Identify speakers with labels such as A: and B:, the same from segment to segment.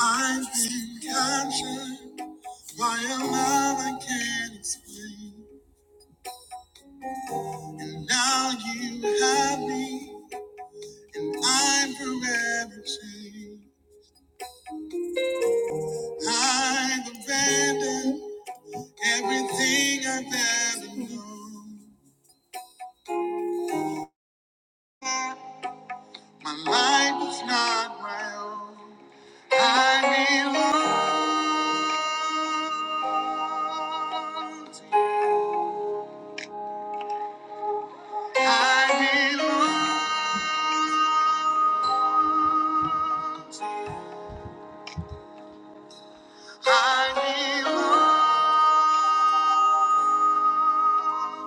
A: I've been captured by a love I can't explain. Now you have me, I'm forever changed. I've abandoned everything I've ever known. My life is not my own. I belong to you. I belong. I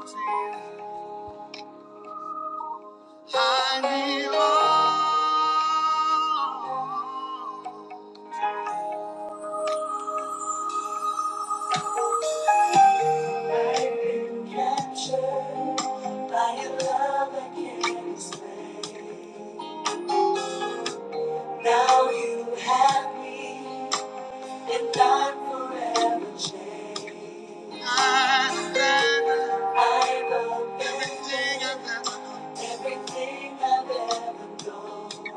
A: belong to you. I belong. I've been captured by your love I can't explain. Now you have me, and I'm forever changed. I've done everything I've ever done. Everything I've ever known.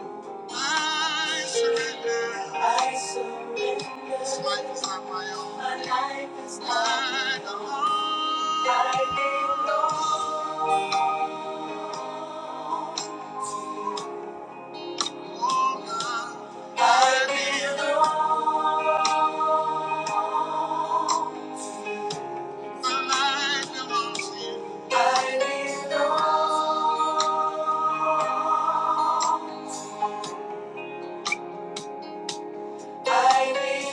A: I surrender. I surrender. This life is not my own. My life is not I my belong. Own. I belong. Oh God. I belong. My life belongs to you. I belong. I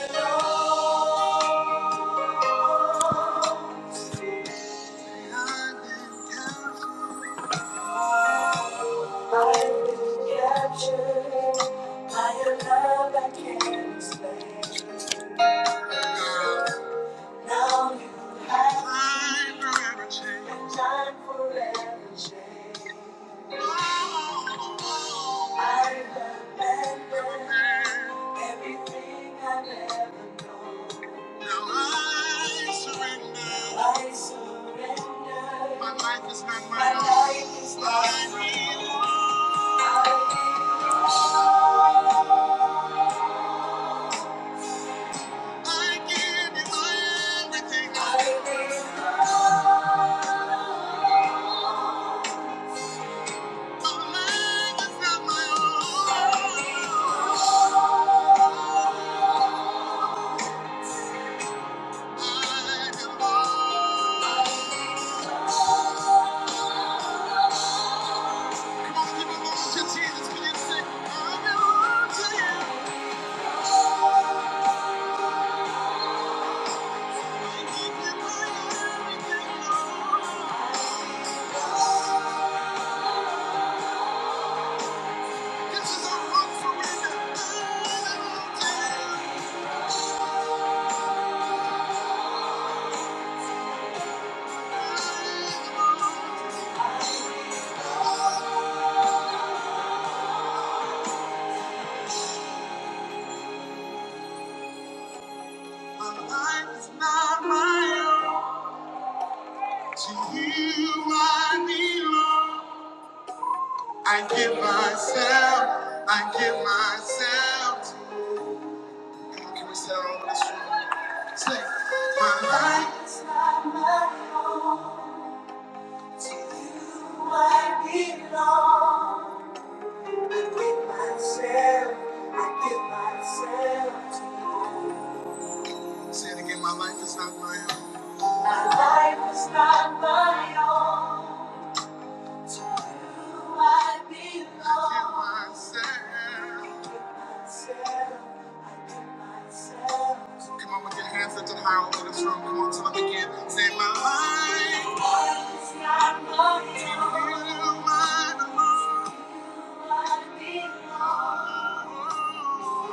A: belong. I've been captured by your love I can't explain. Now you have me, and I'm forever changed. I remember everything I've ever known. Now I surrender. My life is not my own. I give you my everything. my life is not my own. to you I belong I give myself. I give myself to you. Come on, all this room? Say, my life is not my own. To you I belong. I give myself, I give myself to you. Say it again, my life is not my own. My life is not my own. To you I belong. To you myself, I give myself. Come on with your hands lifted high all over this room. Come on, till I begin. Say my life. My life is not my own. To you mine alone. To you I belong.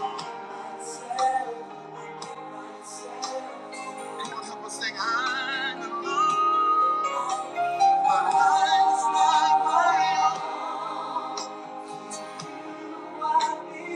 A: Myself, I give myself. Come on, help us sing. I belong. My life is not my own. I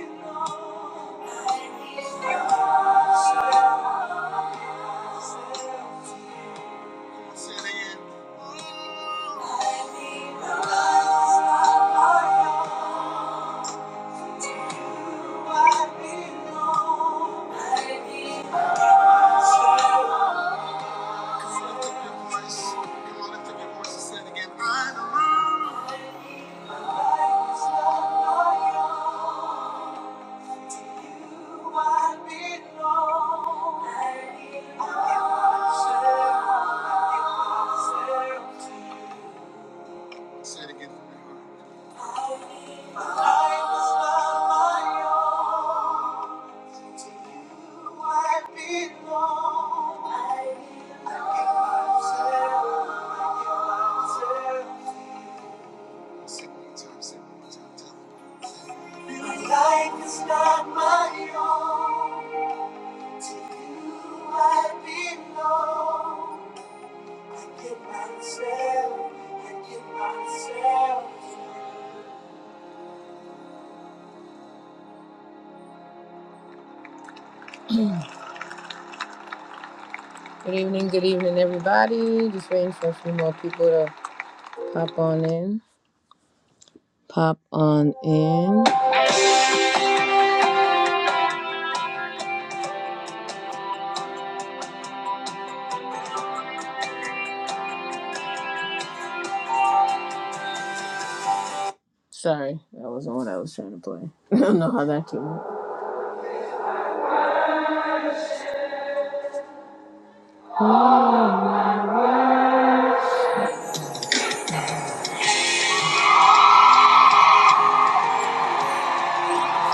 A: belong. Say it again from your heart. I was not my own. To you I belong. I give myself, I give myself. Sing it one time, sing it one time, tell 'em. Life is not my own. To you I belong. I give myself. I give myself. Good evening, good evening, everybody. Just waiting for a few more people to pop on in. Pop on in. Sorry, that wasn't what I was trying to play. I don't know how that came out.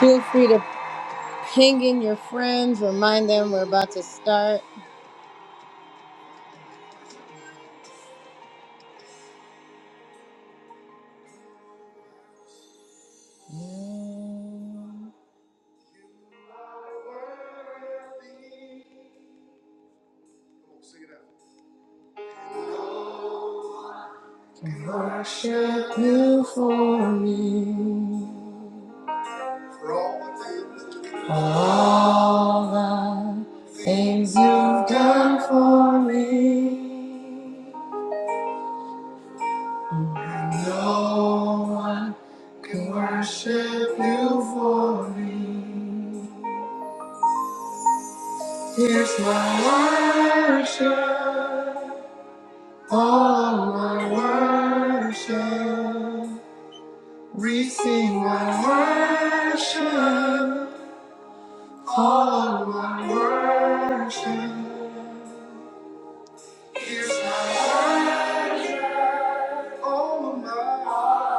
A: Feel free to ping in your friends, remind them we're about to start. For all the things All my worship, receive my worship. All my worship, here's my word. All of my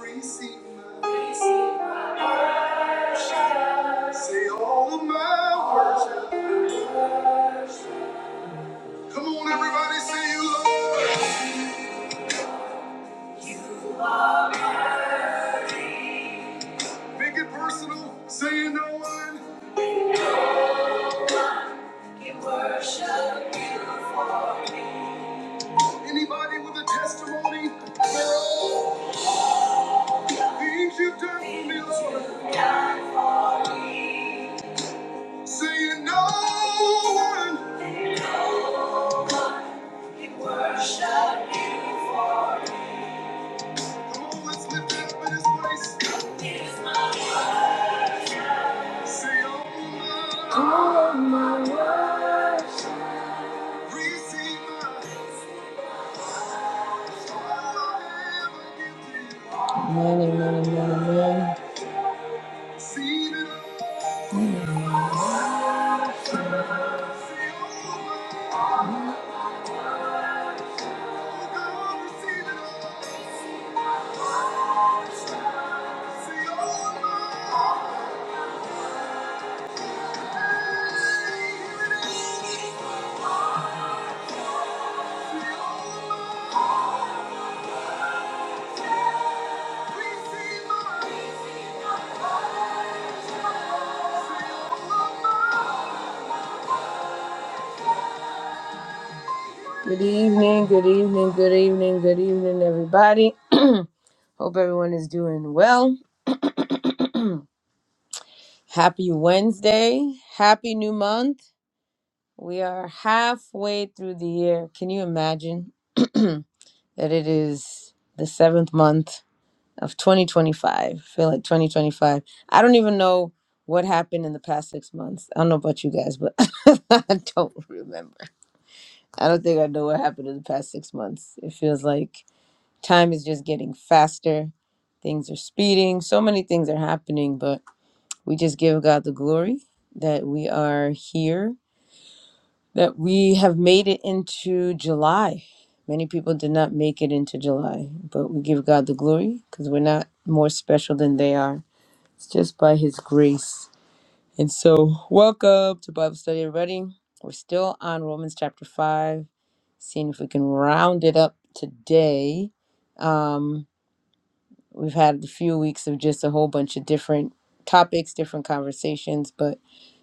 A: receive my say all of my worship. Come on, everybody, say you love. Make it personal. Say you know what. Anybody with a testimony, things you've done for me, Lord. So you know one always lift it up in his place. Say, oh, my, receive my all I give you. Amen, amen, amen, amen. Receive it all. Say, oh, my, God, receive it all. Say, oh, my. Good evening, good evening, good evening, good evening, everybody. Hope everyone is doing well. Happy Wednesday. Happy new month. We are halfway through the year. Can you imagine that it is the seventh month of 2025? I feel like 2025. I don't even know what happened in the past six months. I don't know about you guys, but I don't remember. I don't think I know what happened in the past six months. It feels like time is just getting faster. Things are speeding. So many things are happening, but we just give God the glory that we are here, that we have made it into July. Many people did not make it into July, but we give God the glory because we're not more special than they are. It's just by His grace. And so, welcome to Bible study, everybody. We're still on Romans chapter 5, seeing if we can round it up today. Um, we've had a few weeks of just a whole bunch of different topics, different conversations, but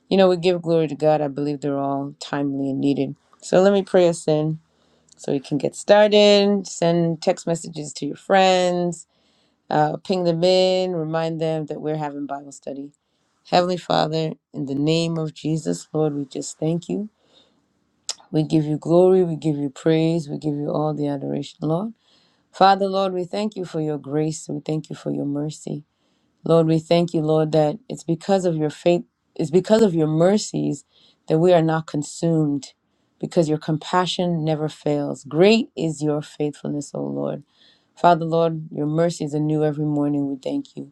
A: You know, we give glory to God. I believe they're all timely and needed. So let me pray us in so we can get started. Send text messages to your friends, uh, ping them in, remind them that we're having Bible study. Heavenly Father, in the name of Jesus, Lord, we just thank you. We give you glory, we give you praise, we give you all the adoration, Lord. Father, Lord, we thank you for your grace, we thank you for your mercy. Lord, we thank you, Lord, that it's because of your faith, it's because of your mercies that we are not consumed, because your compassion never fails. Great is your faithfulness, O Lord. Father, Lord, your mercies are new every morning. We thank you.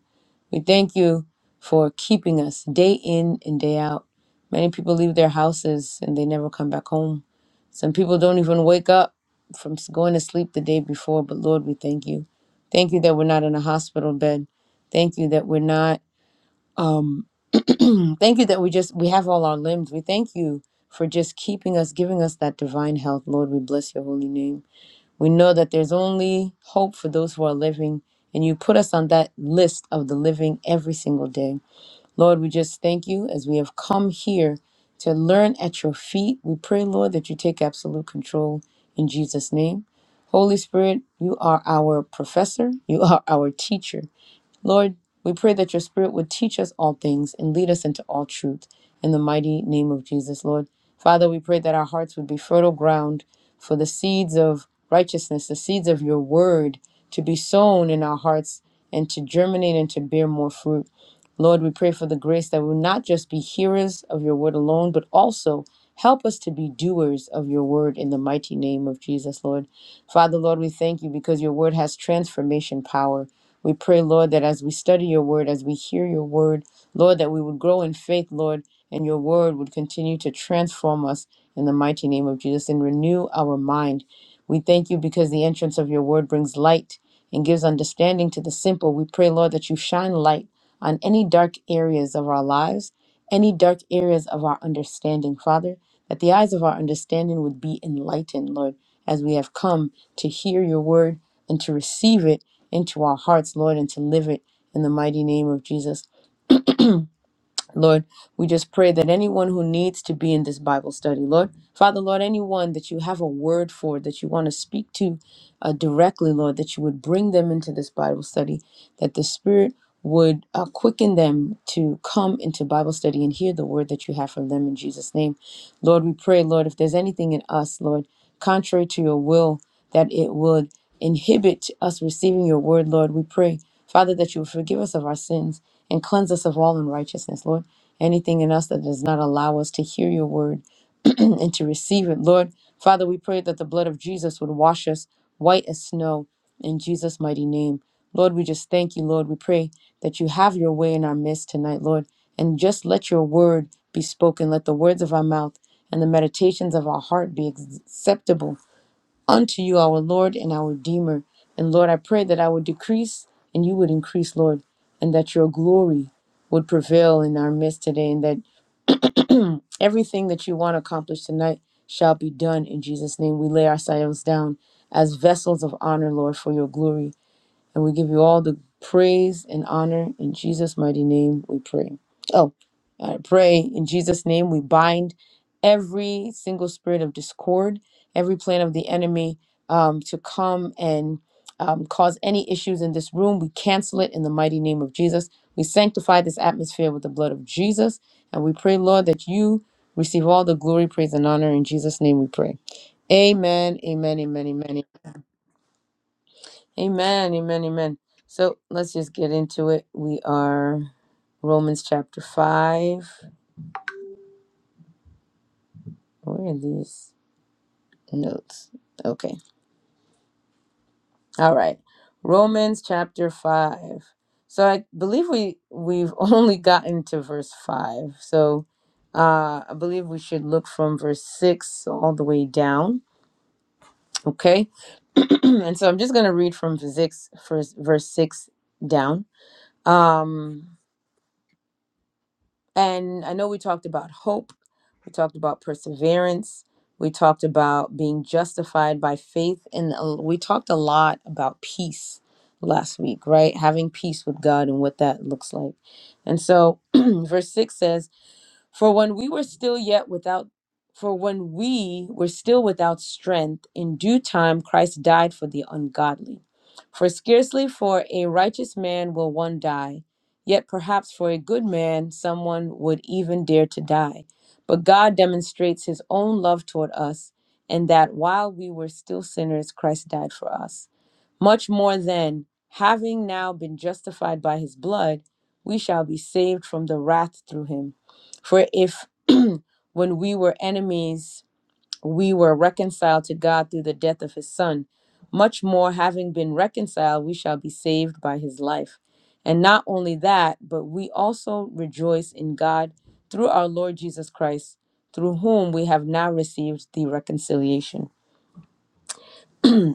A: We thank you for keeping us day in and day out. Many people leave their houses and they never come back home. Some people don't even wake up from s- going to sleep the day before, but Lord, we thank you. Thank you that we're not in a hospital bed. Thank you that we're not Thank you that we just we have all our limbs. We thank you for just keeping us, giving us that divine health, Lord. We bless your holy name. We know that there's only hope for those who are living, and you put us on that list of the living every single day. Lord, we just thank you as we have come here to learn at your feet. We pray, Lord, that you take absolute control in Jesus' name. Holy Spirit, you are our professor, you are our teacher. Lord, we pray that your Spirit would teach us all things and lead us into all truth. In the mighty name of Jesus, Lord. Father, we pray that our hearts would be fertile ground for the seeds of righteousness, the seeds of your word to be sown in our hearts and to germinate and to bear more fruit. Lord, we pray for the grace that we will not just be hearers of your word alone, but also help us to be doers of your word in the mighty name of Jesus, Lord. Father, Lord, we thank you because your word has transformation power. We pray, Lord, that as we study your word, as we hear your word, Lord, that we would grow in faith, Lord, and your word would continue to transform us in the mighty name of Jesus and renew our mind. We thank you because the entrance of your word brings light and gives understanding to the simple. We pray, Lord, that you shine light on any dark areas of our lives, any dark areas of our understanding, Father, that the eyes of our understanding would be enlightened, Lord as we have come to hear your word and to receive it into our hearts, Lord, and to live it in the mighty name of Jesus. Lord, we just pray that anyone who needs to be in this Bible study, Lord, Father, Lord, anyone that you have a word for, that you want to speak to uh, directly, Lord, that you would bring them into this Bible study, that the Spirit would uh, quicken them to come into Bible study and hear the word that you have for them in Jesus' name. Lord, we pray, Lord, if there's anything in us, Lord, contrary to your will, that it would inhibit us receiving your word, Lord, we pray, Father, that you would forgive us of our sins and cleanse us of all unrighteousness, Lord. Anything in us that does not allow us to hear your word and to receive it, Lord. Father, we pray that the blood of Jesus would wash us white as snow in Jesus' mighty name. Lord, we just thank you, Lord. We pray that you have your way in our midst tonight, Lord, and just let your word be spoken. Let the words of our mouth and the meditations of our heart be acceptable unto you, our Lord and our Redeemer. And Lord, I pray that I would decrease and you would increase, Lord, and that your glory would prevail in our midst today, and that everything that you want to accomplish tonight shall be done in Jesus' name. We lay ourselves down as vessels of honor, Lord, for your glory. And we give you all the praise and honor. In Jesus' mighty name, we pray. Oh, I pray in Jesus' name, we bind every single spirit of discord, every plan of the enemy um, to come and um, cause any issues in this room. We cancel it in the mighty name of Jesus. We sanctify this atmosphere with the blood of Jesus. And we pray, Lord, that you receive all the glory, praise, and honor. In Jesus' name we pray. Amen, amen, amen, amen, Amen, amen, amen. So let's just get into it. We are Romans chapter 5. Where are these notes? Okay. All right. Romans chapter 5. So I believe we we've only gotten to verse 5. So uh I believe we should look from verse 6 all the way down, okay? and so I'm just going to read from verse 6 first. verse 6 down. Um And I know we talked about hope, we talked about perseverance, we talked about being justified by faith, and a- we talked a lot about peace last week, right? Having peace with God and what that looks like. And so, verse 6 says, for when we were still yet without for when we were still without strength, in due time Christ died for the ungodly. For scarcely for a righteous man will one die, yet perhaps for a good man someone would even dare to die. But God demonstrates his own love toward us, and that while we were still sinners, Christ died for us. Much more than, having now been justified by his blood, we shall be saved from the wrath through him. For if when we were enemies, we were reconciled to God through the death of his son, much more, having been reconciled, we shall be saved by his life. And not only that, but we also rejoice in God through our Lord Jesus Christ, through whom we have now received the reconciliation.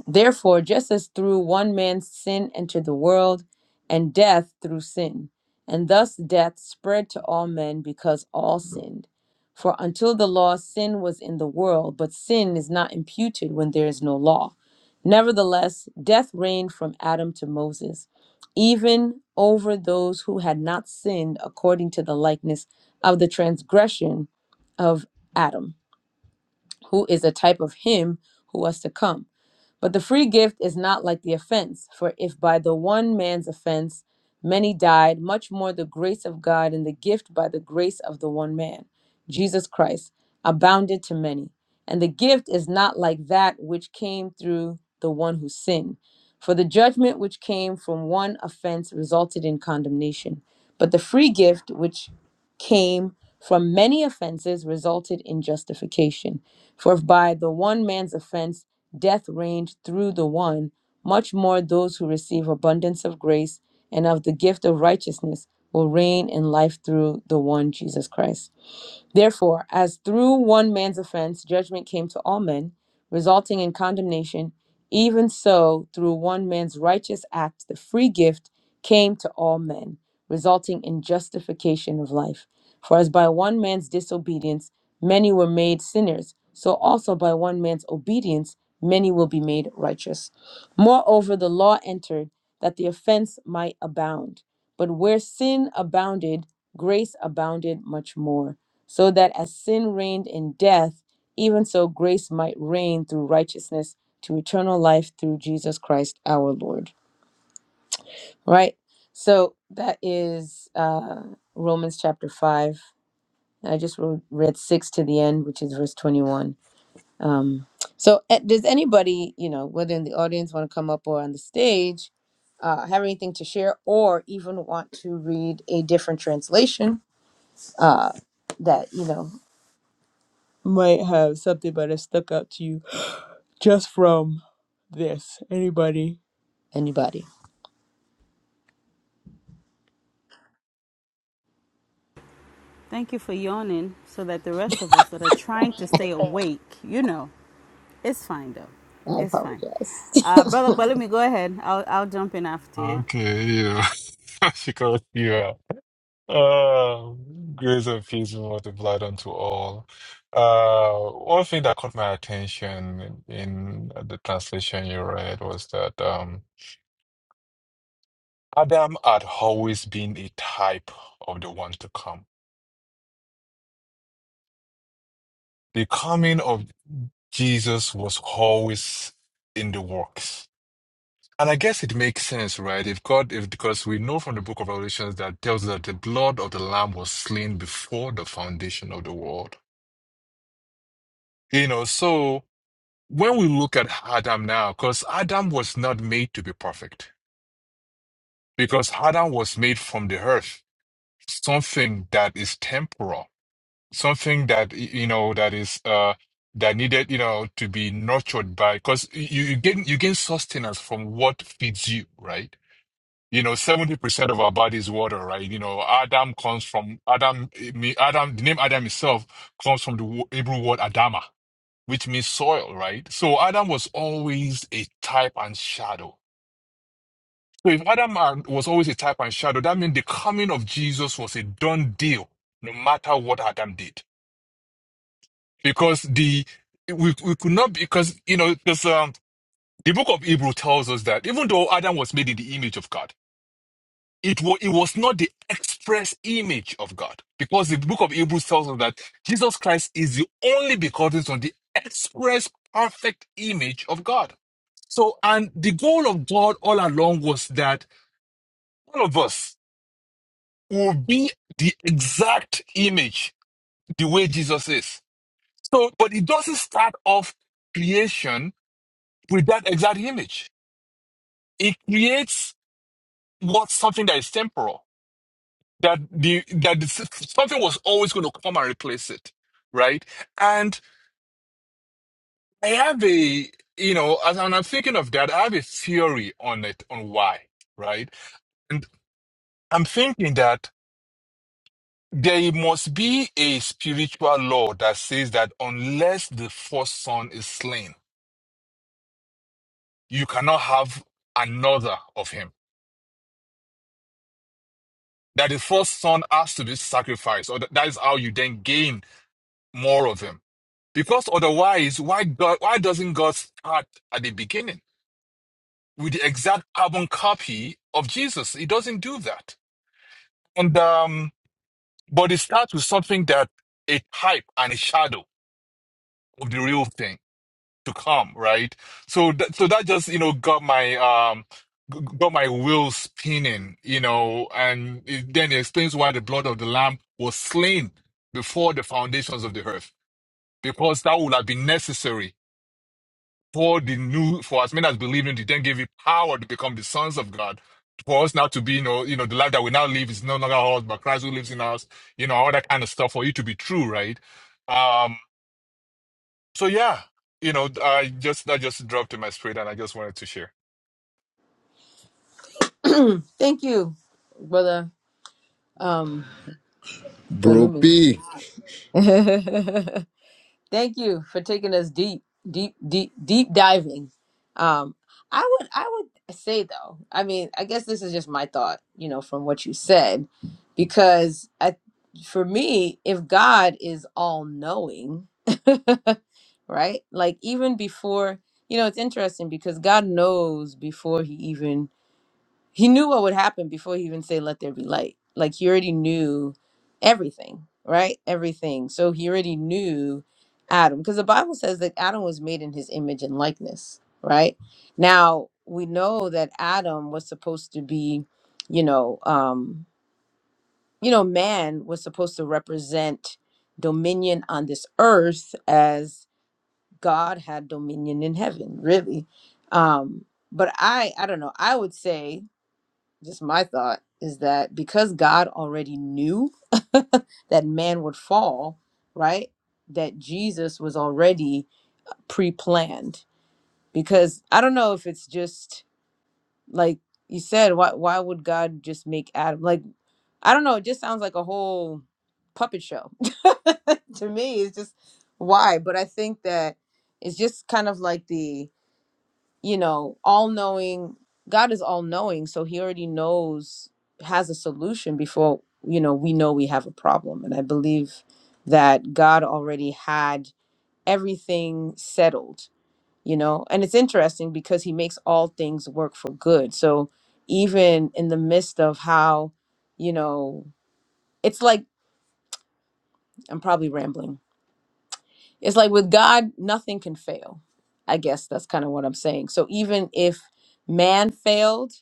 A: Therefore, just as through one man's sin entered the world, and death through sin, and thus death spread to all men because all sinned. For until the law, sin was in the world, but sin is not imputed when there is no law. Nevertheless, death reigned from Adam to Moses, even over those who had not sinned according to the likeness of the transgression of Adam, who is a type of him who was to come. But the free gift is not like the offense, for if by the one man's offense many died, much more the grace of God and the gift by the grace of the one man, Jesus Christ, abounded to many. And the gift is not like that which came through the one who sinned. For the judgment which came from one offense resulted in condemnation. But the free gift which came from many offenses resulted in justification. For if by the one man's offense death reigned through the one, much more those who receive abundance of grace and of the gift of righteousness will reign in life through the one Jesus Christ. Therefore, as through one man's offense judgment came to all men, resulting in condemnation, even so through one man's righteous act the free gift came to all men, resulting in justification of life. For as by one man's disobedience many were made sinners, so also by one man's obedience many will be made righteous. Moreover, the law entered that the offense might abound. But where sin abounded, grace abounded much more so that as sin reigned in death, even so grace might reign through righteousness to eternal life through Jesus Christ our Lord. Right? So that is uh, Romans chapter 5. I just wrote, read 6 to the end, which is verse 21. Um, so, eh, does anybody, you know, whether in the audience want to come up or on the stage, uh, have anything to share or even want to read a different translation that, you know, might have something that has stuck out to you just from this. Any Anybody?
B: Thank you for yawning so that the rest of us that are trying to stay awake, you know, it's fine though.
A: I
B: It's fine.
A: apologize.
B: Uh, Brother but let me go ahead. I'll, I'll jump in after you.
C: Okay, yeah, she calls you out. Uh, grace and peace be multiplied unto all. Uh, one thing that caught my attention in the translation you read was that um, Adam had always been a type of the one to come. The coming of Jesus was always in the works. And I guess it makes sense, right? If God, if because we know from the book of Revelations that tells us that the blood of the Lamb was slain before the foundation of the world. You know, so when we look at Adam now, because Adam was not made to be perfect, because Adam was made from the earth, something that is temporal, something that y- you know that is uh that needed you know to be nurtured by, because you, you gain you gain sustenance from what feeds you, right? You know, 70% of our body is water, right? You know, Adam comes from Adam, I mean, Adam, the name Adam itself comes from the wo- Hebrew word Adama, which means soil, right? So Adam was always a type and shadow. So if Adam are- was always a type and shadow, that means the coming of Jesus was a done deal, no matter what Adam did. Because the, we, we could not, because, you know, because, um, the book of Hebrew tells us that even though Adam was made in the image of God, it was it was not the express image of God because the book of Hebrews tells us that Jesus Christ is the only begotten Son, the express perfect image of God. So, and the goal of God all along was that all of us will be the exact image the way Jesus is. So, but it doesn't start off creation with that exact image. It creates what something that is temporal that the that the, something was always going to come and replace it, right? And I have a you know, as and I'm thinking of that, I have a theory on it on why, right? And I'm thinking that there must be a spiritual law that says that unless the first son is slain, you cannot have another of him. That the first son has to be sacrificed, or that that is how you then gain more of him Because otherwise, why God, why doesn't God start at the beginning with the exact carbon copy of Jesus? He doesn't do that. And um, but it starts with something that a type and a shadow of the real thing to come, right? So that so that just you know got my um g- got my wheel spinning, you know, and it, then it explains why the blood of the lamb was slain before the foundations of the earth, because that would have been necessary for the new for as many as believe in it, then gave you power to become the sons of God. For us now to be, you know, you know, the life that we now live is no longer ours, but Christ who lives in us, you know, all that kind of stuff for it to be true, right? Um, so yeah, you know, I just that just dropped in my spirit and I just wanted to share.
A: Thank you, brother. Um,
D: Bro
A: Balumi.
D: B.
A: Thank you for taking us deep, deep, deep, deep diving. Um, I would, I would say though. I mean, I guess this is just my thought, you know, from what you said, because I, for me, if God is all knowing, right? Like even before, you know, it's interesting because God knows before He even he knew what would happen before he even said let there be light like he already knew everything right everything so he already knew adam because the bible says that adam was made in his image and likeness right now we know that adam was supposed to be you know um you know man was supposed to represent dominion on this earth as god had dominion in heaven really um but i i don't know i would say just my thought is that because God already knew that man would fall, right? That Jesus was already pre-planned. Because I don't know if it's just like you said, why why would God just make Adam like I don't know, it just sounds like a whole puppet show. to me, it's just why? But I think that it's just kind of like the you know, all knowing, God is all knowing, so he already knows, has a solution before, you know, we know we have a problem. And I believe that God already had everything settled, you know. And it's interesting because he makes all things work for good. So even in the midst of how, you know, it's like, I'm probably rambling it's like with God, nothing can fail. I guess that's kind of what I'm saying. So even if man failed,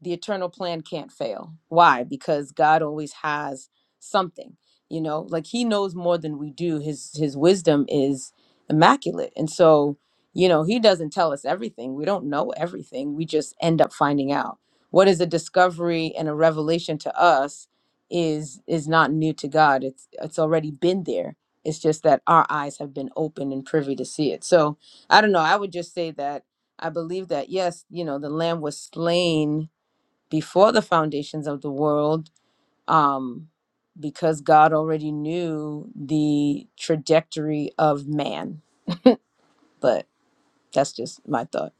A: the eternal plan can't fail. Why? Because God always has something. You know, like he knows more than we do. His his wisdom is immaculate. And so, you know, he doesn't tell us everything. We don't know everything. We just end up finding out. What is a discovery and a revelation to us is is not new to God. It's it's already been there it's just that our eyes have been open and privy to see it. So I don't know. I would just say that I believe that, yes, you know, the lamb was slain before the foundations of the world um, because God already knew the trajectory of man. But that's just my thought.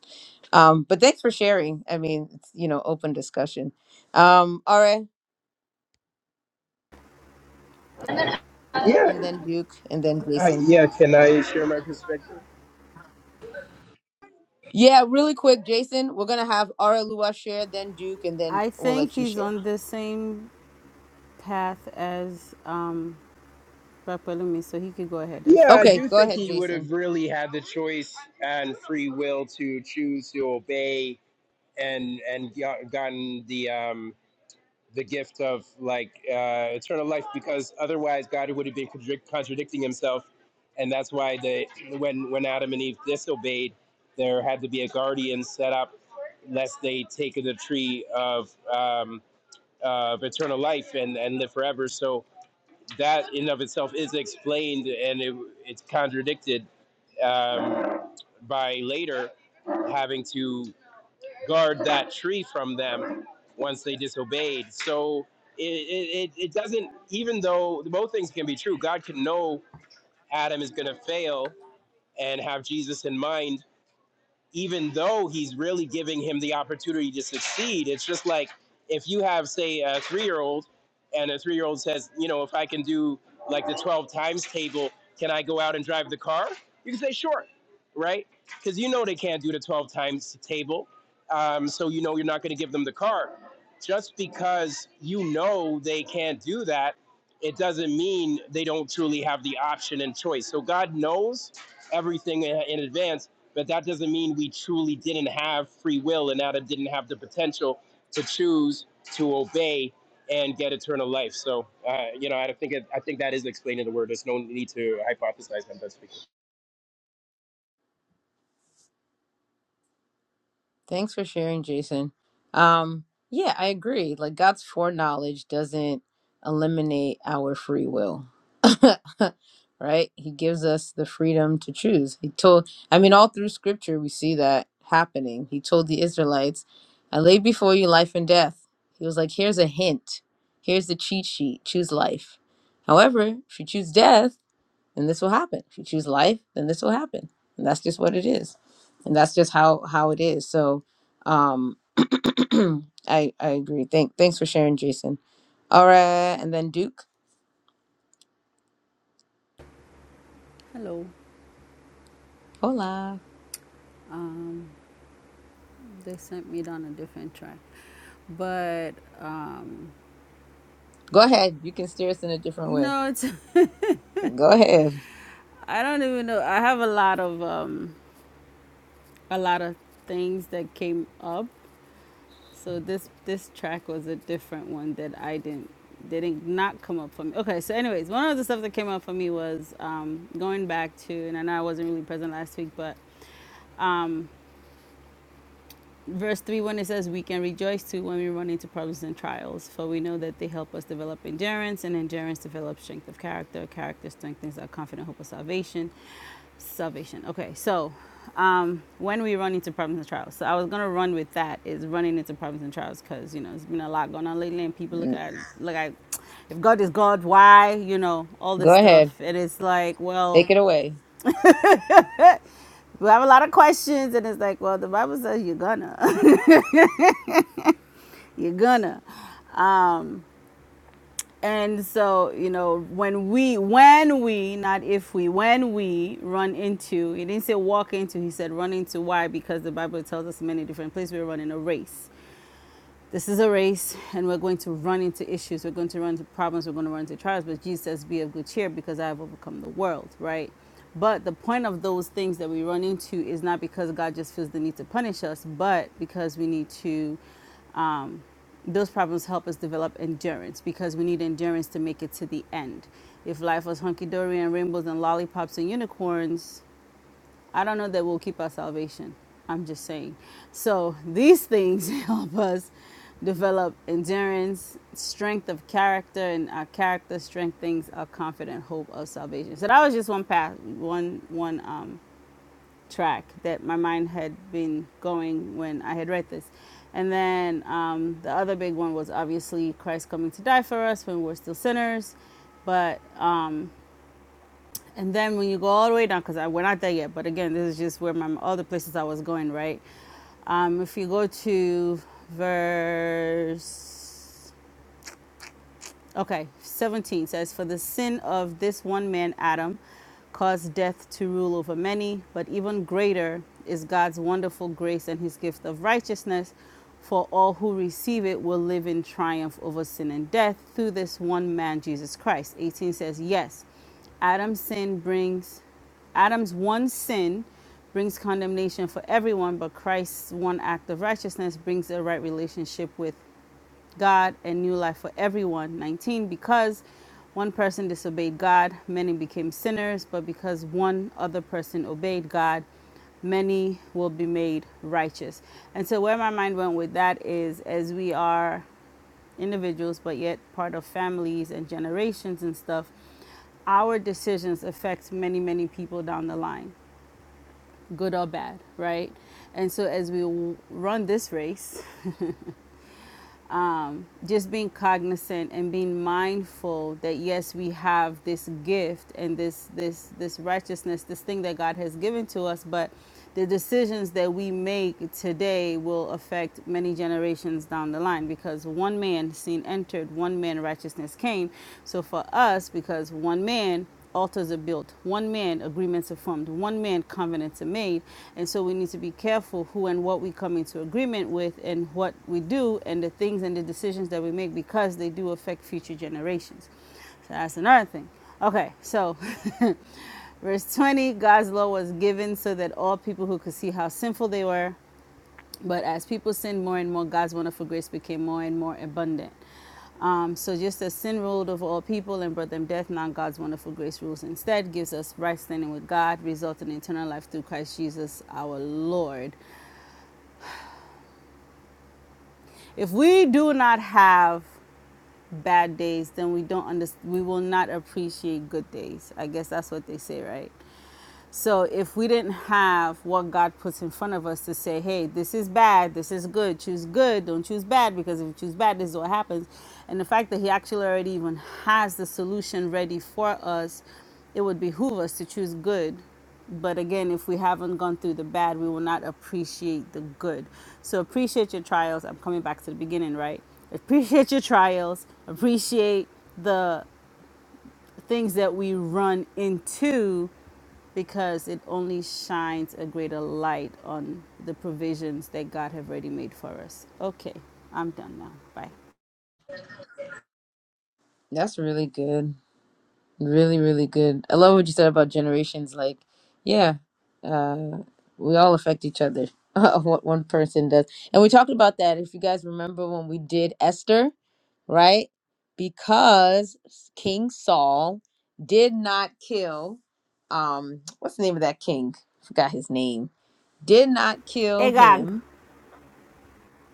A: Um, but thanks for sharing. I mean, it's, you know, open discussion. Um, all right.
E: Yeah,
A: And then Duke and then
E: uh,
A: Jason.
E: yeah. Can I share my perspective?
A: Yeah, really quick, Jason. We're gonna have Aralua share, then Duke, and then
B: I
A: we'll
B: think
A: let you
B: he's
A: share.
B: on the same path as um, Brother Palumi, so he could go ahead. It's
E: Yeah, I
B: fine.
A: Okay,
E: do
A: go
E: think
A: ahead,
E: he would
A: Jason.
E: have really had the choice and free will to choose to obey and and got- gotten the um the gift of like uh, eternal life because otherwise God would have been contradic- contradicting himself, and that's why they when when Adam and Eve disobeyed, there had to be a guardian set up lest they take of the tree of um, of eternal life and and live forever. So that in of itself is explained and it, it's contradicted um, by later having to guard that tree from them once they disobeyed. So it, it, it it doesn't, even though both things can be true, God can know Adam is going to fail and have Jesus in mind even though he's really giving him the opportunity to succeed. It's just like if you have, say, a three year old, and a three year old says, you know, if I can do like the 12 times table, can I go out and drive the car? You can say, sure, right? Because you know they can't do the 12 times table. Um, so you know you're not going to give them the car. Just because you know they can't do that, it doesn't mean they don't truly have the option and choice. So God knows everything in in advance but that doesn't mean we truly didn't have free will and Adam didn't have the potential to choose to obey and get eternal life. So, uh, you know, I think it, I think that is explaining the word. There's no need to hypothesize on that. speaking.
A: Thanks for sharing, Jason. Um, yeah, I agree. Like God's foreknowledge doesn't eliminate our free will. right? He gives us the freedom to choose. He told I mean all through scripture we see that happening. He told the Israelites, I lay before you life and death. He was like, here's a hint. Here's the cheat sheet. Choose life. However, if you choose death, then this will happen. If you choose life, then this will happen. And that's just what it is. And that's just how how it is. So um I I agree. Thank thanks for sharing, Jason. All right, and then Duke.
B: Hello.
A: Hola.
B: They sent me down a different track. But um,
A: Go ahead. You can steer us in a different way.
B: no, it's,
A: Go ahead.
B: I don't even know. I have a lot of um, a lot of things that came up So this this track was a different one that I didn't didn't not come up for me. Okay, so anyways, one of the stuff that came up for me was um, going back to, and I know I wasn't really present last week, but um, Verse 3 when it says, We can rejoice too when we run into problems and trials, for we know that they help us develop endurance, and endurance develops strength of character. Character strengthens our confident hope of salvation. Salvation. Okay, so um, when we run into problems and trials. So I was going to run with that is running into problems and trials because, you know, it's been a lot going on lately, and people look at, look at, if God is God, why? You know, all this
A: Go
B: stuff.
A: ahead.
B: And it's like, well,
A: Take it away.
B: we have a lot of questions, and it's like, well, the Bible says you're gonna, you're gonna. and so you know when we when we not if we when we run into he didn't say walk into he said run into why because the bible tells us in many different places we're running a race this is a race, and we're going to run into issues. We're going to run into problems. We're going to run into trials. But Jesus says, Be of good cheer because I have overcome the world, right? But the point of those things that we run into is not because God just feels the need to punish us, but because we need to, um, those problems help us develop endurance because we need endurance to make it to the end. If life was hunky dory and rainbows and lollipops and unicorns, I don't know that we'll keep our salvation. I'm just saying. So these things help us develop endurance, strength of character, and our character strengthens our confident hope of salvation. So that was just one path, one one um, track that my mind had been going when I had read this. And then um, the other big one was obviously Christ coming to die for us when we're still sinners. But and then when you go all the way down, because we're not there yet, but again, this is just where my other places I was going, right? Um, if you go to verse Okay, 17 says, For the sin of this one man, Adam, caused death to rule over many, but even greater is God's wonderful grace and his gift of righteousness. For all who receive it will live in triumph over sin and death through this one man, Jesus Christ. 18 says, Yes, Adam's sin brings Adam's one sin brings condemnation for everyone, but Christ's one act of righteousness brings a right relationship with God and new life for everyone. 19, because one person disobeyed God, many became sinners, but because one other person obeyed God, many will be made righteous. And so, where my mind went with that is as we are individuals, but yet part of families and generations and stuff, our decisions affect many, many people down the line, good or bad, right? And so, as we w- run this race, um, just being cognizant and being mindful that yes we have this gift and this this this righteousness this thing that god has given to us but the decisions that we make today will affect many generations down the line because one man sin entered one man righteousness came so for us because one man altars are built, one man agreements are formed, one man covenants are made. And so we need to be careful who and what we come into agreement with and what we do and the things and the decisions that we make because they do affect future generations. So that's another thing. Okay, so verse 20 God's law was given so that all people who could see how sinful they were but as people sinned more and more, God's wonderful grace became more and more abundant. Um, so just as sin ruled over all people and brought them death, now God's wonderful grace rules instead, gives us right standing with God, resulting in eternal life through Christ Jesus our Lord. If we do not have bad days, then we don't under, we will not appreciate good days. I guess that's what they say, right? So if we didn't have what God puts in front of us to say, hey, this is bad, this is good, choose good, don't choose bad, because if you choose bad, this is what happens. And the fact that He actually already even has the solution ready for us, it would behoove us to choose good but again, if we haven't gone through the bad, we will not appreciate the good. So appreciate your trials. I'm coming back to the beginning, right? Appreciate your trials. Appreciate the things that we run into because it only shines a greater light on the provisions that God have already made for us. Okay, I'm done now. Bye.
A: That's really good. Really, really good. I love what you said about generations. Like, yeah, uh, we all affect each other. what one person does. And we talked about that, if you guys remember when we did Esther, right? Because King Saul did not kill, um, what's the name of that king? Forgot his name. Did not kill
B: Agag,
A: him.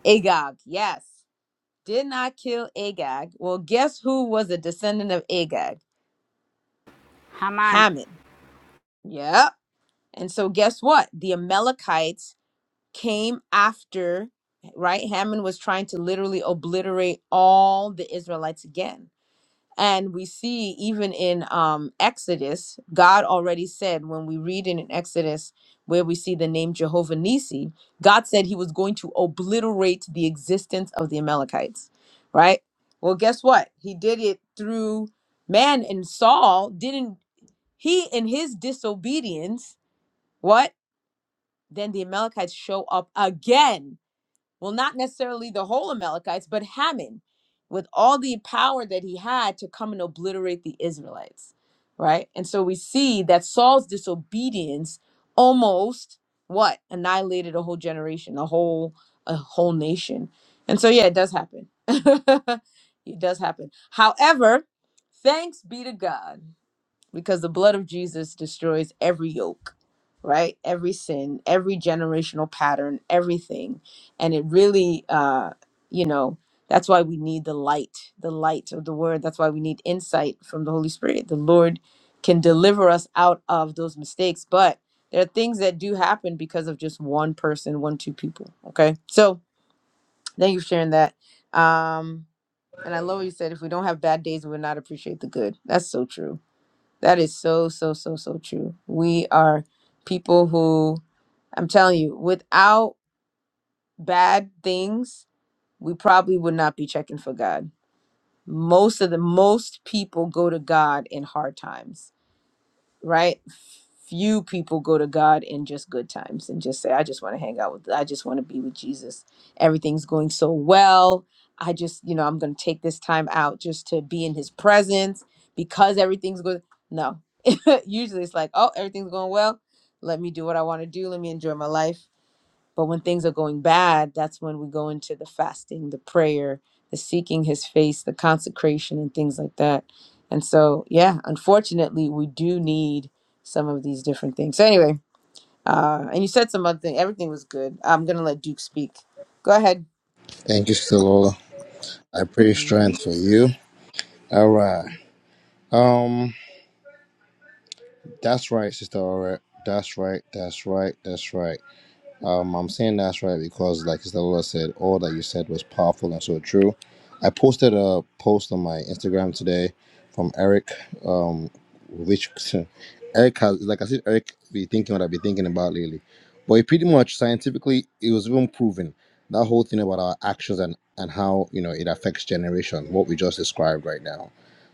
A: Agag, yes. Did not kill Agag. Well, guess who was a descendant of Agag?
B: Haman.
A: Haman. Yep And so, guess what? The Amalekites came after, right? Haman was trying to literally obliterate all the Israelites again. And we see even in um, Exodus, God already said, when we read in Exodus, where we see the name Jehovah Nissi, God said he was going to obliterate the existence of the Amalekites, right? Well, guess what? He did it through man and Saul didn't, he in his disobedience, what? then the Amalekites show up again. Well, not necessarily the whole Amalekites, but Haman with all the power that he had to come and obliterate the Israelites, right? And so we see that Saul's disobedience almost what annihilated a whole generation, a whole a whole nation. And so yeah, it does happen. it does happen. However, thanks be to God because the blood of Jesus destroys every yoke, right? Every sin, every generational pattern, everything. And it really, uh, you know, that's why we need the light, the light of the word. That's why we need insight from the Holy Spirit. The Lord can deliver us out of those mistakes, but there are things that do happen because of just one person, one, two people. Okay. So thank you for sharing that. Um, and I love what you said if we don't have bad days, we would not appreciate the good. That's so true that is so, so, so, so true. We are people who, I'm telling you, without bad things, we probably would not be checking for God. Most of the most people go to God in hard times right? Few people go to God in just good times and just say, I just want to hang out with, I just want to be with Jesus. Everything's going so well. I just, you know, I'm going to take this time out just to be in his presence because everything's good. No, usually it's like, oh, everything's going well. Let me do what I want to do. Let me enjoy my life. But when things are going bad, that's when we go into the fasting, the prayer, the seeking his face, the consecration, and things like that. And so, yeah, unfortunately, we do need some of these different things. So, anyway, uh, and you said some other thing. Everything was good. I'm going to let Duke speak. Go ahead.
D: Thank you, Stilola. I pray
A: Mm.
D: strength for you. All right. Um, that's right, Sister All right. That's right. That's right. That's right. Um, I'm saying that's right because, like Sister Lola said, all that you said was powerful and so true. I posted a post on my Instagram today from Eric, um, which Eric has, like I said, Eric be thinking what I've been thinking about lately. But it pretty much scientifically, it was even proven that whole thing about our actions and and how you know it affects generation, what we just described right now.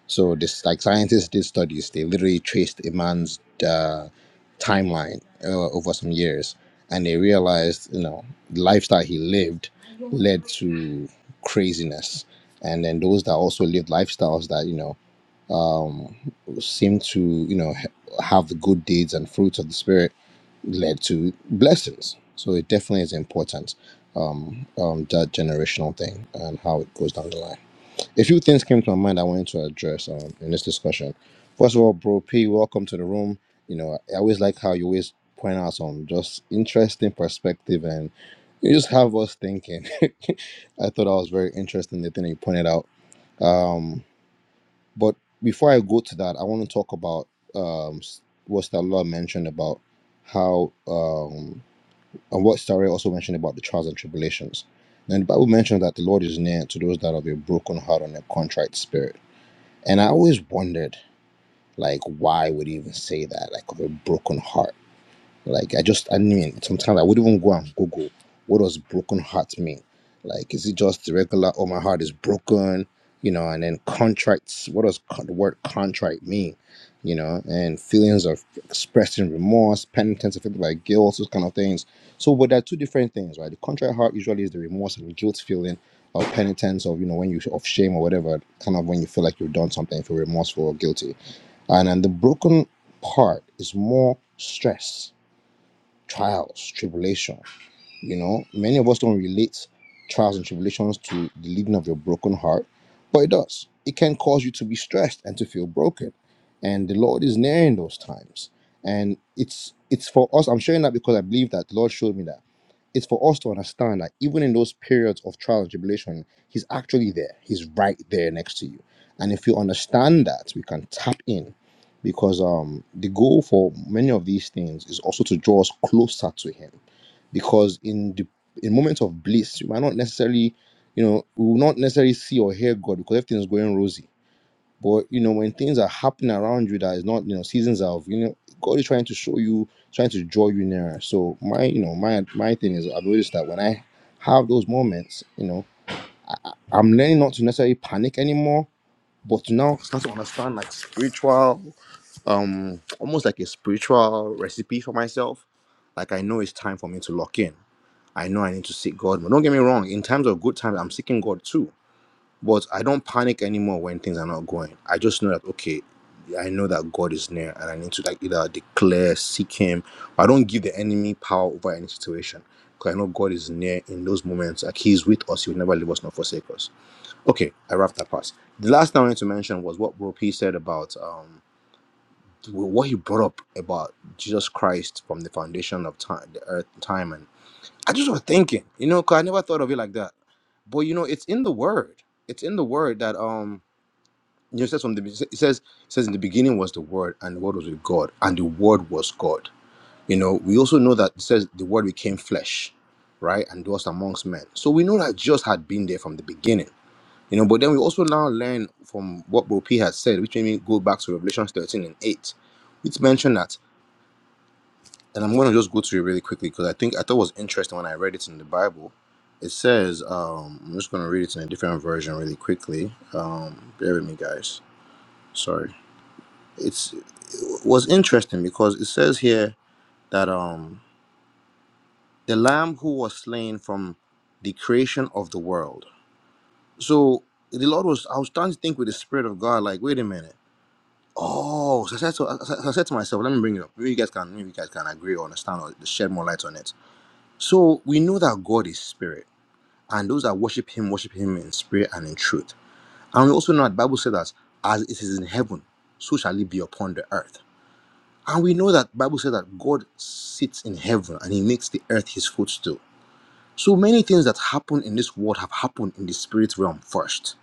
D: So this, like scientists did studies, they literally traced a man's uh, timeline uh, over some years and they realized you know the lifestyle he lived led to craziness and then those that also lived lifestyles that you know um seem to you know ha- have the good deeds and fruits of the spirit led to blessings so it definitely is important um, um that generational thing and how it goes down the line a few things came to my mind I wanted to address um, in this discussion. First of all, bro P, welcome to the room. You know, I always like how you always point out some just interesting perspective and you just have us thinking. I thought that was very interesting the thing that you pointed out. Um, but before I go to that, I want to talk about um, s- what Stella mentioned about how um, and what Starry also mentioned about the trials and tribulations. And the Bible mentions that the Lord is near to those that have a broken heart and a contrite spirit and I always wondered, like, why would he even say that? Like, of a broken heart. Like I just I mean sometimes I would even go and Google what does broken heart mean? Like is it just the regular oh my heart is broken, you know, and then contrite. what does con- the word contrite mean? You know, and feelings of expressing remorse, penitence, and feeling like guilt, those kind of things. So but there are two different things, right? The contrite heart usually is the remorse and guilt feeling of penitence of you know when you of shame or whatever, kind of when you feel like you've done something, feel remorseful or guilty. And then the broken part is more stress trials, tribulation. You know, many of us don't relate trials and tribulations to the leading of your broken heart, but it does. It can cause you to be stressed and to feel broken. And the Lord is near in those times. And it's it's for us. I'm sharing that because I believe that the Lord showed me that it's for us to understand that even in those periods of trial and tribulation, He's actually there. He's right there next to you. And if you understand that, we can tap in because um, the goal for many of these things is also to draw us closer to Him. Because in the in moments of bliss, you might not necessarily, you know, we will not necessarily see or hear God because everything is going rosy but you know, when things are happening around you that is not, you know, seasons of, you know, God is trying to show you, trying to draw you nearer. So my, you know, my my thing is I've noticed that when I have those moments, you know, I, I- I'm learning not to necessarily panic anymore, but to now start to understand like spiritual, um, almost like a spiritual recipe for myself. Like I know it's time for me to lock in. I know I need to seek God. But don't get me wrong, in times of good times, I'm seeking God too but I don't panic anymore when things are not going. I just know that okay, I know that God is near, and I need to like either declare, seek Him. I don't give the enemy power over any situation because I know God is near in those moments. Like He's with us; He will never leave us nor forsake us. Okay, I wrapped that part. The last thing I wanted to mention was what Bro P said about um what he brought up about Jesus Christ from the foundation of time, the earth, time, and I just was thinking, you know, 'cause I never thought of it like that. But you know, it's in the Word. It's in the Word that um you says from the it says it says in the beginning was the word and the word was with God and the word was God. You know, we also know that it says the word became flesh, right, and dwelt amongst men. So we know that Jesus had been there from the beginning. You know, but then we also now learn from what Bro P has said, which made me go back to Revelation 13 and 8, which mentioned that, and I'm gonna just go through it really quickly because I think I thought it was interesting when I read it in the Bible. It says, um, I'm just gonna read it in a different version really quickly. Um, bear with me guys. Sorry. it's it was interesting because it says here that um the lamb who was slain from the creation of the world so the lord was i was starting to think with the spirit of god like wait a minute oh so i said to, I I said to myself let me bring it up maybe you guys can maybe you guys can agree or understand or shed more light on it so we know that god is spirit and those that worship him worship him in spirit and in truth and we also know that the bible says that as it is in heaven so shall it be upon the earth And we know that Bible says that God sits in heaven and he makes the earth his footstool. So many things that happen in this world have happened in the spirit realm first.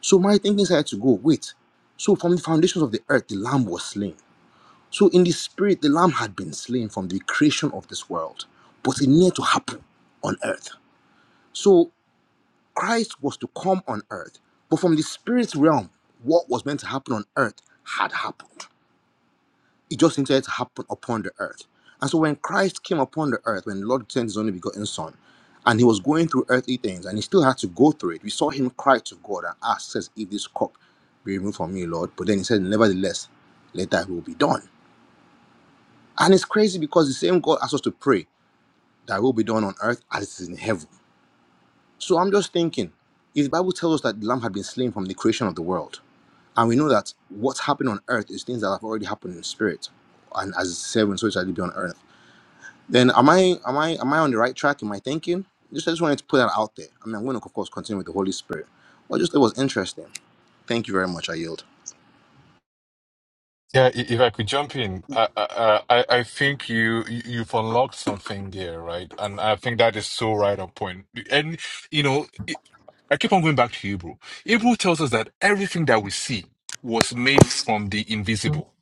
D: So my thinking started to go, wait. So from the foundations of the earth, the lamb was slain. So in the spirit, the lamb had been slain from the creation of this world, but it needed to happen on earth. So Christ was to come on earth, but from the spirit realm, what was meant to happen on earth had happened. it just needed to happen upon the earth. And so when Christ came upon the earth, when the Lord sent his only begotten son, and he was going through earthly things, and he still had to go through it, we saw him cry to God and ask, says, if this cup be removed from me, Lord. But then he said, nevertheless, let thy will be done. And it's crazy because the same God asks us to pray, thy will be done on earth as it is in heaven. So I'm just thinking, if the Bible tells us that the lamb had been slain from the creation of the world, and we know that what's happened on earth is things that have already happened in spirit, and as seven, so it shall be on earth Then am I am I am I on the right track in my thinking? Just I just wanted to put that out there. I mean, I'm going to of course continue with the Holy Spirit. Well, just it was interesting. Thank you very much. I yield.
C: Yeah, i- if I could jump in, I I I I think you you've unlocked something there, right? And I think that is so right on point. And you know, it- I keep on going back to Hebrew. Hebrew tells us that everything that we see was made from the invisible.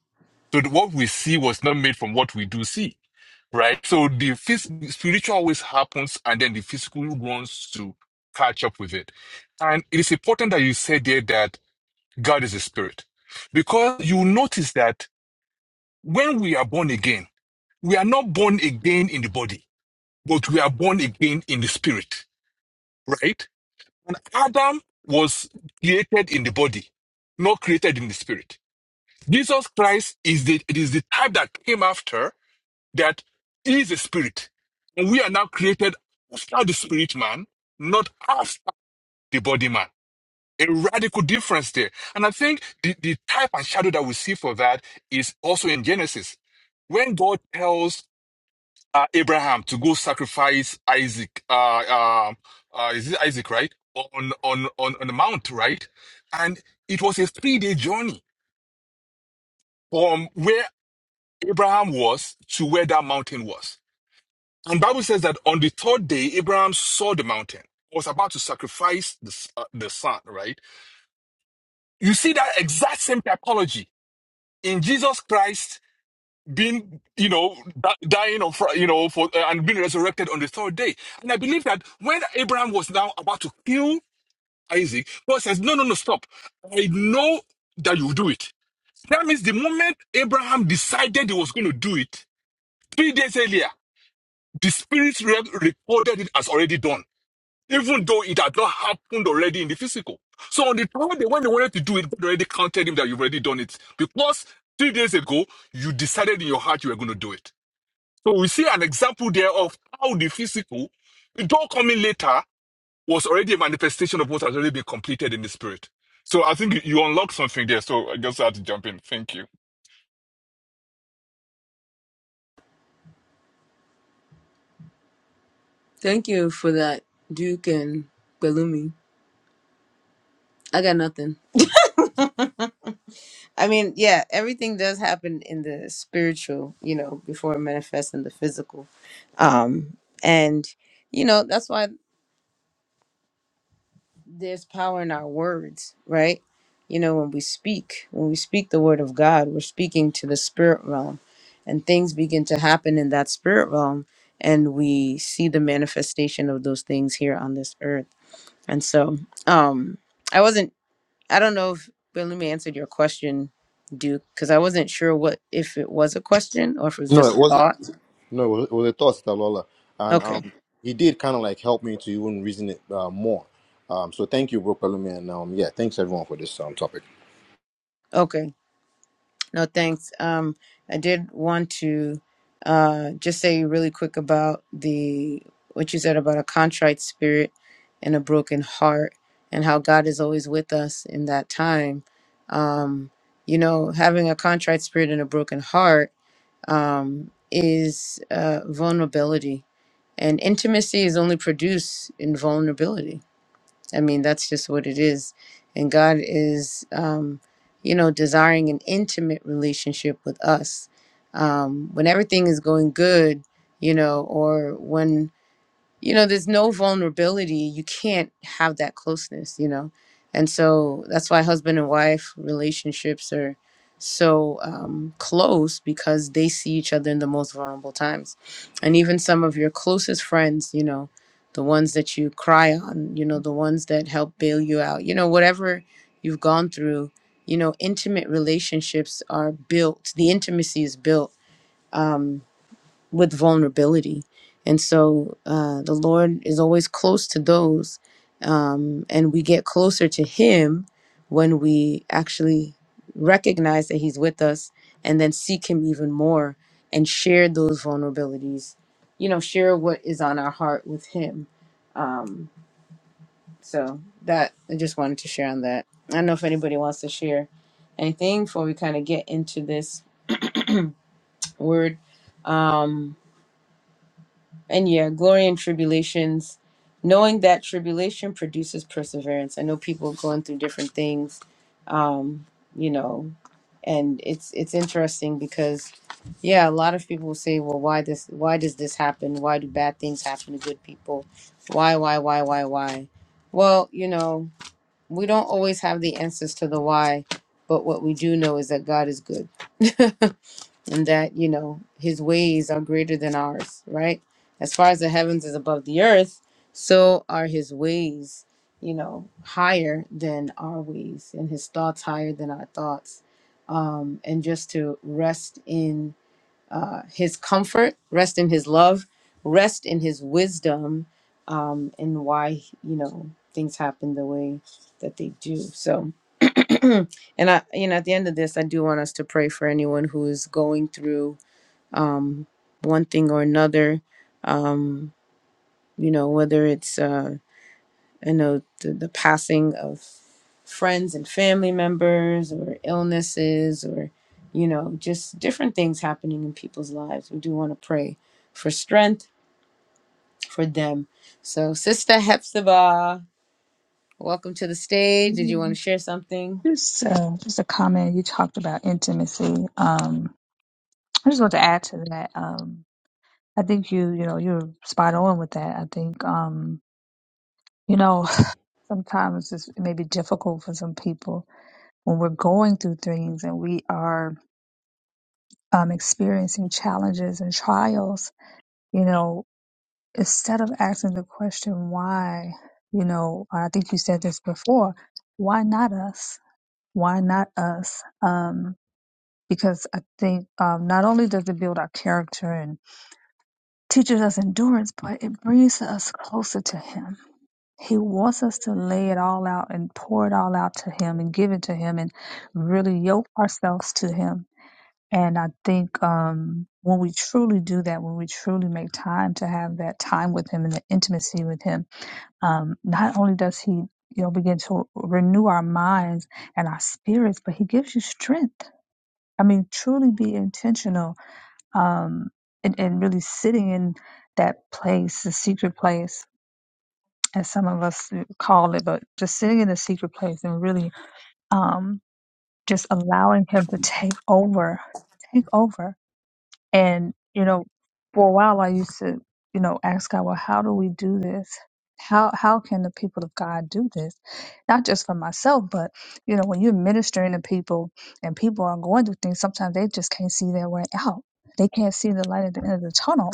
C: So the- what we see was not made from what we do see, right? So the phys- spiritual always happens, and then the physical wants to catch up with it. And it is important that you said there that God is a spirit, because you notice that. When we are born again, we are not born again in the body, but we are born again in the spirit, right? And Adam was created in the body, not created in the spirit. Jesus Christ is the, it is the type that came after that is a spirit. And we are now created after the spirit man, not after the body man. A radical difference there. And I think the, the type and shadow that we see for that is also in Genesis when God tells uh, Abraham to go sacrifice Isaac. Uh, um uh, is it Isaac, right? On on on on the mount, right? And it was a three day journey from where Abraham was to where that mountain was. And Bible says that on the third day, Abraham saw the mountain. Was about to sacrifice the s- uh, the son, right? You see that exact same typology in Jesus Christ being you know di- dying on Fri- you know for uh, and being resurrected on the third day and i believe that when abraham was now about to kill isaac god says no no no stop i know that you will do it that means the moment abraham decided he was going to do it three days earlier the spirit realm recorded it as already done even though it had not happened already in the physical so on the third day when they wanted to do it god already counted him that you've already done it because three days ago you decided in your heart you were going to do it so we see an example there of how the physical, though coming later, was already a manifestation of what has already been completed in the spirit. So I think you you unlocked something there. So I just had to jump in. Thank you.
A: Thank you for that, Duke and Belumi. I got nothing. I mean, yeah, everything does happen in the spiritual, you know, before it manifests in the physical. Um, and, you know, that's why. there's power in our words, right? You know, when we speak, when we speak the word of God, we're speaking to the spirit realm, and things begin to happen in that spirit realm, and we see the manifestation of those things here on this earth. And so, um, I wasn't, I don't know if Belumi answered your question, Duke, because I wasn't sure what if it was a question or if it was
D: No,
A: just
D: it
A: a
D: wasn't.
A: thought.
D: No, it was, it was a thought, Sister and
A: Okay,
D: um, he did kind of like help me to even reason it uh, more. Um, so thank you, Bro Palumi, and um, yeah, thanks everyone for this um topic.
A: okay. No, thanks. Um, I did want to uh, just say really quick about the what you said about a contrite spirit and a broken heart, and how God is always with us in that time. Um, you know, having a contrite spirit and a broken heart um, is uh, vulnerability, and intimacy is only produced in vulnerability I mean, that's just what it is. And God is, um, you know, desiring an intimate relationship with us. Um, when everything is going good, you know, or when you know there's no vulnerability you can't have that closeness you know and so that's why husband and wife relationships are so um, close because they see each other in the most vulnerable times and even some of your closest friends you know the ones that you cry on you know the ones that help bail you out you know whatever you've gone through you know intimate relationships are built the intimacy is built Um, with vulnerability. And so uh, the Lord is always close to those, um, and we get closer to Him when we actually recognize that He's with us and then seek Him even more and share those vulnerabilities, you know, share what is on our heart with Him. Um, so that I just wanted to share on that. I don't know if anybody wants to share anything before we kind of get into this word. Um, And yeah, glory and tribulations, knowing that tribulation produces perseverance. I know people going through different things, um, you know, and it's it's interesting because, yeah, a lot of people will say, well, why this? Why does this happen? Why do bad things happen to good people? Why, why, why, why, why? Well, you know, we don't always have the answers to the why, but what we do know is that God is good. and that you know his ways are greater than ours right as far as the heavens is above the earth so are his ways you know higher than our ways and his thoughts higher than our thoughts um and just to rest in uh his comfort rest in his love rest in his wisdom um and why you know things happen the way that they do so and i you know at the end of this i do want us to pray for anyone who is going through um, one thing or another. Um, you know, whether it's, uh, I know the, the passing of friends and family members or illnesses or, you know, just different things happening in people's lives. We do want to pray for strength for them. So, Sister Hepzibah, welcome to the stage. Did you want
F: Mhm.
A: to share something?
F: Just, uh, just a comment. You talked about intimacy. Um, I just want to add to that. Um, I think you, you know, you're spot on with that. I think, um, you know, sometimes it's, it may be difficult for some people when we're going through things and we are um, experiencing challenges and trials. You know, instead of asking the question why, you know, I think you said this before. Why not us? Why not us? Um, because I think um, not only does it build our character and teaches us endurance, but it brings us closer to Him. He wants us to lay it all out and pour it all out to Him and give it to Him and really yoke ourselves to Him. And I think um, when we truly do that, when we truly make time to have that time with Him and the intimacy with Him, um, not only does He you know, begin to renew our minds and our spirits, but he gives you strength. I mean, truly be intentional um, and, and really sitting in that place, the secret place, as some of us call it, but just sitting in the secret place and really um, just allowing Him to take over, take over. And, you know, for a while I used to, you know, ask God, well, how do we do this? How how can the people of God do this? Not just for myself, but you know, when you're ministering to people and people are going through things, sometimes they just can't see their way out. They can't see the light at the end of the tunnel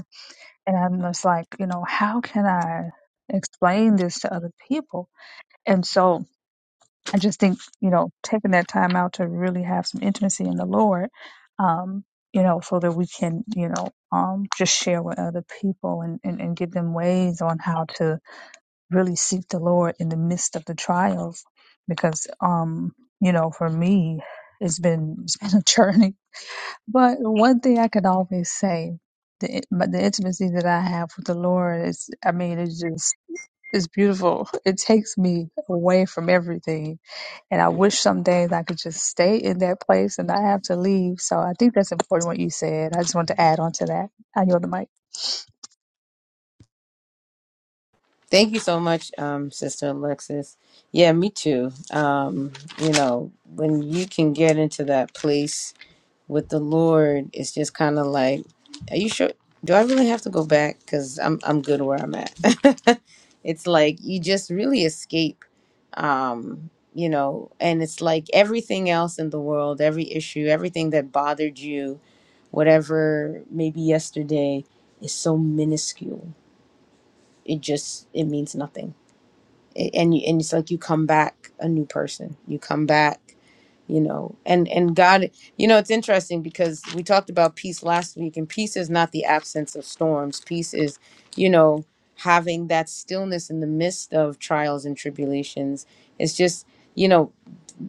F: and I'm just like, you know, how can I explain this to other people? And so I just think, you know, taking that time out to really have some intimacy in the Lord, um, you know, so that we can, you know, um, just share with other people and, and, and give them ways on how to really seek the Lord in the midst of the trials. Because, um, you know, for me, it's been, it's been a journey but one thing I could always say, the in- but the intimacy that I have with the Lord is, I mean, it's just it's beautiful. It takes me away from everything, and I wish some days I could just stay in that place and not have to leave. So I think that's important what you said. I just wanted to add on to that. I yield the mic.
A: Thank you so much, um, Sister Alexis. Yeah, me too. Um, you know, when you can get into that place with the Lord, it's just kind of like, are you sure? Do I really have to go back? Because I'm I'm good where I'm at. it's like you just really escape, um, you know. And it's like everything else in the world, every issue, everything that bothered you, whatever maybe yesterday, is so minuscule. It just it means nothing a- and you, and it's like you come back a new person. You come back, you know. And and God, you know, it's interesting because we talked about peace last week, and peace is not the absence of storms. Peace is, you know, having that stillness in the midst of trials and tribulations. It's just you know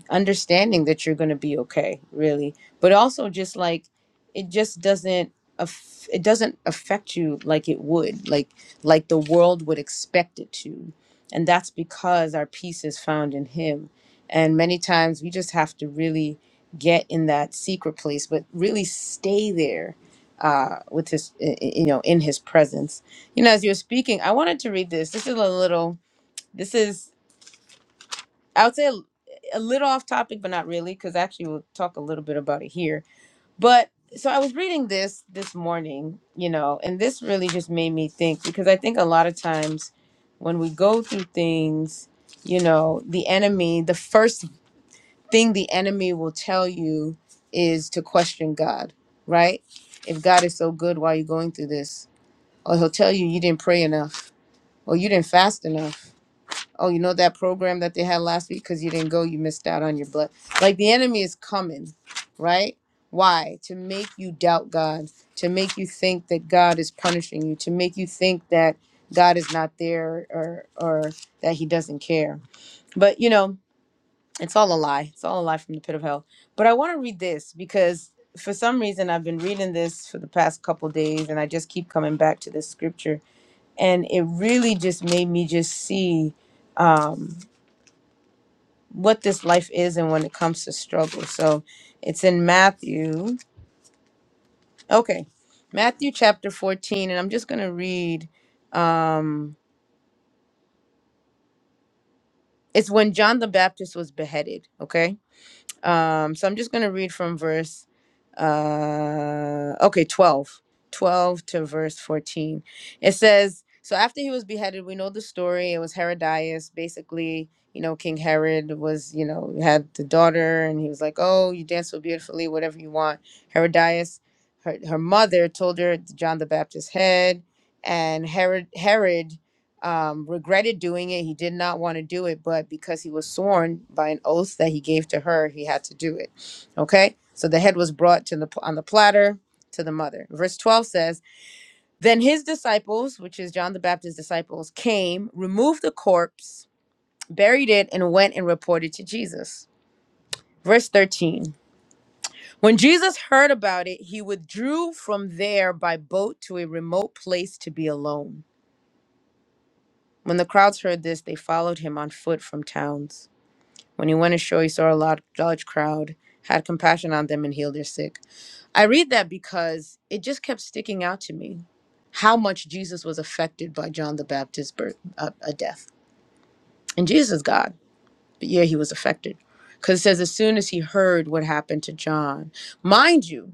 A: understanding that you're going to be okay really but also just like it just doesn't aff- it doesn't affect you like it would like like the world would expect it to and that's because our peace is found in him and many times we just have to really get in that secret place but really stay there uh with his i- i- you know in his presence you know as you're speaking i wanted to read this this is a little this is I would say a, a little off topic, but not really, because actually we'll talk a little bit about it here. But so I was reading this this morning, you know, and this really just made me think because I think a lot of times when we go through things, you know, the enemy, the first thing the enemy will tell you is to question God, right? If God is so good why are you going through this, or he'll tell you you didn't pray enough, or you didn't fast enough oh, you know that program that they had last week because you didn't go, you missed out on your blood. Like the enemy is coming, right? Why? To make you doubt God, to make you think that God is punishing you, to make you think that God is not there or or that he doesn't care. But you know, it's all a lie. It's all a lie from the pit of hell. But I want to read this because for some reason I've been reading this for the past couple days and I just keep coming back to this scripture and it really just made me just see um, what this life is and when it comes to struggle. So it's in Matthew. Okay. Matthew chapter 14 and I'm just going to read um it's when John the Baptist was beheaded, okay? Um, so I'm just going to read from verse, uh, okay, 12, 12 to verse 14. It says, So after he was beheaded, we know the story. It was Herodias. Basically, you know, King Herod was, you know, had the daughter and he was like, Oh, you dance so beautifully, whatever you want. Herodias, her, her mother told her John the Baptist's head. And Herod, Herod um, regretted doing it. He did not want to do it, but because he was sworn by an oath that he gave to her, he had to do it. Okay, so the head was brought to the on the platter to the mother. Verse twelve says, "Then his disciples, which is John the Baptist's disciples, came, removed the corpse, buried it, and went and reported to Jesus." Verse 13. When Jesus heard about it, he withdrew from there by boat to a remote place to be alone. When the crowds heard this, they followed him on foot from towns. When he went ashore, he saw a large, large crowd, had compassion on them, and healed their sick. I read that because it just kept sticking out to me how much Jesus was affected by John the Baptist's birth, uh, uh, death. And Jesus is God, but yeah, he was affected. Because it says, as soon as he heard what happened to John, mind you,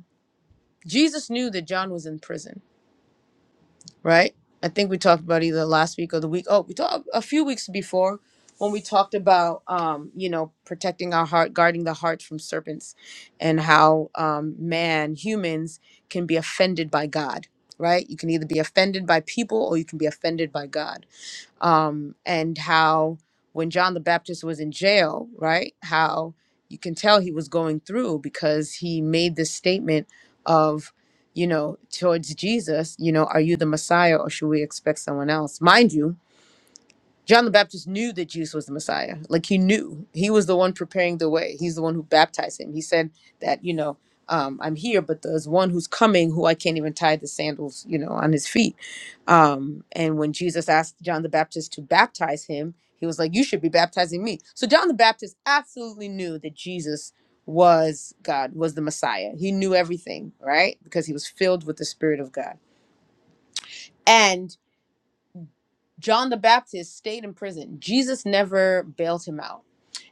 A: Jesus knew that John was in prison. right? I think we talked about either last week or the week. Oh, we talked a few weeks before when we talked about, um, you know, protecting our heart, guarding the heart from serpents, and how um, man, humans, can be offended by God, right? You can either be offended by people or you can be offended by God um, and how when John the Baptist was in jail, right? How you can tell he was going through because he made this statement of, you know, towards Jesus, you know, are you the Messiah or should we expect someone else? Mind you, John the Baptist knew that Jesus was the Messiah. Like he knew he was the one preparing the way. He's the one who baptized him. He said that, you know, um, I'm here, but there's one who's coming who I can't even tie the sandals, you know, on his feet. Um, and when Jesus asked John the Baptist to baptize him, he was like, You should be baptizing me. So John the Baptist absolutely knew that Jesus was God, was the Messiah. He knew everything, right? Because he was filled with the Spirit of God. And John the Baptist stayed in prison. Jesus never bailed him out.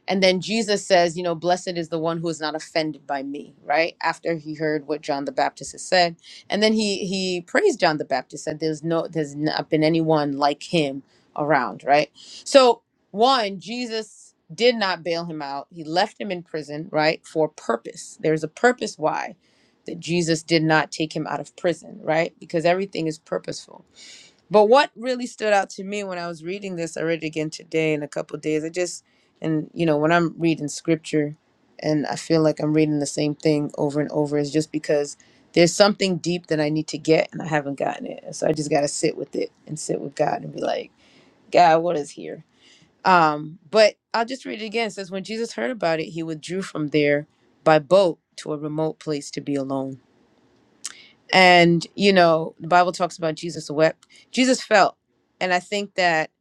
A: And then Jesus says, you know, blessed is the one who is not offended by me, right? After he heard what John the Baptist has said. And then he he praised John the Baptist, said there's no there's not been anyone like him around, right? So one, Jesus did not bail him out. He left him in prison, right? For purpose. There's a purpose why that Jesus did not take him out of prison, right? Because everything is purposeful. But what really stood out to me when I was reading this, I read it again today in a couple of days. I just, and you know, when I'm reading scripture and I feel like I'm reading the same thing over and over, is just because there's something deep that I need to get and I haven't gotten it. And so I just got to sit with it and sit with God and be like, God, what is here? Um, but I'll just read it again. It says, When Jesus heard about it, he withdrew from there by boat to a remote place to be alone. And, you know, the Bible talks about Jesus wept. Jesus felt. And I think that,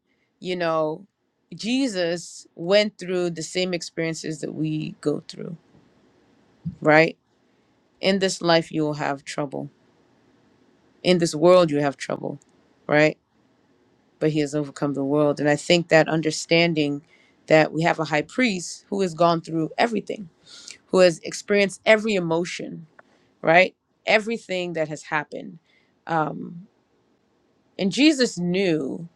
A: you know, Jesus went through the same experiences that we go through, right? In this life, you will have trouble. In this world, you have trouble, right? But he has overcome the world. And I think that understanding that we have a high priest who has gone through everything, who has experienced every emotion, right? Everything that has happened. Um, and Jesus knew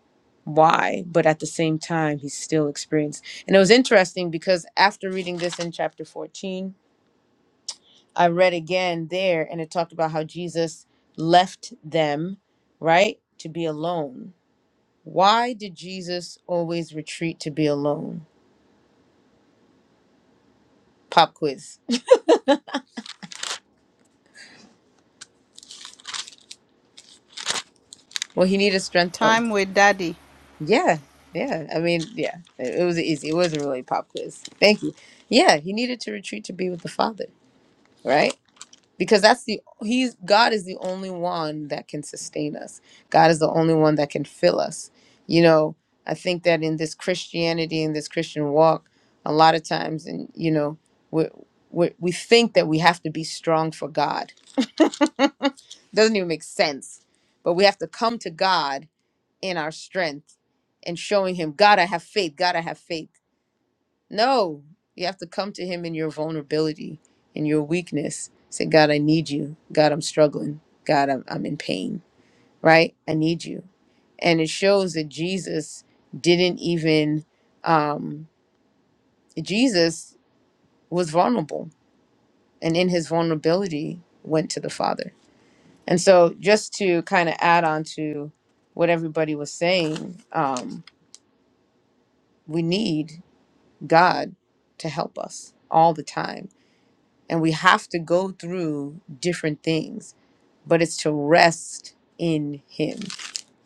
A: why, but at the same time, he's still experienced. And it was interesting because after reading this in chapter 14, I read again there and it talked about how Jesus left them, right, to be alone. Why did Jesus always retreat to be alone? Pop quiz. Well, he needed strength. Oh,
B: Time with daddy.
A: yeah. Yeah. I mean, yeah, it, it was easy. It wasn't really a really pop quiz. Thank you. Yeah, he needed to retreat to be with the Father, right? because that's the he's god is the only one that can sustain us god is the only one that can fill us you know i think that in this christianity in this christian walk a lot of times and you know we we we think that we have to be strong for god doesn't even make sense but we have to come to god in our strength and showing him god i have faith god i have faith no, you have to come to Him in your vulnerability, in your weakness. Say, God, I need you. God, I'm struggling. God, I'm, I'm in pain, right? I need you. And it shows that Jesus didn't even, um, Jesus was vulnerable and in his vulnerability went to the Father. And so, just to kind of add on to what everybody was saying, um, we need God to help us all the time and we have to go through different things but it's to rest in him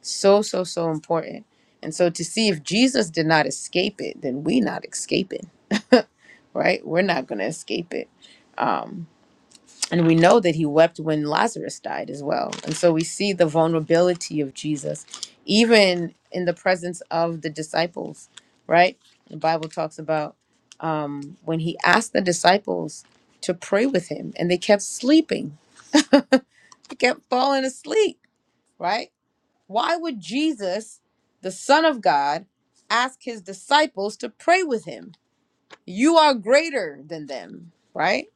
A: so so so important and so to see if jesus did not escape it then we not escaping right we're not going to escape it Um, and we know that he wept when Lazarus died as well. And so we see the vulnerability of Jesus, even in the presence of the disciples, right? The Bible talks about um, when he asked the disciples to pray with him, and they kept sleeping, they kept falling asleep, right? Why would Jesus, the Son of God, ask his disciples to pray with him? You are greater than them, right?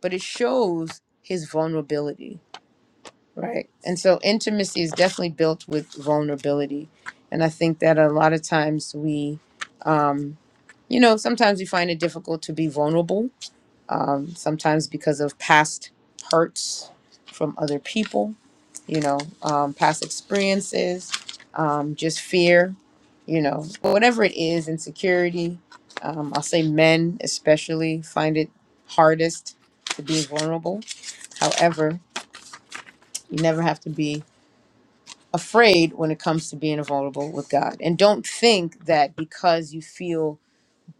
A: But it shows his vulnerability Right. And so intimacy is definitely built with vulnerability. And I think that a lot of times we, um, you know, sometimes we find it difficult to be vulnerable, um, sometimes because of past hurts from other people, you know, um, past experiences, um, just fear, you know, whatever it is, insecurity. Um, I'll say men especially find it hardest to be vulnerable. However, you never have to be afraid when it comes to being vulnerable with God. And don't think that because you feel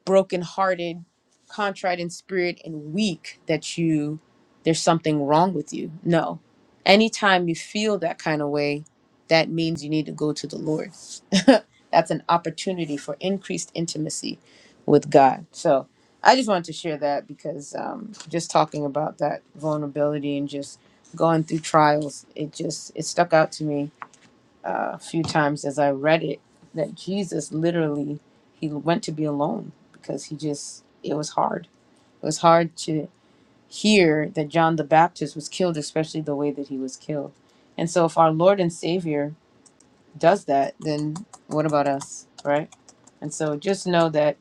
A: brokenhearted, contrite in spirit, and weak, that you there's something wrong with you. No. Anytime you feel that kind of way, that means you need to go to the Lord. That's an opportunity for increased intimacy with God. So I just wanted to share that because um, just talking about that vulnerability and just going through trials, it just it stuck out to me uh, a few times as I read it that Jesus literally he went to be alone because he just it was hard. It was hard to hear that John the Baptist was killed, especially the way that he was killed. And so if our Lord and Savior does that, then what about us, right? And so just know that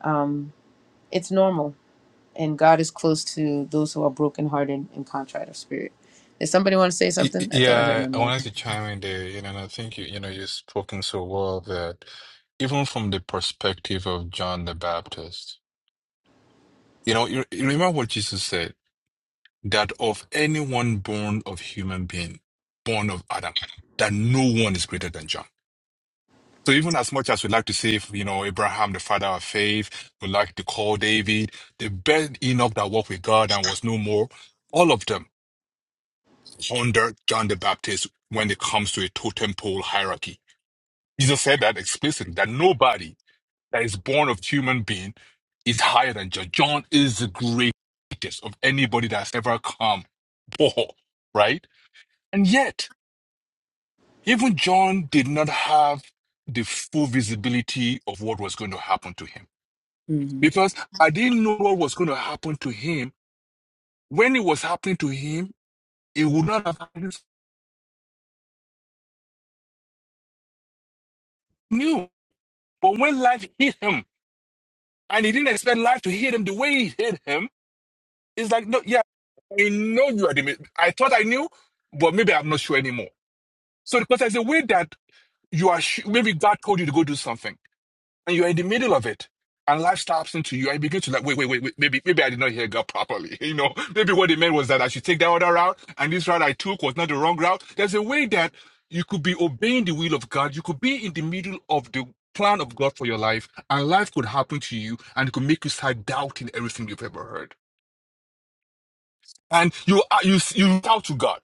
A: um, it's normal, and God is close to those who are brokenhearted and contrite of spirit. Did somebody want to say
C: Y- y-
A: something? I thought I heard
C: Yeah,
A: on
C: I
A: mic.
C: wanted to chime in there, you know, and I think you, you know, you've spoken so well that even from the perspective of John the Baptist, you know, you, you remember what Jesus said, that of anyone born of human being, born of Adam, that no one is greater than John. So even as much as we like to say, you know, Abraham, the father of faith, we like to call David, the best Enoch that walked with God and was no more, all of them under John the Baptist when it comes to a totem pole hierarchy. Jesus said that explicitly, that nobody that is born of human being is higher than John. John is the greatest of anybody that's ever come, Paul, right? And yet, even John did not have the full visibility of what was going to happen to him because I didn't know what was going to happen to him. When it was happening to him, it would not have happened. He Knew, but when life hit him, and he didn't expect life to hit him the way it hit him, it's like, no, yeah, I know you are the. mi- I thought I knew, but maybe I'm not sure anymore. So because there's a way that you are, su- maybe God told you to go do something. and you're in the middle of it. And life stops into you, and you begin to like, wait, wait, wait, wait, maybe, maybe I did not hear God properly. You know, maybe what they meant was that I should take that other route, and this route I took was not the wrong route. There's a way that you could be obeying the will of God. You could be in the middle of the plan of God for your life, and life could happen to you, and it could make you start doubting everything you've ever heard. And you, uh, you, you shout to God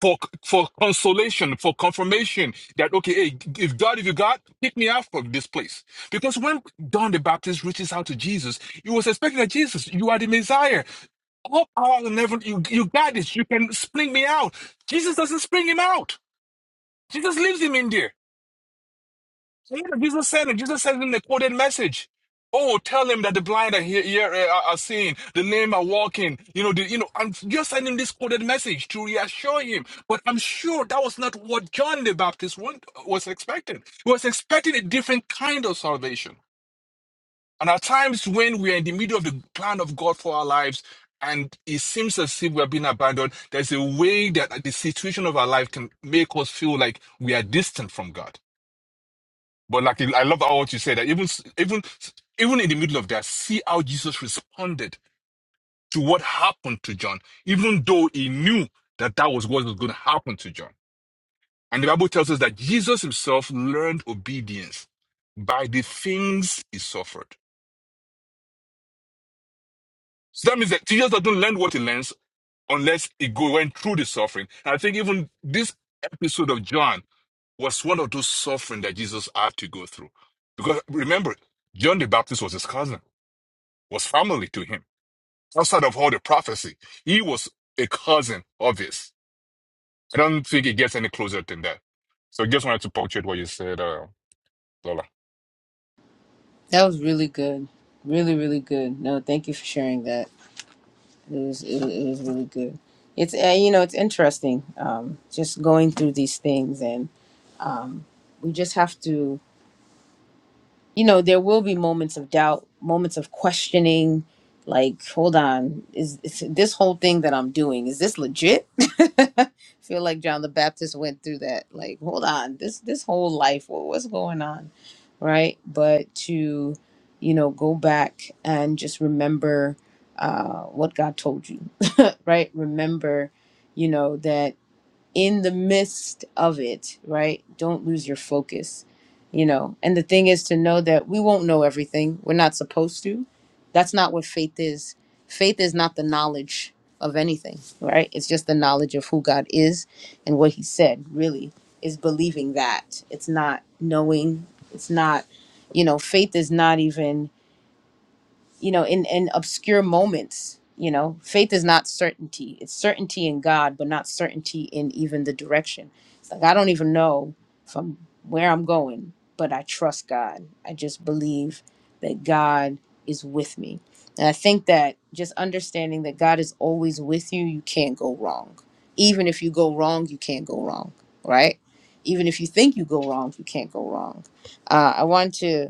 C: for for consolation, for confirmation that okay, hey, if God, if you God, pick me out from this place. Because when John the Baptist reaches out to Jesus, he was expecting that Jesus, you are the Messiah. All power in heaven, you you got this. You can spring me out. Jesus doesn't spring him out. Jesus leaves him in there. Yeah, Jesus said it. Jesus said it in the quoted message. Oh, tell him that the blind are here, here uh, are, are seeing, the lame are walking. You know, the, you know. I'm just sending this quoted message to reassure him. But I'm sure that was not what John the Baptist want, was expecting. He was expecting a different kind of salvation. And at times when we are in the middle of the plan of God for our lives, and it seems as if we are being abandoned, there's a way that the situation of our life can make us feel like we are distant from God. But like I love how what you said that even even even in the middle of that, see how Jesus responded to what happened to John, even though he knew that that was what was going to happen to John. And the Bible tells us that Jesus himself learned obedience by the things he suffered. So that means that Jesus doesn't learn what he learns unless he go, went through the suffering. And I think even this episode of John was one of those suffering that Jesus had to go through. Because remember, John the Baptist was his cousin. was family to him. Outside of all the prophecy, he was a cousin of his. I don't think it gets any closer than that. So just wanted to punctuate what you said, uh, Lola.
A: That was really good. Really, really good. No, thank you for sharing that. It was it was, it was really good. It's uh, you know it's interesting. Um, just going through these things, and um, we just have to you know there will be moments of doubt moments of questioning like hold on is, is this whole thing that i'm doing is this legit I feel like john the baptist went through that like hold on this this whole life wha- what's going on right but to you know go back and just remember uh what god told you right remember you know that in the midst of it, right? Don't lose your focus, you know. And the thing is to know that we won't know everything. We're not supposed to. That's not what faith is. Faith is not the knowledge of anything, right? It's just the knowledge of who God is and what He said, really, is believing that. It's not knowing. It's not, you know, faith is not even you know, in, in obscure moments. You know, faith is not certainty. It's certainty in God, but not certainty in even the direction. It's like, I don't even know from where I'm going, but I trust God. I just believe that God is with me. And I think that just understanding that God is always with you, you can't go wrong. Even if you go wrong, you can't go wrong, right? Even if you think you go wrong, you can't go wrong. Uh, I want to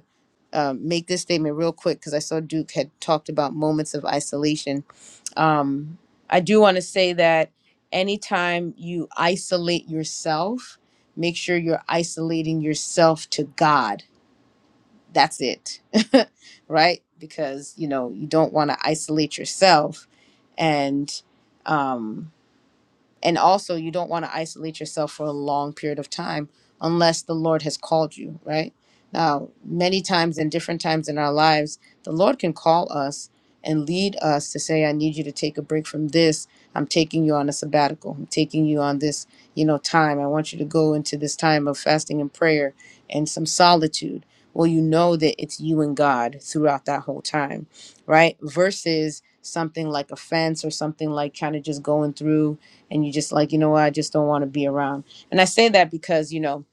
A: um, make this statement real quick because I saw Duke had talked about moments of isolation. Um, I do want to say that anytime you isolate yourself, make sure you're isolating yourself to God. That's it, right? Because you know you don't want to isolate yourself, and um, and also, you don't want to isolate yourself for a long period of time unless the Lord has called you, right? Now, many times in different times in our lives, the Lord can call us and lead us to say, I need you to take a break from this. I'm taking you on a sabbatical. I'm taking you on this, you know, time. I want you to go into this time of fasting and prayer and some solitude. Well, you know that it's you and God throughout that whole time, right? Versus something like offense or something like kind of just going through and you just like you know what i just don't want to be around and i say that because you know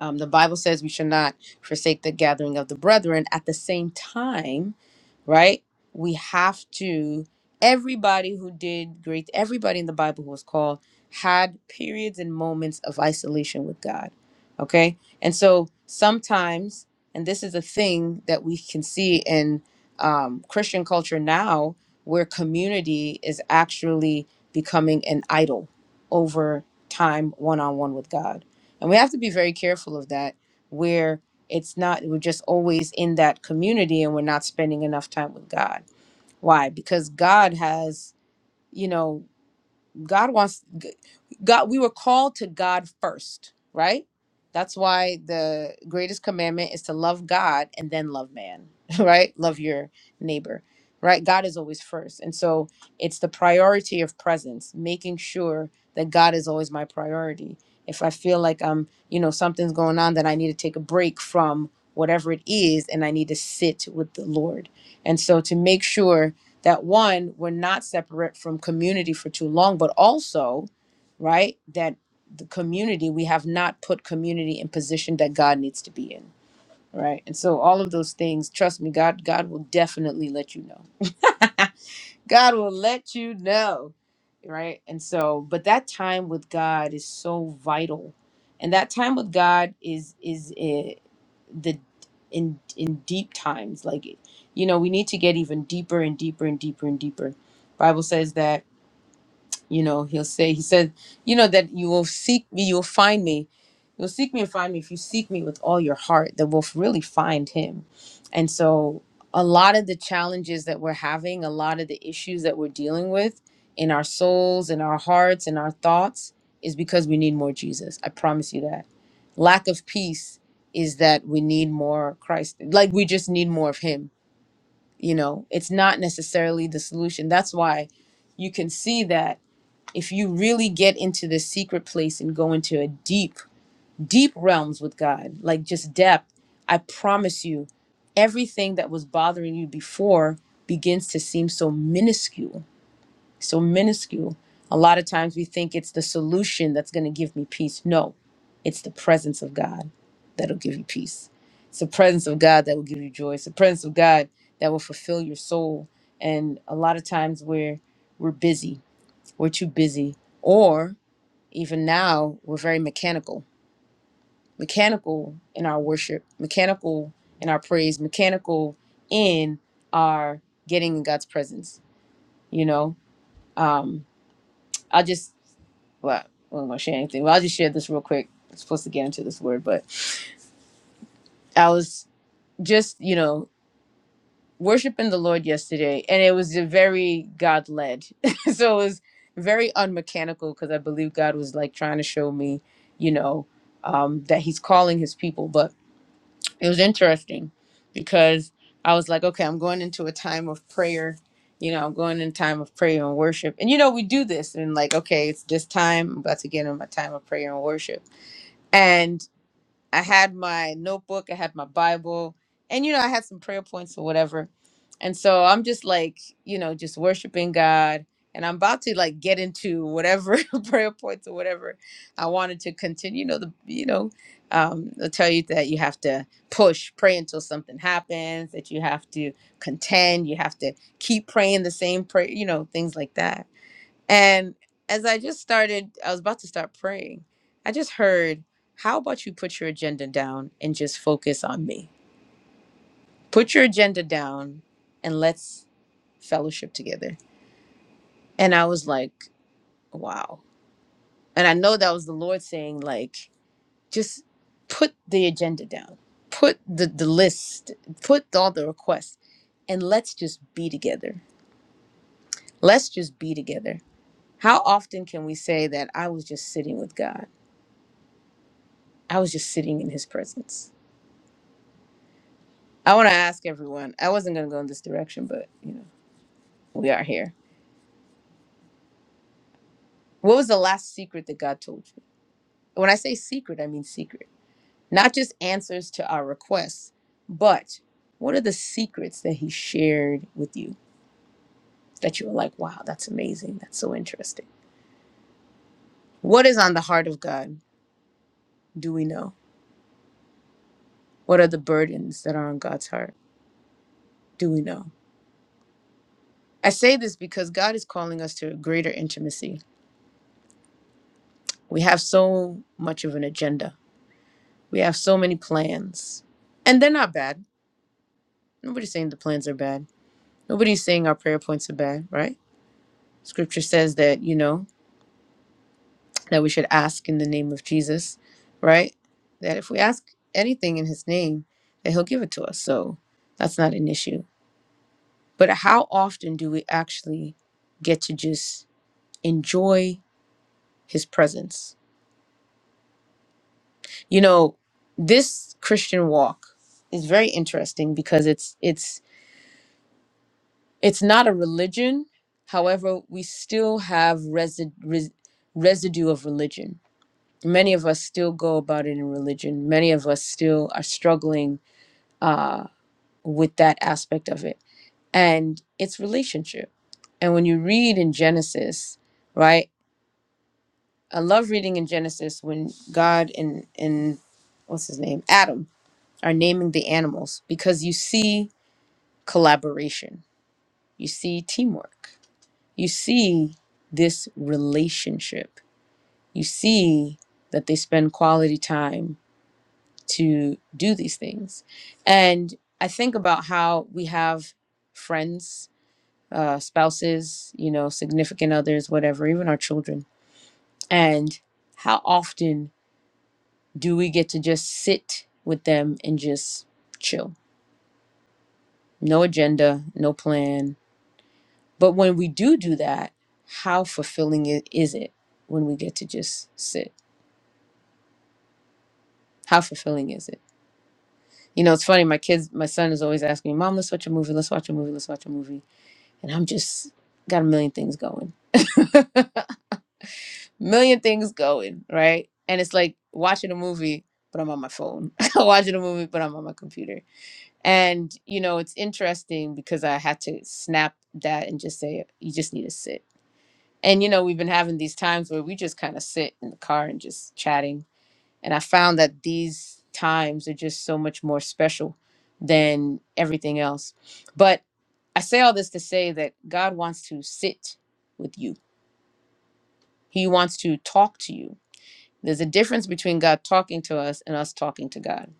A: um, the bible says we should not forsake the gathering of the brethren at the same time right? We have to, everybody who did great, everybody in the Bible who was called had periods and moments of isolation with God, okay? And so sometimes, and this is a thing that we can see in um, Christian culture now, where community is actually becoming an idol over time one on one with God. And we have to be very careful of that, where it's not, we're just always in that community and we're not spending enough time with God. Why? Because God has, you know, God wants God we were called to God first, right? That's why the greatest commandment is to love God and then love man, right? Love your neighbor. Right? God is always first. And so it's the priority of presence, making sure that God is always my priority. If I feel like I'm, you know, something's going on then I need to take a break from whatever it is and I need to sit with the Lord. And so to make sure that one we're not separate from community for too long but also right that the community we have not put community in position that god needs to be in right and so all of those things trust me god god will definitely let you know God will let you know. Right. And so, but that time with God is so vital. And that time with God is, is eh, the, in, in deep times. Like, you know, we need to get even deeper and deeper and deeper and deeper. Bible says that you know, he'll say, he said, you know, that you will seek me, you'll find me. You'll seek me and find me. If you seek me with all your heart, That we'll really find him. And so, a lot of the challenges that we're having, a lot of the issues that we're dealing with in our souls, in our hearts, in our thoughts, is because we need more Jesus. I promise you that. Lack of peace is that we need more Christ. Like, we just need more of him. You know, it's not necessarily the solution. That's why you can see that if you really get into this secret place and go into a deep, deep realms with God, like just depth, I promise you, everything that was bothering you before begins to seem so minuscule, so minuscule. A lot of times we think it's the solution that's going to give me peace. No, it's the presence of God that'll give you peace. It's the presence of God that will give you joy. It's the presence of God that will fulfill your soul. And a lot of times we're we're busy. We're too busy. Or even now we're very mechanical mechanical in our worship mechanical in our praise mechanical in our getting in god's presence you know um i'll just well i don't want to share anything well i'll just share this real quick i'm supposed to get into this word but i was just you know worshiping the lord yesterday and it was a very god led so it was very unmechanical because i believe god was like trying to show me you know um, that he's calling his people but it was interesting because I was like, okay, I'm going into a time of prayer. You know, I'm going in time of prayer and worship. And you know, we do this and like, okay, it's this time. I'm about to get in my time of prayer and worship. I had my notebook, I had my Bible, and you know, I had some prayer points or whatever. And so I'm just like, you know, just worshiping God. And I'm about to like get into whatever prayer points or whatever I wanted to continue. You know, the you know, um, they'll tell you that you have to push, pray until something happens, that you have to contend, you have to keep praying the same prayer, you know, things like that. And as I just started, I was about to start praying. I just heard, how about you put your agenda down and just focus on me? Put your agenda down and let's fellowship together. And I was like, wow. And I know that was the Lord saying, like, just put the agenda down, put the, the list, put all the requests, and let's just be together. Let's just be together. How often can we say that I was just sitting with God? I was just sitting in his presence. I want to ask everyone. I wasn't going to go in this direction, but you know, we are here. What was the last secret that God told you? When I say secret, I mean secret. Not just answers to our requests, but what are the secrets that he shared with you that you were like, "Wow, that's amazing. That's so interesting." What is on the heart of God? Do we know? What are the burdens that are on God's heart? Do we know? I say this because God is calling us to a greater intimacy. We have so much of an agenda We have so many plans. And they're not bad. Nobody's saying the plans are bad. Nobody's saying our prayer points are bad, right? Scripture says that, you know, that we should ask in the name of Jesus, right? That if we ask anything in his name, that he'll give it to us. So that's not an issue. But how often do we actually get to just enjoy his presence? You know, this Christian walk is very interesting because it's it's It's not a religion. However, we still have resi- res- residue of religion. Many of us still go about it in religion. Many of us still are struggling uh, with that aspect of it. And it's relationship. And when you read in Genesis, right? I love reading in Genesis when God and, and what's his name? Adam are naming the animals because you see collaboration, you see teamwork you see this relationship. You see that they spend quality time to do these things. And I think about how we have friends, uh, spouses, you know, significant others, whatever, even our children. And how often do we get to just sit with them and just chill? No agenda, no plan. But when we do do that, how fulfilling i- is it when we get to just sit? How fulfilling is it? You know, it's funny. My kids, my son is always asking me, "Mom, let's watch a movie. Let's watch a movie. Let's watch a movie." And I'm just got a million things going, million things going, right? And it's like watching a movie, but I'm on my phone. watching a movie, but I'm on my computer. And you know, it's interesting because I had to snap that and just say, "You just need to sit." And you know, we've been having these times where we just kind of sit in the car and just chatting And I found that these times are just so much more special than everything else. But I say all this to say that God wants to sit with you, He wants to talk to you. There's a difference between God talking to us and us talking to God.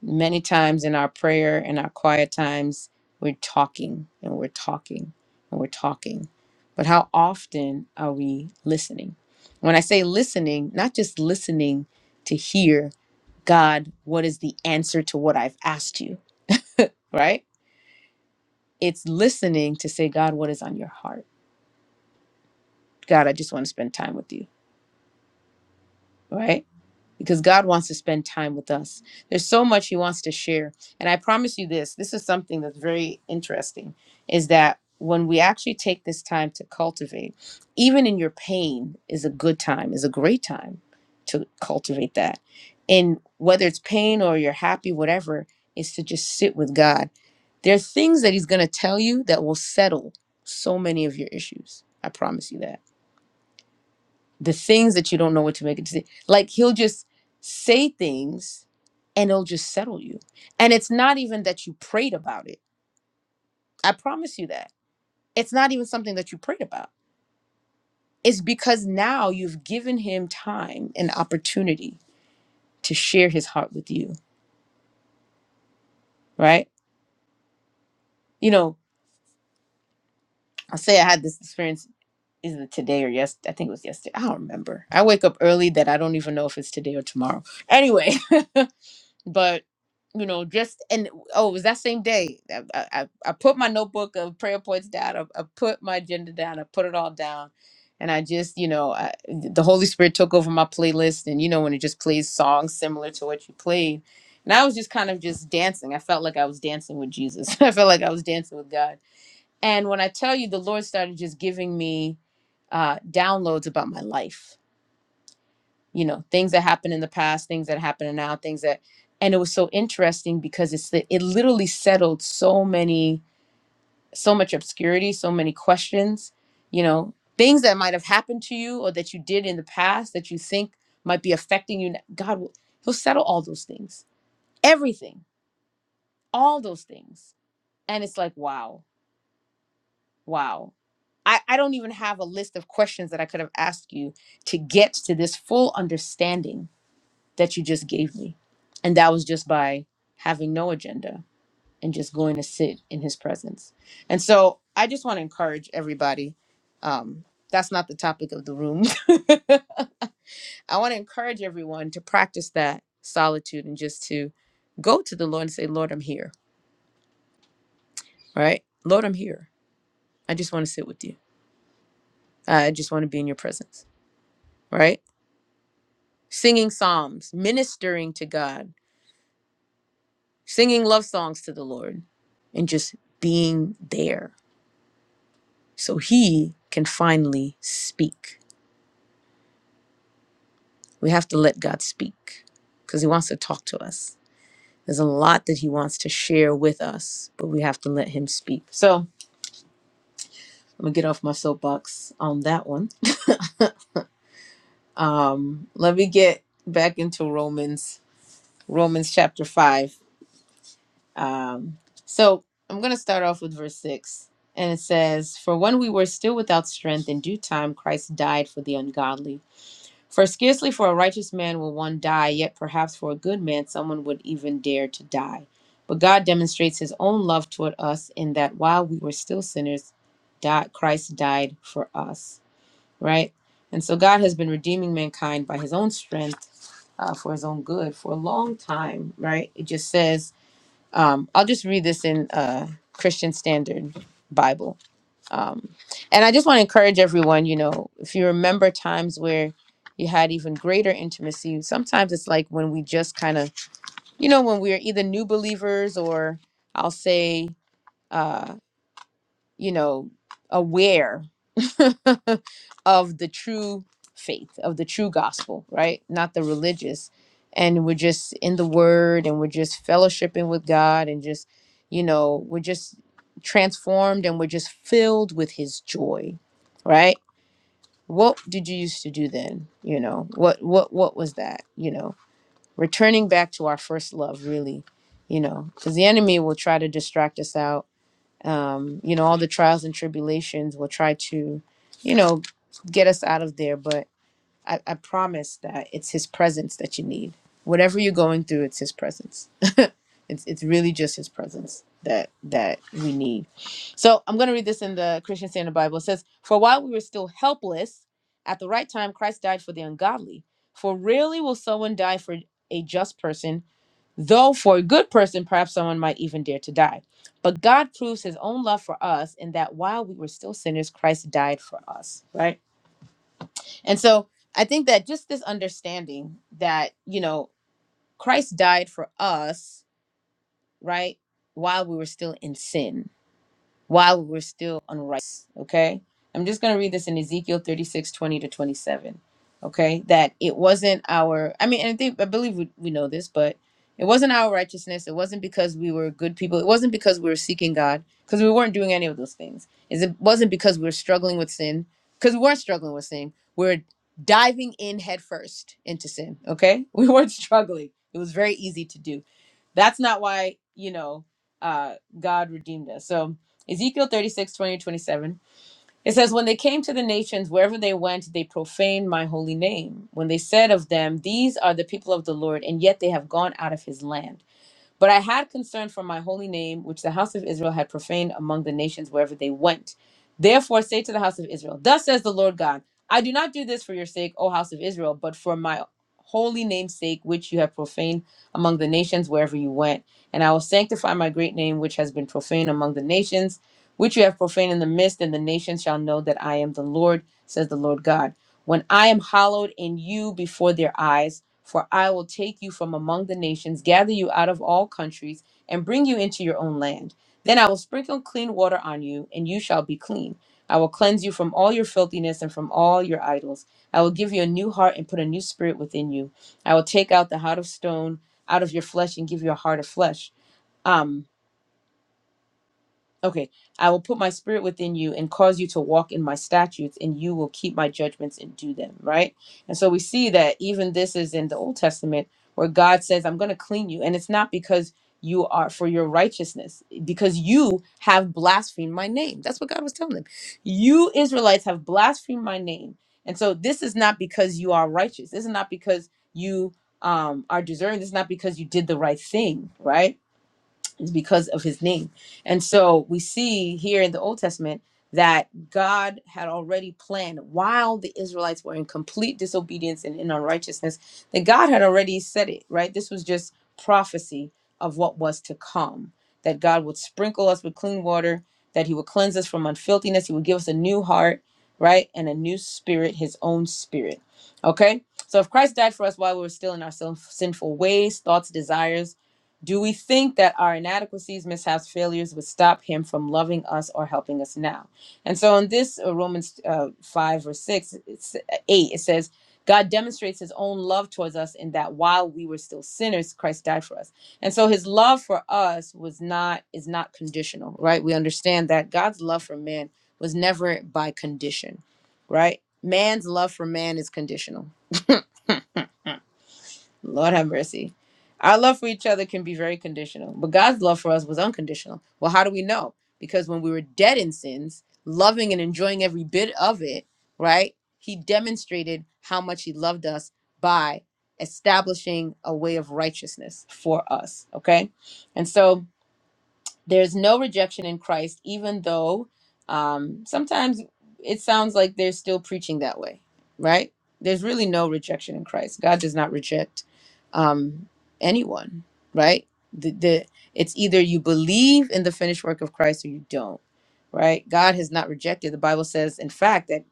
A: Many times in our prayer and our quiet times, we're talking and we're talking and we're talking. But how often are we listening? When I say listening, not just listening to hear, God, what is the answer to what I've asked you, right? It's listening to say, God, what is on your heart? God, I just want to spend time with you, right? because God wants to spend time with us. There's so much he wants to share. And I promise you this, this is something that's very interesting is that when we actually take this time to cultivate, even in your pain is a good time, is a great time to cultivate that. And whether it's pain or you're happy whatever, is to just sit with God. There are things that he's going to tell you that will settle so many of your issues. I promise you that the things that you don't know what to make a decision. Like he'll just say things and it'll just settle you. And it's not even that you prayed about it. I promise you that. It's not even something that you prayed about. It's because now you've given him time and opportunity to share his heart with you, right? You know, I'll say I had this experience is it today or yes I think it was yesterday. I don't remember. I wake up early that I don't even know if it's today or tomorrow. Anyway, but you know just and oh it was that same day i i, I I put my notebook of prayer points down I, I put my agenda down i put it all down and i just you know I, the holy spirit took over my playlist and you know when it just plays songs similar to what you played and i was just kind of just dancing i felt like i was dancing with jesus i felt like i was dancing with god and when i tell you the lord started just giving me uh downloads about my life you know things that happened in the past things that happen now things that and it was so interesting because it's the, it literally settled so many so much obscurity so many questions you know things that might have happened to you or that you did in the past that you think might be affecting you now, god will he'll settle all those things everything all those things and it's like wow wow I, I don't even have a list of questions that I could have asked you to get to this full understanding that you just gave me. And that was just by having no agenda and just going to sit in his presence. And so I just want to encourage everybody. Um, that's not the topic of the room. I want to encourage everyone to practice that solitude and just to go to the Lord and say, Lord, I'm here. Right? Lord, I'm here. I just want to sit with you. I just want to be in your presence. Right? Singing psalms, ministering to God, singing love songs to the Lord, and just being there so he can finally speak. We have to let God speak because he wants to talk to us. There's a lot that he wants to share with us, but we have to let him speak. So I'm gonna get off my soapbox on that one. Um, let me get back into Romans, Romans chapter five. Um, so I'm gonna start off with verse six, and it says, "For when we were still without strength, in due time Christ died for the ungodly." For scarcely for a righteous man will one die, yet perhaps for a good man someone would even dare to die. But God demonstrates his own love toward us in that while we were still sinners, di- Christ died for us, right? And so God has been redeeming mankind by his own strength uh, for his own good for a long time, right? It just says, um, I'll just read this in uh, Christian Standard Bible um, and i just want to encourage everyone you know if you remember times where you had even greater intimacy sometimes it's like when we just kind of you know when we're either new believers or i'll say uh, you know, aware of the true faith, of the true gospel, right? Not the religious. And we're just in the word and we're just fellowshipping with God and just, you know, we're just transformed and we're just filled with his joy, right? What did you used to do then? You know, what what what was that? You know, returning back to our first love really, you know, cuz the enemy will try to distract us out um, you know, all the trials and tribulations will try to, you know, get us out of there. But I, I promise that it's His presence that you need. Whatever you're going through, it's His presence. it's it's really just His presence that that we need. So I'm going to read this in the Christian Standard Bible. It says, "For while we were still helpless, at the right time Christ died for the ungodly. For really will someone die for a just person?" Though for a good person, perhaps someone might even dare to die. But God proves his own love for us in that while we were still sinners, Christ died for us, right? And so I think that just this understanding that, you know, Christ died for us, right? While we were still in sin while we're still unrighteous, Okay. I'm just going to read this in Ezekiel 36:20 to 27. Okay. That it wasn't our, I mean, and I think, I believe we, we know this, but it wasn't our righteousness. It wasn't because we were good people. It wasn't because we were seeking God, because we weren't doing any of those things. Is It wasn't because we were struggling with sin, because we weren't struggling with sin. We are diving in headfirst into sin. Okay. We weren't struggling. It was very easy to do that's not why, you know, uh, God redeemed us. So Ezekiel 36 20 27 It says, When they came to the nations, wherever they went, they profaned my holy name. When they said of them, These are the people of the Lord, and yet they have gone out of his land. But I had concern for my holy name, which the house of Israel had profaned among the nations wherever they went. Therefore, say to the house of Israel, Thus says the Lord God, I do not do this for your sake, O house of Israel, but for my holy name's sake, which you have profaned among the nations wherever you went. And I will sanctify my great name, which has been profaned among the nations, which you have profaned in the midst, and the nations shall know that I am the Lord, says the Lord God when I am hallowed in you before their eyes, for I will take you from among the nations, gather you out of all countries, and bring you into your own land. Then I will sprinkle clean water on you, and you shall be clean. I will cleanse you from all your filthiness and from all your idols. I will give you a new heart and put a new spirit within you. I will take out the heart of stone out of your flesh and give you a heart of flesh. Um. Okay, I will put my spirit within you and cause you to walk in my statutes, and you will keep my judgments and do them, right? And so we see that even this is in the Old Testament where God says, I'm going to clean you. And it's not because you are for your righteousness, because you have blasphemed my name. That's what God was telling them. You Israelites have blasphemed my name. And so this is not because you are righteous. This is not because you um, are deserving. This is not because you did the right thing, right? is because of his name. And so we see here in the Old Testament that God had already planned while the Israelites were in complete disobedience and in unrighteousness, that God had already said it, right? This was just prophecy of what was to come, that God would sprinkle us with clean water, that he would cleanse us from unfilthiness, he would give us a new heart, right? And a new spirit, his own spirit. Okay? So if Christ died for us while we were still in our sin- sinful ways, thoughts, desires, do we think that our inadequacies, mishaps, failures would stop him from loving us or helping us now? And so in this uh, Romans uh, 5 or 6, it's uh, 8, it says, God demonstrates his own love towards us in that while we were still sinners, Christ died for us. And so his love for us was not, is not conditional, right? We understand that God's love for man was never by condition, right? Man's love for man is conditional Lord have mercy. Our love for each other can be very conditional, but God's love for us was unconditional. Well, how do we know? Because when we were dead in sins, loving and enjoying every bit of it, right? He demonstrated how much He loved us by establishing a way of righteousness for us, okay? And so, there's no rejection in Christ, even though um, sometimes it sounds like they're still preaching that way, right? There's really no rejection in Christ. God does not reject um, anyone, right? The, the, it's either you believe in the finished work of Christ or you don't, right? God has not rejected. The Bible says, in fact, that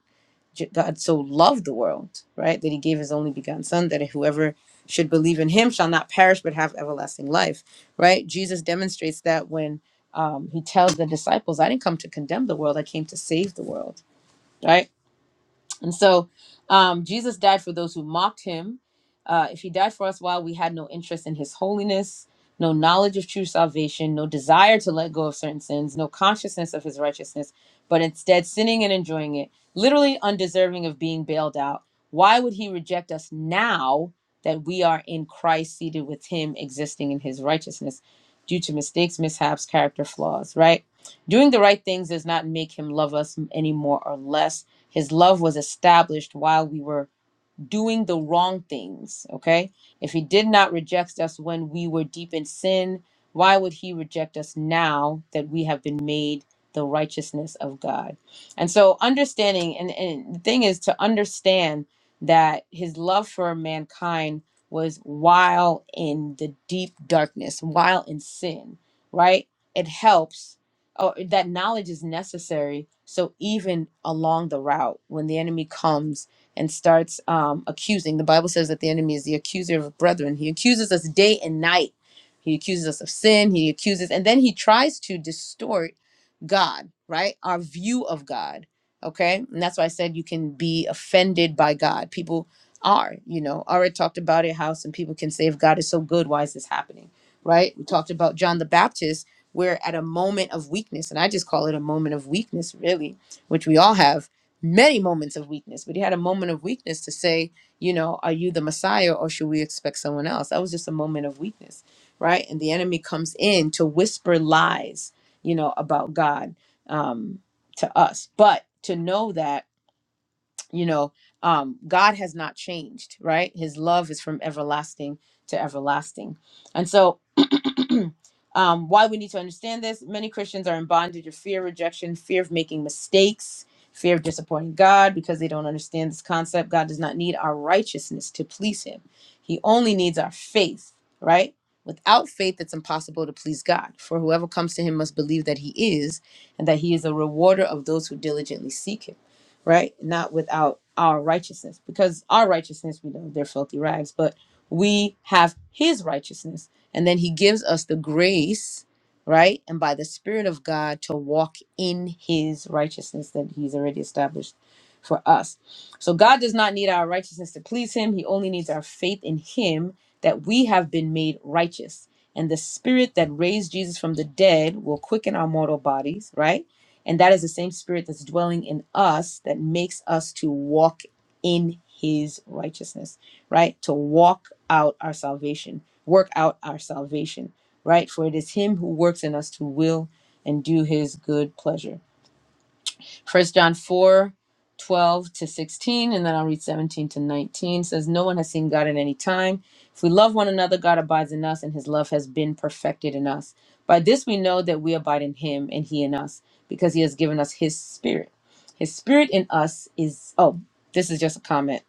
A: God so loved the world, right? That he gave his only begotten son, that whoever should believe in him shall not perish but have everlasting life, right? Jesus demonstrates that when um, he tells the disciples, I didn't come to condemn the world, I came to save the world, right? And so um, Jesus died for those who mocked him. Uh, if he died for us while we had no interest in his holiness, no knowledge of true salvation, no desire to let go of certain sins, no consciousness of his righteousness, but instead sinning and enjoying it, literally undeserving of being bailed out, why would he reject us now that we are in Christ, seated with him, existing in his righteousness due to mistakes, mishaps, character flaws, right? Doing the right things does not make him love us any more or less his love was established while we were doing the wrong things. Okay. If he did not reject us when we were deep in sin, why would he reject us now that we have been made the righteousness of God? And so, understanding, and, and the thing is to understand that his love for mankind was while in the deep darkness, while in sin, right? It helps. Or that knowledge is necessary. So even along the route, when the enemy comes and starts um, accusing. The Bible says that the enemy is the accuser of brethren. He accuses us day and night. He accuses us of sin. He accuses, and then he tries to distort God, right? Our view of God, okay? And that's why I said you can be offended by God. People are, you know, already talked about it, how some people can say, if God is so good, why is this happening, right? We talked about John the Baptist. We're at a moment of weakness, and I just call it a moment of weakness, really, which we all have many moments of weakness, but he had a moment of weakness to say, you know, are you the Messiah or should we expect someone else? That was just a moment of weakness, right? And the enemy comes in to whisper lies, you know, about God um, to us. But to know that, you know, um, God has not changed, right? His love is from everlasting to everlasting. And so um, why we need to understand this many Christians are in bondage of fear, of rejection, fear of making mistakes, fear of disappointing God because they don't understand this concept. God does not need our righteousness to please Him, He only needs our faith, right? Without faith, it's impossible to please God. For whoever comes to Him must believe that He is and that He is a rewarder of those who diligently seek Him, right? Not without our righteousness because our righteousness we know they're filthy rags but we have his righteousness and then he gives us the grace right and by the spirit of god to walk in his righteousness that he's already established for us so god does not need our righteousness to please him he only needs our faith in him that we have been made righteous and the spirit that raised jesus from the dead will quicken our mortal bodies right and that is the same spirit that's dwelling in us that makes us to walk in his righteousness right? To walk out our salvation, work out our salvation, right? For it is him who works in us to will and do his good pleasure. First John 4, 12 to 16, and then I'll read 17 to 19 says, No one has seen God at any time. If we love one another, God abides in us, and his love has been perfected in us. By this we know that we abide in him and he in us, because he has given us his spirit. His spirit in us is, oh, this is just a comment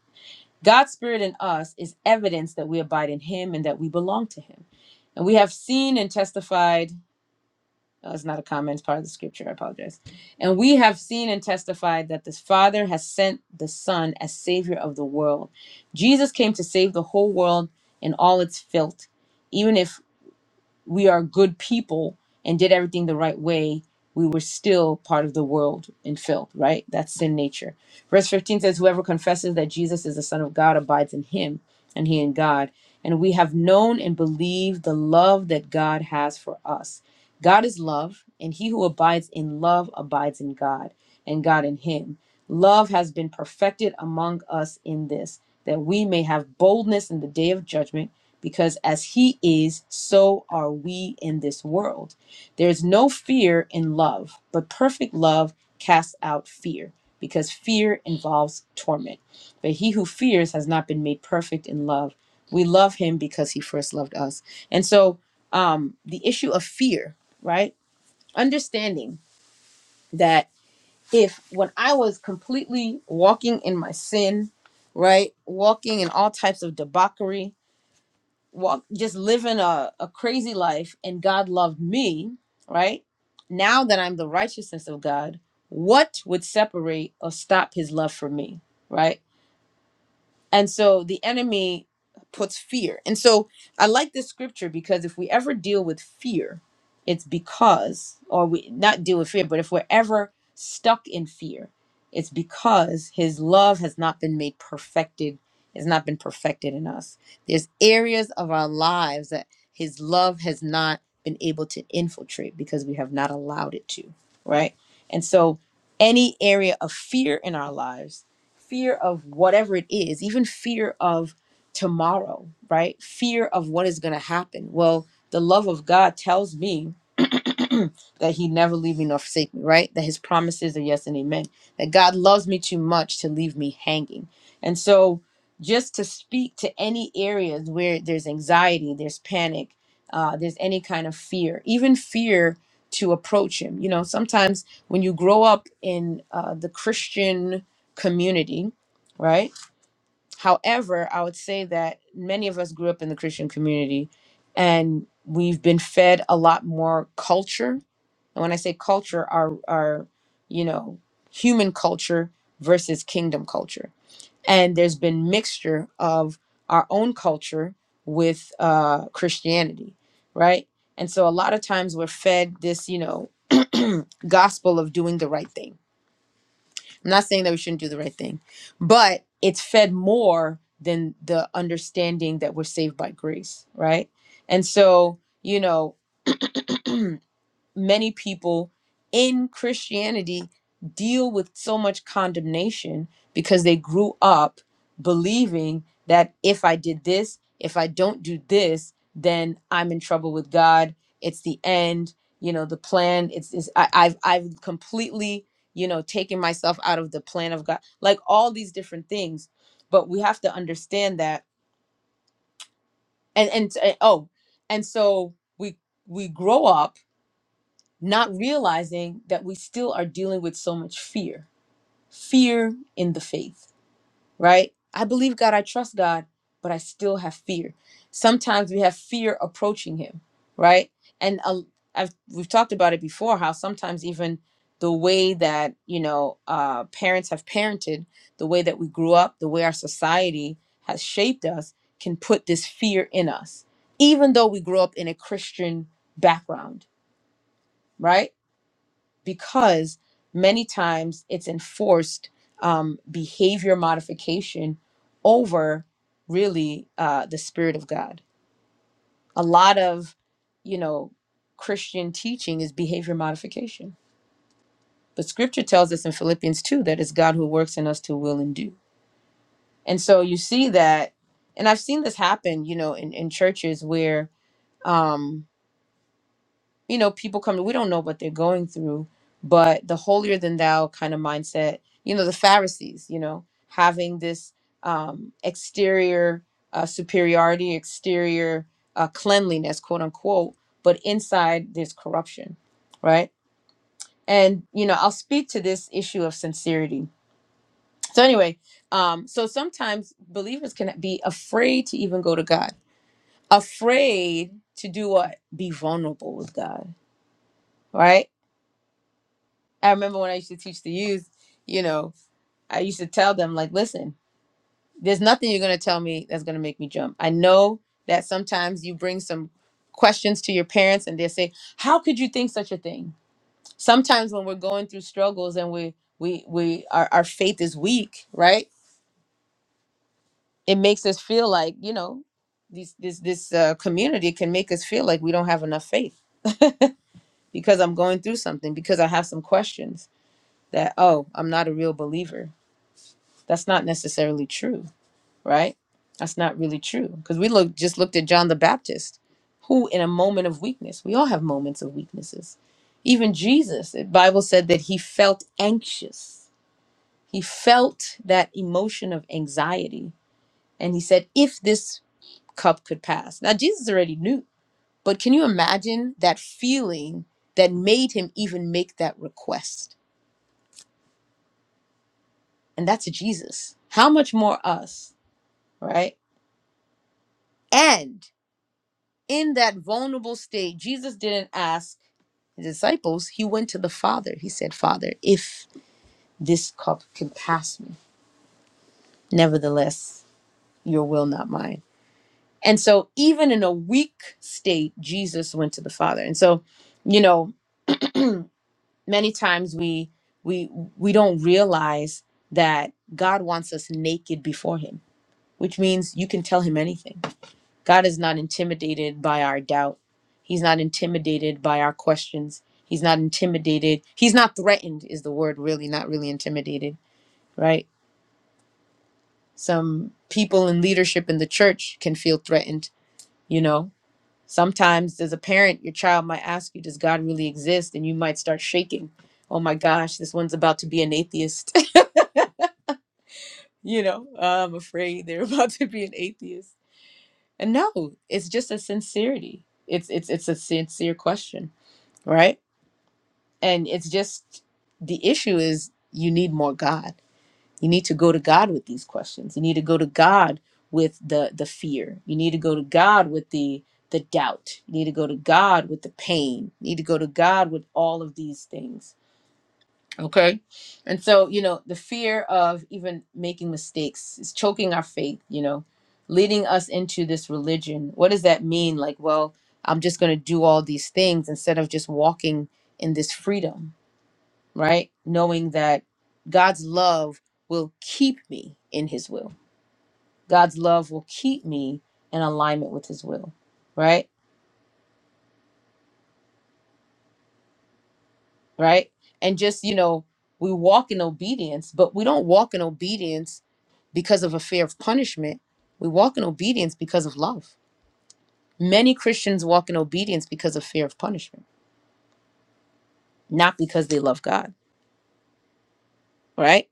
A: God's spirit in us is evidence that we abide in him and that we belong to him. And we have seen and testified, oh, it's not a comment, it's part of the scripture, I apologize. And we have seen and testified that the Father has sent the Son as Savior of the world. Jesus came to save the whole world and all its filth, even if we are good people and did everything the right way, we were still part of the world and filled, right? That's sin nature. Verse 15 says, Whoever confesses that Jesus is the Son of God abides in him, and he in God. And we have known and believed the love that God has for us. God is love, and he who abides in love abides in God, and God in him. Love has been perfected among us in this, that we may have boldness in the day of judgment because as he is, so are we in this world. There is no fear in love, but perfect love casts out fear, because fear involves torment. But he who fears has not been made perfect in love. We love him because he first loved us. And so, um, the issue of fear, right? Understanding that if when I was completely walking in my sin, right, walking in all types of debauchery, walk just living a, a crazy life and God loved me, right? Now that I'm the righteousness of God, what would separate or stop his love for me? Right? And so the enemy puts fear. And so I like this scripture because if we ever deal with fear, it's because, or we not deal with fear, but if we're ever stuck in fear, it's because his love has not been made perfected, has not been perfected in us. There's areas of our lives that his love has not been able to infiltrate because we have not allowed it to, right? And so any area of fear in our lives fear of whatever it is, even fear of tomorrow, right? Fear of what is going to happen. Well, the love of God tells me that he never leave me nor forsake me, right? That his promises are yes and amen. That God loves me too much to leave me hanging. And so just to speak to any areas where there's anxiety, there's panic, uh, there's any kind of fear, even fear to approach him. You know, sometimes when you grow up in uh, the Christian community, right? However, I would say that many of us grew up in the Christian community and we've been fed a lot more culture and when I say culture, our our you know human culture versus kingdom culture, and there's been mixture of our own culture with uh, Christianity, right? And so a lot of times we're fed this, you know, gospel of doing the right thing. I'm not saying that we shouldn't do the right thing, but it's fed more than the understanding that we're saved by grace, right? And so, you know, many people in Christianity deal with so much condemnation because they grew up believing that if I did this, if I don't do this, then I'm in trouble with God. It's the end. You know, the plan. It's, it's I, I've I've completely you know taken myself out of the plan of God. Like all these different things, but we have to understand that. And and, and oh, and so we we grow up not realizing that we still are dealing with so much fear fear in the faith right i believe god i trust god but i still have fear sometimes we have fear approaching him right and uh, I've, we've talked about it before how sometimes even the way that you know uh, parents have parented the way that we grew up the way our society has shaped us can put this fear in us even though we grew up in a christian background right because many times it's enforced um, behavior modification over really uh, the spirit of God. A lot of, you know, Christian teaching is behavior modification. But scripture tells us in Philippians 2 that it's God who works in us to will and do. And so you see that, and I've seen this happen, you know, in, in churches where, um, you know, people come, we don't know what they're going through, but the holier than thou kind of mindset, you know, the Pharisees, you know, having this um, exterior uh, superiority, exterior uh, cleanliness, quote unquote, but inside there's corruption, right? And, you know, I'll speak to this issue of sincerity. So, anyway, um, so sometimes believers can be afraid to even go to God, afraid to do what? Be vulnerable with God, right? I remember when I used to teach the youth, you know, I used to tell them, like, listen, there's nothing you're going to tell me that's going to make me jump. I know that sometimes you bring some questions to your parents and they say, how could you think such a thing? Sometimes when we're going through struggles and we, we, we, our, our faith is weak, right? It makes us feel like, you know, these, this, this uh, community can make us feel like we don't have enough faith because I'm going through something, because I have some questions that, oh, I'm not a real believer that's not necessarily true, right? That's not really true because we look just looked at John the Baptist, who in a moment of weakness, we all have moments of weaknesses. Even Jesus, the Bible said that he felt anxious. He felt that emotion of anxiety and he said if this cup could pass. Now Jesus already knew, but can you imagine that feeling that made him even make that request? And that's Jesus. How much more us, right? And in that vulnerable state, Jesus didn't ask his disciples. He went to the Father. He said, Father, if this cup can pass me, nevertheless, your will, not mine. And so, even in a weak state, Jesus went to the Father. And so, you know, many times we we we don't realize that God wants us naked before Him, which means you can tell Him anything God is not intimidated by our doubt. He's not intimidated by our questions. He's not intimidated. He's not threatened, is the word really, not really intimidated, right? Some people in leadership in the church can feel threatened, you know? Sometimes, as a parent, your child might ask you, Does God really exist? And you might start shaking. Oh my gosh, this one's about to be an atheist. you know, "Oh, I'm afraid they're about to be an atheist. And no, it's just a sincerity. It's it's it's a sincere question, right? And it's just the issue is you need more God. You need to go to God with these questions. You need to go to God with the the fear. You need to go to God with the the doubt. You need to go to God with the pain. You need to go to God with all of these things. Okay? And so, you know, the fear of even making mistakes is choking our faith, you know, leading us into this religion. What does that mean? Like, well, I'm just going to do all these things instead of just walking in this freedom right? Knowing that God's love will keep me in his will. God's love will keep me in alignment with his will, right? Right? And just, you know, we walk in obedience, but we don't walk in obedience because of a fear of punishment. We walk in obedience because of love. Many Christians walk in obedience because of fear of punishment, not because they love God, right?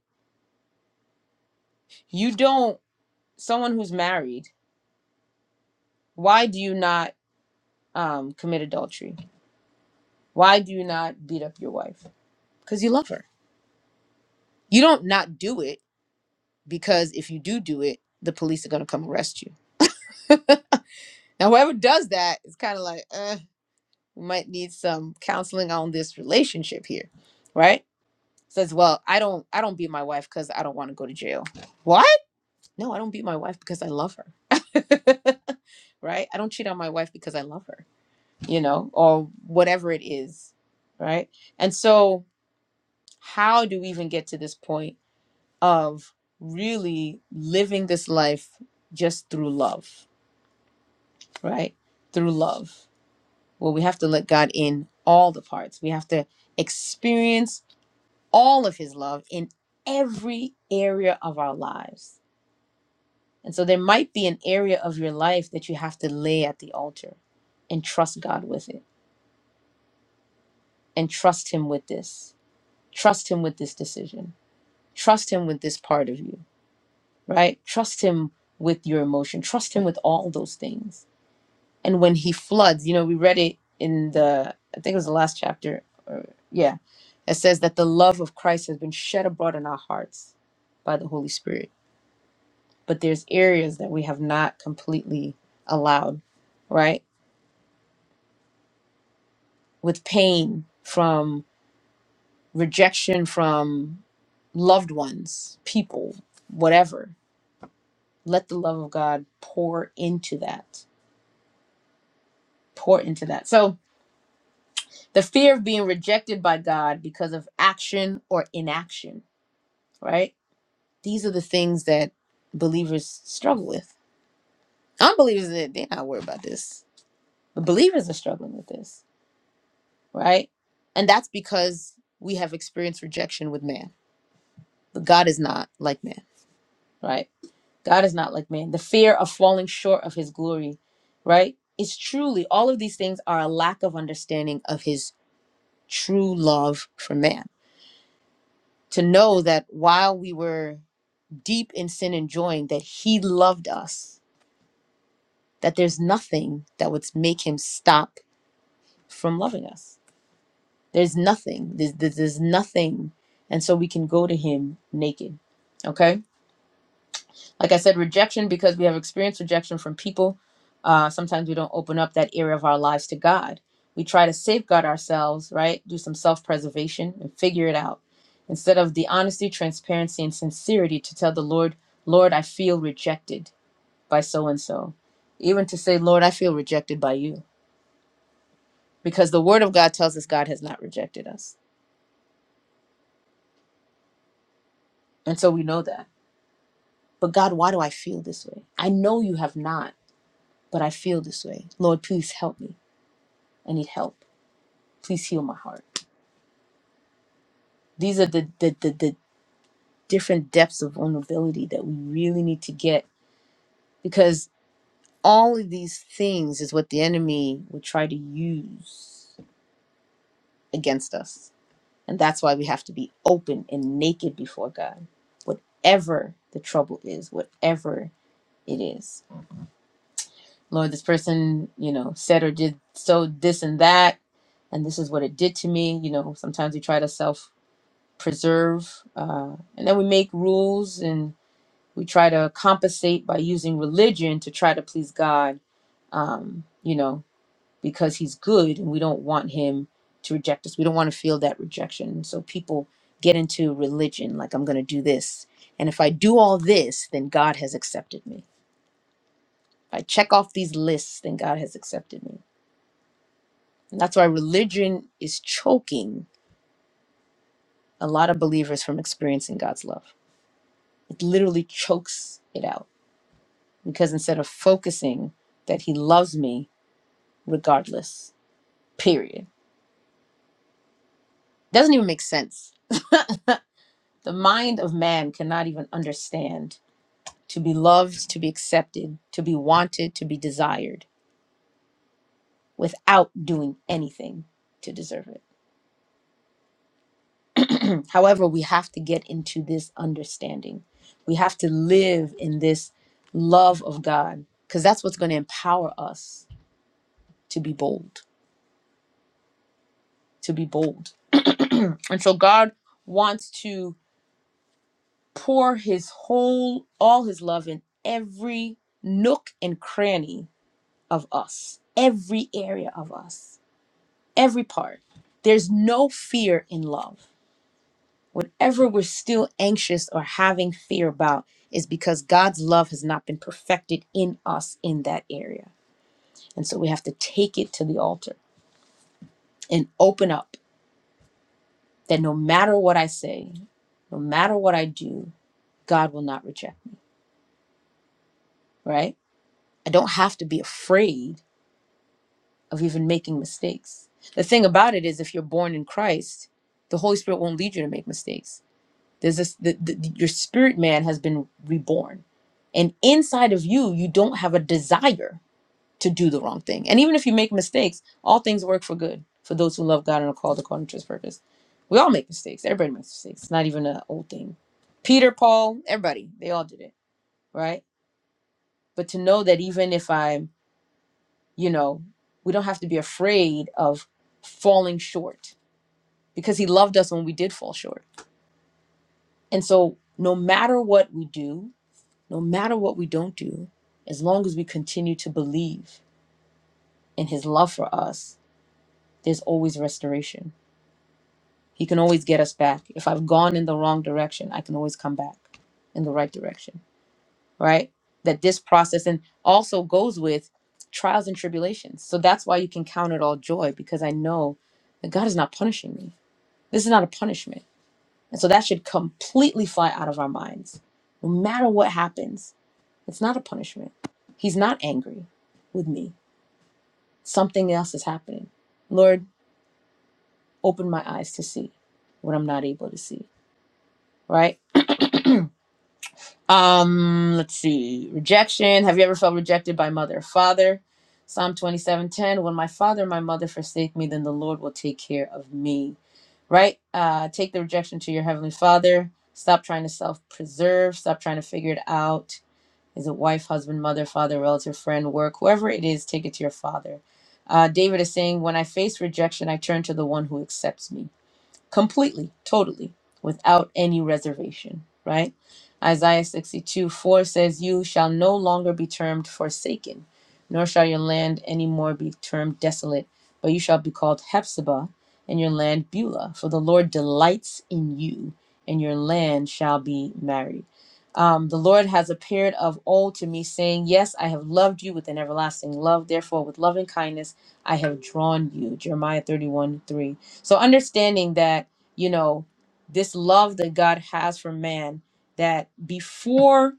A: You don't, someone who's married, why do you not um, commit adultery? Why do you not beat up your wife? Because you love her. You don't not do it because if you do do it, the police are going to come arrest you. now, whoever does that is kind of like, uh, we might need some counseling on this relationship here, right? Says, well, I don't, I don't beat my wife because I don't want to go to jail. What? No, I don't beat my wife because I love her. right? I don't cheat on my wife because I love her, you know, or whatever it is, right? And so, how do we even get to this point? of really living this life just through love, right? Through love, Well, we have to let God in all the parts. We have to experience all of His love in every area of our lives. And so there might be an area of your life that you have to lay at the altar and trust God with it and trust Him with this. Trust Him with this decision. Trust Him with this part of you, right? Trust Him with your emotion. Trust Him with all those things and when he floods you know we read it in the i think it was the last chapter or, yeah it says that the love of christ has been shed abroad in our hearts by the holy spirit but there's areas that we have not completely allowed right with pain from rejection from loved ones people whatever let the love of god pour into that pour into that so the fear of being rejected by god because of action or inaction right? These are the things that believers struggle with. Unbelievers, they- they're not worried about this. But believers are struggling with this, right? And that's because we have experienced rejection with man. But God is not like man, right? God is not like man. The fear of falling short of his glory, right? It's truly, all of these things are a lack of understanding of his true love for man. To know that while we were deep in sin and joy, that he loved us that there's nothing that would make him stop from loving us. There's nothing. There's, there's, there's nothing. And so we can go to him naked. Okay? Like I said, rejection, because we have experienced rejection from people. Uh, sometimes we don't open up that area of our lives to God. We try to safeguard ourselves, right? Do some self preservation and figure it out. Instead of the honesty, transparency, and sincerity to tell the Lord, Lord, I feel rejected by so and so. Even to say, Lord, I feel rejected by you because the word of God tells us God has not rejected us. And so we know that. But God, why do I feel this way? I know you have not, but I feel this way. Lord, please help me. I need help. Please heal my heart. These are the the, the, the different depths of vulnerability that we really need to get because all of these things is what the enemy will try to use against us. And that's why we have to be open and naked before God, whatever the trouble is, whatever it is. Lord, this person, you know, said or did so this and that, and this is what it did to me. You know, sometimes we try to self preserve, uh, and then we make rules and we try to compensate by using religion to try to please God, uh, you know, because He's good and we don't want Him to reject us. We don't want to feel that rejection. So people get into religion like, I'm going to do this. And if I do all this, then God has accepted me. If I check off these lists, then God has accepted me And That's why religion is choking a lot of believers from experiencing God's love. It literally chokes it out because instead of focusing that He loves me regardless, period, doesn't even make sense. The mind of man cannot even understand to be loved, to be accepted, to be wanted, to be desired without doing anything to deserve it. However, we have to get into this understanding. We have to live in this love of God because that's what's going to empower us to be bold, to be bold. And so God wants to pour his whole, all his love in every nook and cranny of us, every area of us, every part. There's no fear in love. Whatever we're still anxious or having fear about is because God's love has not been perfected in us in that area. And so we have to take it to the altar and open up that no matter what I say, no matter what I do, God will not reject me, right? I don't have to be afraid of even making mistakes. The thing about it is, if you're born in Christ, the Holy Spirit won't lead you to make mistakes There's this the, the, your spirit man has been reborn, and inside of you, you don't have a desire to do the wrong thing. And even if you make mistakes, all things work for good for those who love God and are called according to His purpose. We all make mistakes. Everybody makes mistakes. It's not even an old thing. Peter, Paul, everybody, they all did it, right? But to know that even if I'm, you know, we don't have to be afraid of falling short because He loved us when we did fall short. And so, no matter what we do, no matter what we don't do, as long as we continue to believe in His love for us, there's always restoration. He can always get us back. If I've gone in the wrong direction, I can always come back in the right direction, right? That this process and also goes with trials and tribulations. So that's why you can count it all joy because I know that God is not punishing me. This is not a punishment. And so that should completely fly out of our minds. No matter what happens, It's not a punishment. He's not angry with me. Something else is happening. Lord, open my eyes to see what I'm not able to see. Right? Um, let's see. Rejection. Have you ever felt rejected by mother or father? Psalm 27:10. When my father and my mother forsake me, then the Lord will take care of me. Right? Uh, take the rejection to your heavenly father. Stop trying to self-preserve. Stop trying to figure it out is it wife, husband, mother, father, relative, friend, work, whoever it is, take it to your father. Uh, David is saying, When I face rejection, I turn to the one who accepts me completely, totally, without any reservation, right? Isaiah 62 4 says, You shall no longer be termed forsaken, nor shall your land any more be termed desolate, but you shall be called Hephzibah, and your land Beulah, for the Lord delights in you, and your land shall be married. Um, the Lord has appeared of old to me, saying, Yes, I have loved you with an everlasting love. Therefore, with loving kindness, I have drawn you. Jeremiah 31 3 so understanding that, you know, this love that God has for man, that before,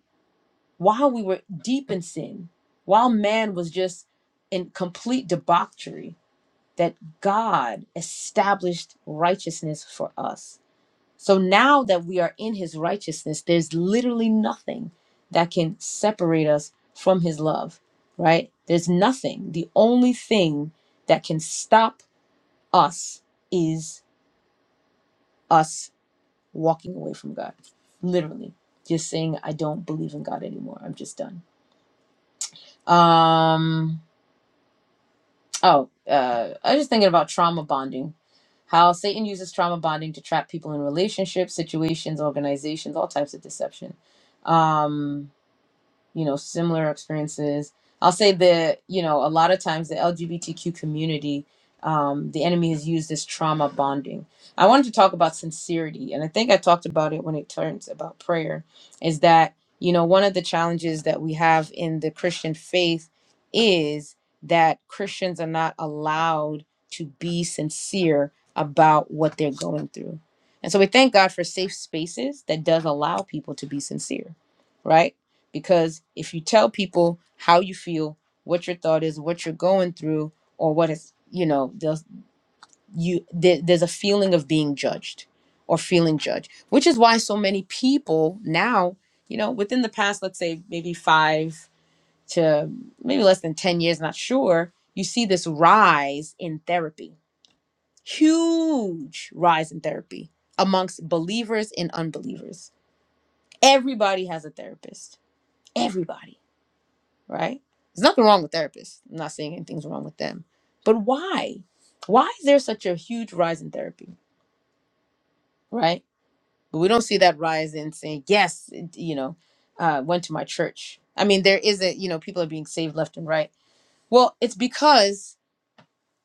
A: while we were deep in sin, while man was just in complete debauchery, that God established righteousness for us. So now that we are in his righteousness, there's literally nothing that can separate us from his love, right? There's nothing. The only thing that can stop us is us walking away from God. Literally. Just saying I don't believe in God anymore. I'm just done. Um oh, uh I was just thinking about trauma bonding. How Satan uses trauma bonding to trap people in relationships, situations, organizations, all types of deception. Um you know similar experiences i'll say that you know a lot of times the lgbtq community um, the enemy has used this trauma bonding i wanted to talk about sincerity and i think i talked about it when it turns about prayer is that you know one of the challenges that we have in the christian faith is that christians are not allowed to be sincere about what they're going through and so we thank god for safe spaces that does allow people to be sincere right because if you tell people how you feel what your thought is what you're going through or what is you know there's you there, there's a feeling of being judged or feeling judged which is why so many people now you know within the past let's say maybe five to maybe less than 10 years not sure you see this rise in therapy huge rise in therapy amongst believers and unbelievers everybody has a therapist everybody right? There's nothing wrong with therapists. I'm not saying anything's wrong with them. But why? Why is there such a huge rise in therapy, right? But we don't see that rise in saying, yes, it- you know, uh, went to my church. I mean, there is a, you know, people are being saved left and right. Well, it's because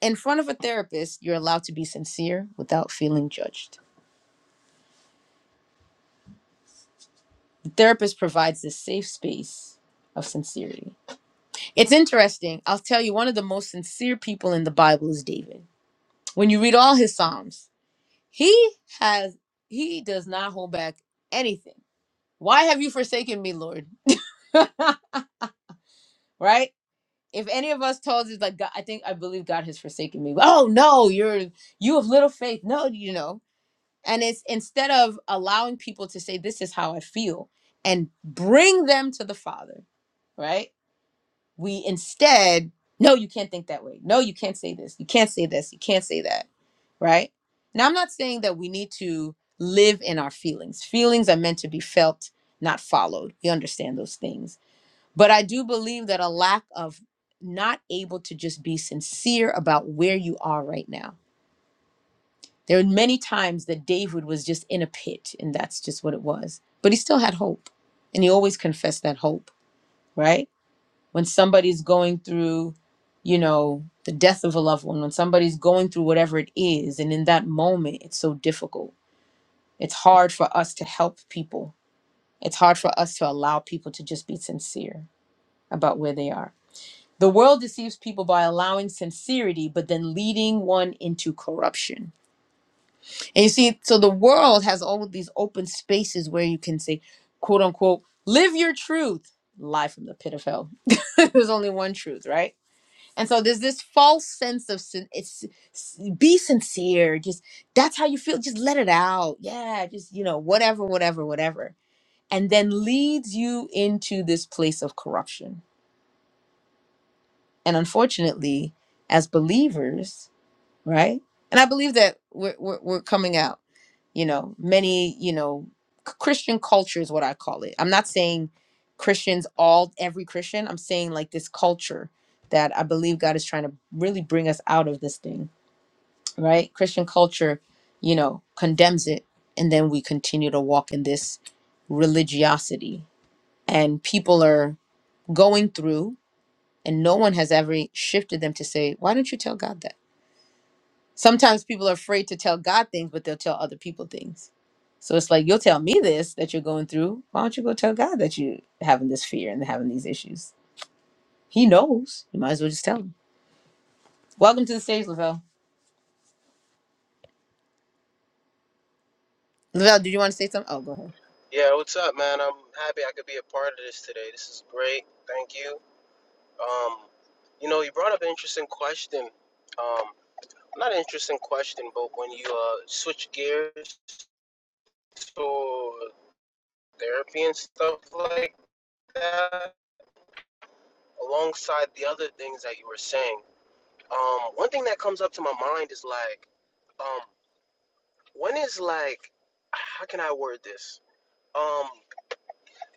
A: in front of a therapist, you're allowed to be sincere without feeling judged. The therapist provides this safe space of sincerity. It's interesting. I'll tell you, one of the most sincere people in the Bible is David when you read all his psalms He has he does not hold back anything. Why have you forsaken me, Lord? Right? If any of us told us like God, I think I believe God has forsaken me. Oh no, you're you have little faith. No, you know. And it's instead of allowing people to say this is how I feel and bring them to the Father, right? we instead no you can't think that way no you can't say this you can't say this you can't say that right now i'm not saying that we need to live in our feelings feelings are meant to be felt not followed we understand those things but i do believe that a lack of not able to just be sincere about where you are right now there are many times that david was just in a pit and that's just what it was but he still had hope and he always confessed that hope right when somebody's going through, you know, the death of a loved one, when somebody's going through whatever it is, and in that moment, it's so difficult. It's hard for us to help people. It's hard for us to allow people to just be sincere about where they are. The world deceives people by allowing sincerity, but then leading one into corruption. And you see, so the world has all of these open spaces where you can say, quote unquote, live your truth, lie from the pit of hell. There's only one truth, right? And so there's this false sense of sin- it's s- be sincere. Just that's how you feel. Just let it out. Yeah, just you know whatever, whatever, whatever. And then leads you into this place of corruption. And unfortunately, as believers, right? And I believe that we're, we're, we're coming out. You know, many, you know, c- Christian culture is what I call it. I'm not saying Christians, all, every Christian. I'm saying like this culture that I believe God is trying to really bring us out of this thing, right? Christian culture, you know, condemns it. And then we continue to walk in this religiosity. And people are going through, and no one has ever shifted them to say, why don't you tell God that? Sometimes people are afraid to tell God things, but they'll tell other people things. So it's like, you'll tell me this that you're going through. Why don't you go tell God that you're having this fear and having these issues? He knows. You might as well just tell him. Welcome to the stage, Lavelle. Lavelle, did you want to say something? Oh, go ahead.
G: Yeah, what's up, man? I'm happy I could be a part of this today. This is great. Thank you. Um, you know, you brought up an interesting question. Um, not an interesting question, but when you uh, switch gears to therapy and stuff like that, alongside the other things that you were saying, um, one thing that comes up to my mind is like, um, when is like, how can I word this? Um,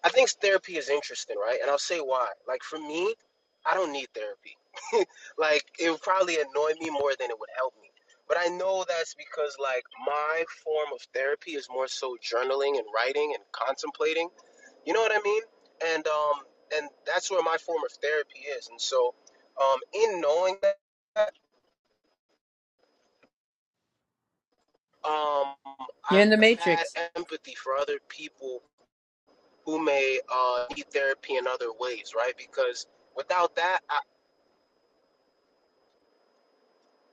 G: I think therapy is interesting, right? And I'll say why. Like for me, I don't need therapy. like it would probably annoy me more than it would help me. But I know that's because like my form of therapy is more so journaling and writing and contemplating. You know what I mean? And um and that's where my form of therapy is. And so um in knowing that um
A: You're in the
G: I've had
A: Matrix.
G: empathy for other people who may uh, need therapy in other ways, right? Because without that, I,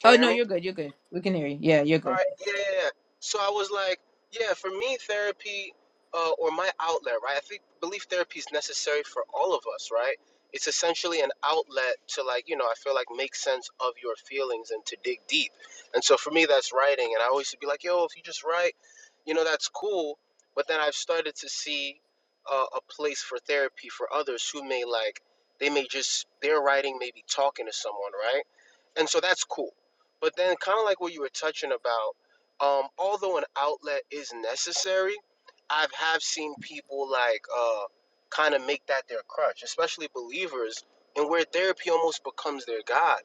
G: Can
A: Oh,
G: you hear
A: no,
G: me?
A: you're good. You're good. We can hear you. Yeah, you're
G: All
A: good.
G: right. Yeah, yeah, yeah. So I was like, yeah, for me, therapy uh, or my outlet, right? I think belief therapy is necessary for all of us, right? It's essentially an outlet to, like, you know, I feel like make sense of your feelings and to dig deep. And so for me, that's writing. And I always be like, yo, if you just write, you know, that's cool. But then I've started to see uh, a place for therapy for others who may, like, they may just, their writing may be talking to someone, right? And so that's cool. But then, kind of like what you were touching about, um, although an outlet is necessary, I've have seen people like uh, kind of make that their crutch, especially believers, and where therapy almost becomes their god.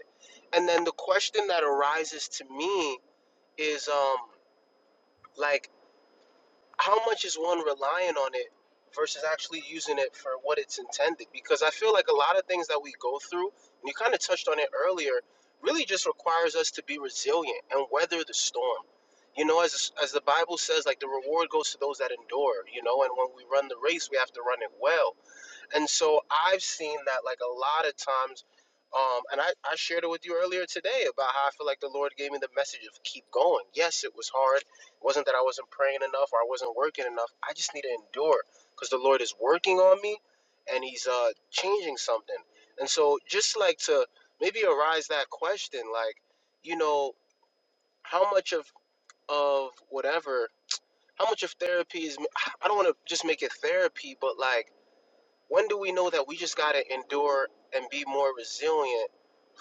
G: And then the question that arises to me is um, like how much is one relying on it versus actually using it for what it's intended? Because I feel like a lot of things that we go through, and you kind of touched on it earlier, really just requires us to be resilient and weather the storm. You know, as as the Bible says, like the reward goes to those that endure. You know, and when we run the race, we have to run it well and so I've seen that like a lot of times, um, and I, I shared it with you earlier today about how I feel like the Lord gave me the message of keep going. Yes, it was hard. It wasn't that I wasn't praying enough or I wasn't working enough. I just need to endure because the Lord is working on me and He's uh, changing something. And so just like to maybe arise that question, like, you know, how much of, of whatever, how much of therapy is, I don't want to just make it therapy, but like, when do we know that we just got to endure and be more resilient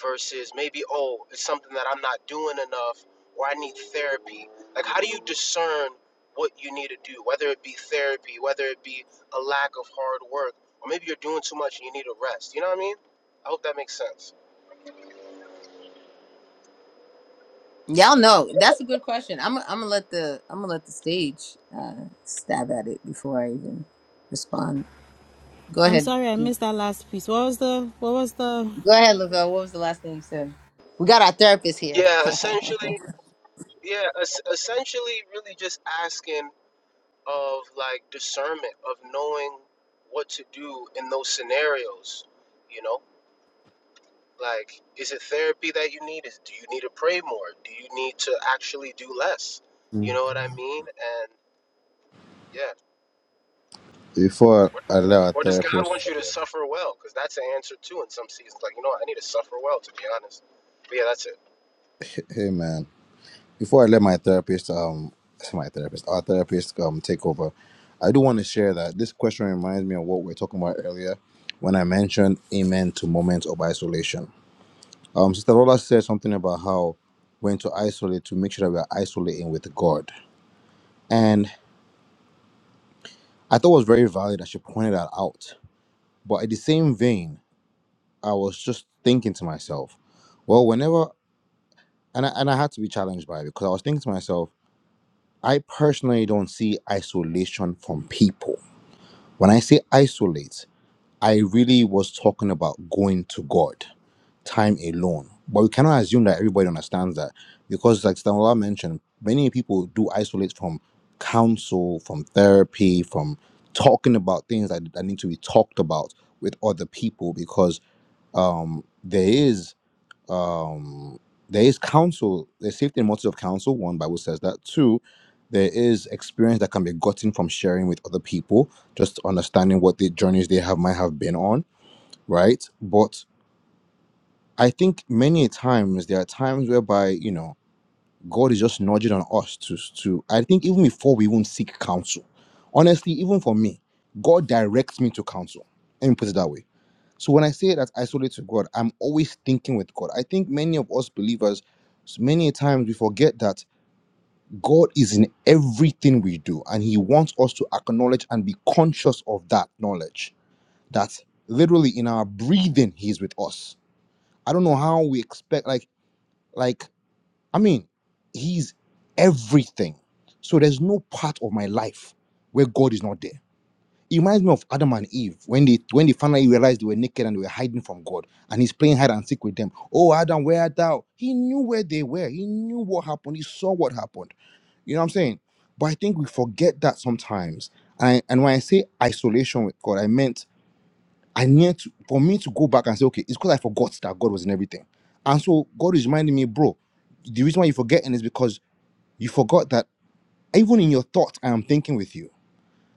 G: versus maybe, oh, it's something that I'm not doing enough or I need therapy? Like, how do you discern what you need to do, whether it be therapy, whether it be a lack of hard work, or maybe you're doing too much and you need a rest? You know what I mean? I hope that makes sense.
A: Y'all know that's a good question. I'm I'm gonna let the I'm gonna let the stage uh, stab at it before I even respond. Go
B: I'm
A: ahead,
B: sorry I
A: Duke.
B: missed that last piece. What was the what was the
A: Go ahead, Lavelle. What was the last thing you said? We got our therapist here.
G: Yeah, essentially, yeah, es- essentially, really just asking of like discernment, of knowing what to do in those scenarios, you know? Like, is it therapy that you need? Is do you need to pray more? Do you need to actually do less? You know what I mean? And yeah,
D: Before
G: or,
D: I let our
G: or does God
D: therapist,
G: want you to suffer well? Because that's an answer too in some seasons. Like, you know, what? I need to suffer well to be honest. But yeah, that's it.
D: hey man. before I let my therapist, um, I say my therapist, our therapist, um, take over, I do want to share that this question reminds me of what we were talking about earlier when I mentioned amen to moments of isolation. Um, Sister Lola said something about how when to isolate to make sure that we are isolating with God, and I thought it was very valid that she pointed that out. But in the same vein, I was just thinking to myself, well, whenever and I, and I had to be challenged by it because I was thinking to myself, I personally don't see isolation from people When I say isolate, I really was talking about going to God, time alone. But we cannot assume that everybody understands that because, like Stanwala mentioned, many people do isolate from counsel, from therapy, from talking about things that, that need to be talked about with other people because um, there is um there is counsel there's safety and motive of counsel one bible says that two there is experience that can be gotten from sharing with other people just understanding what the journeys they have might have been on right but i think many times there are times whereby you know god is just nudging on us to to i think even before we even seek counsel honestly even for me god directs me to counsel let me put it that way so when I say that isolate to God, I'm always thinking with God. I think many of us believers, many times we forget that God is in everything we do, and He wants us to acknowledge and be conscious of that knowledge. That literally in our breathing, He is with us. I don't know how we expect like like I mean, He's everything. So there's no part of my life where God is not there it reminds me of Adam and Eve when they when they finally realized they were naked and they were hiding from God, and he's playing hide and seek with them. Oh, Adam, where art thou? He knew where they were. He knew what happened. He saw what happened. You know what I'm saying? But I think we forget that sometimes. And and when I say isolation with God, I meant I need to for me to go back and say, okay, it's because I forgot that God was in everything. And so God is reminding me, bro, the reason why you're forgetting is because you forgot that even in your thoughts, I am thinking with you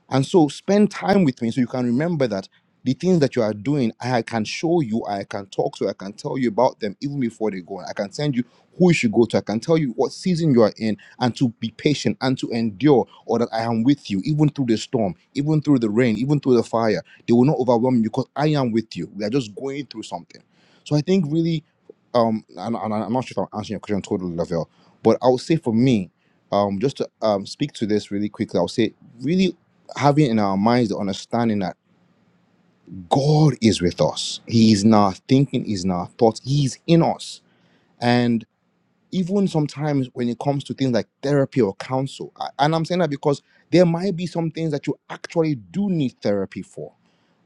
D: and so spend time with me so you can remember that the things that you are doing, I can show you, I can talk to, I can tell you about them even before they go on. I can send you who you should go to, I can tell you what season you are in, and to be patient and to endure, or that I am with you, even through the storm, even through the rain, even through the fire. They will not overwhelm you because I am with you. We are just going through something. So I think really, um, and, and I'm not sure if I'm answering your question totally, Lavelle, but I would say for me, um, just to um, speak to this really quickly, I'll say really having in our minds the understanding that God is with us. He is in our thinking, He's in our thoughts, He is in us. And even sometimes when it comes to things like therapy or counsel, I- and I'm saying that because there might be some things that you actually do need therapy for,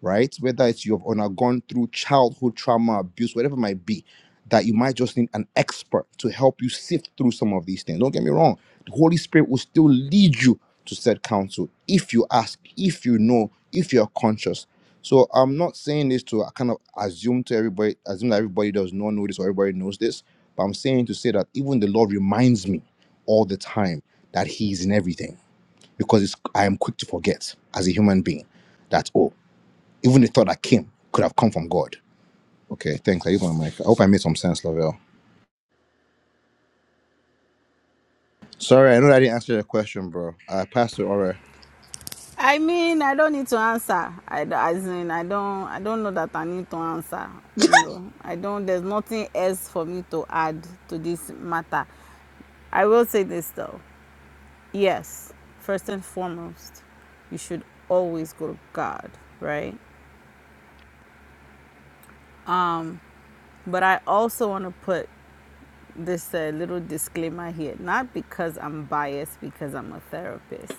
D: right? Whether it's you've undergone through childhood trauma, abuse, whatever it might be, that you might just need an expert to help you sift through some of these things. Don't get me wrong the Holy Spirit will still lead you to said counsel if you ask, if you know, if you're conscious. So I'm not saying this to uh, kind of assume to everybody, assume that everybody does not know this or everybody knows this, but I'm saying to say that even the Lord reminds me all the time that He is in everything because it's, I am quick to forget as a human being that, oh, even the thought that came could have come from God. Okay, thanks. I use my mic. I hope I made some sense, Lavelle. Sorry, I know that I didn't answer your question, bro. Uh, Pastor Ora.
B: I mean, I don't need to answer. I d- as in, I don't, I don't know that I need to answer. You know, I don't. There's nothing else for me to add to this matter. I will say this though. Yes, first and foremost, you should always go to God, right? Um, but I also want to put this uh, little disclaimer here, not because I'm biased, because I'm a therapist.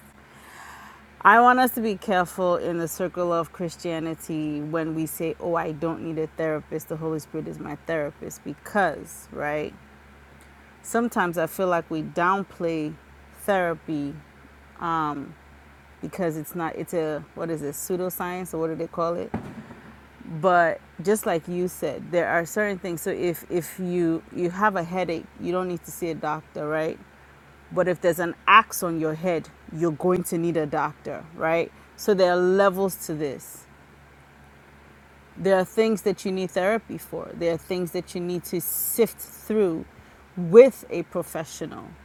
B: I want us to be careful in the circle of Christianity when we say, oh, I don't need a therapist. The Holy Spirit is my therapist. Because, right? Sometimes I feel like we downplay therapy because it's not, it's a, what is it, pseudoscience or what do they call it? But just like you said, there are certain things. So if, if you, you have a headache, you don't need to see a doctor, right? But if there's an axe on your head, you're going to need a doctor, right? So there are levels to this There are things that you need therapy for. There are things that you need to sift through with a professional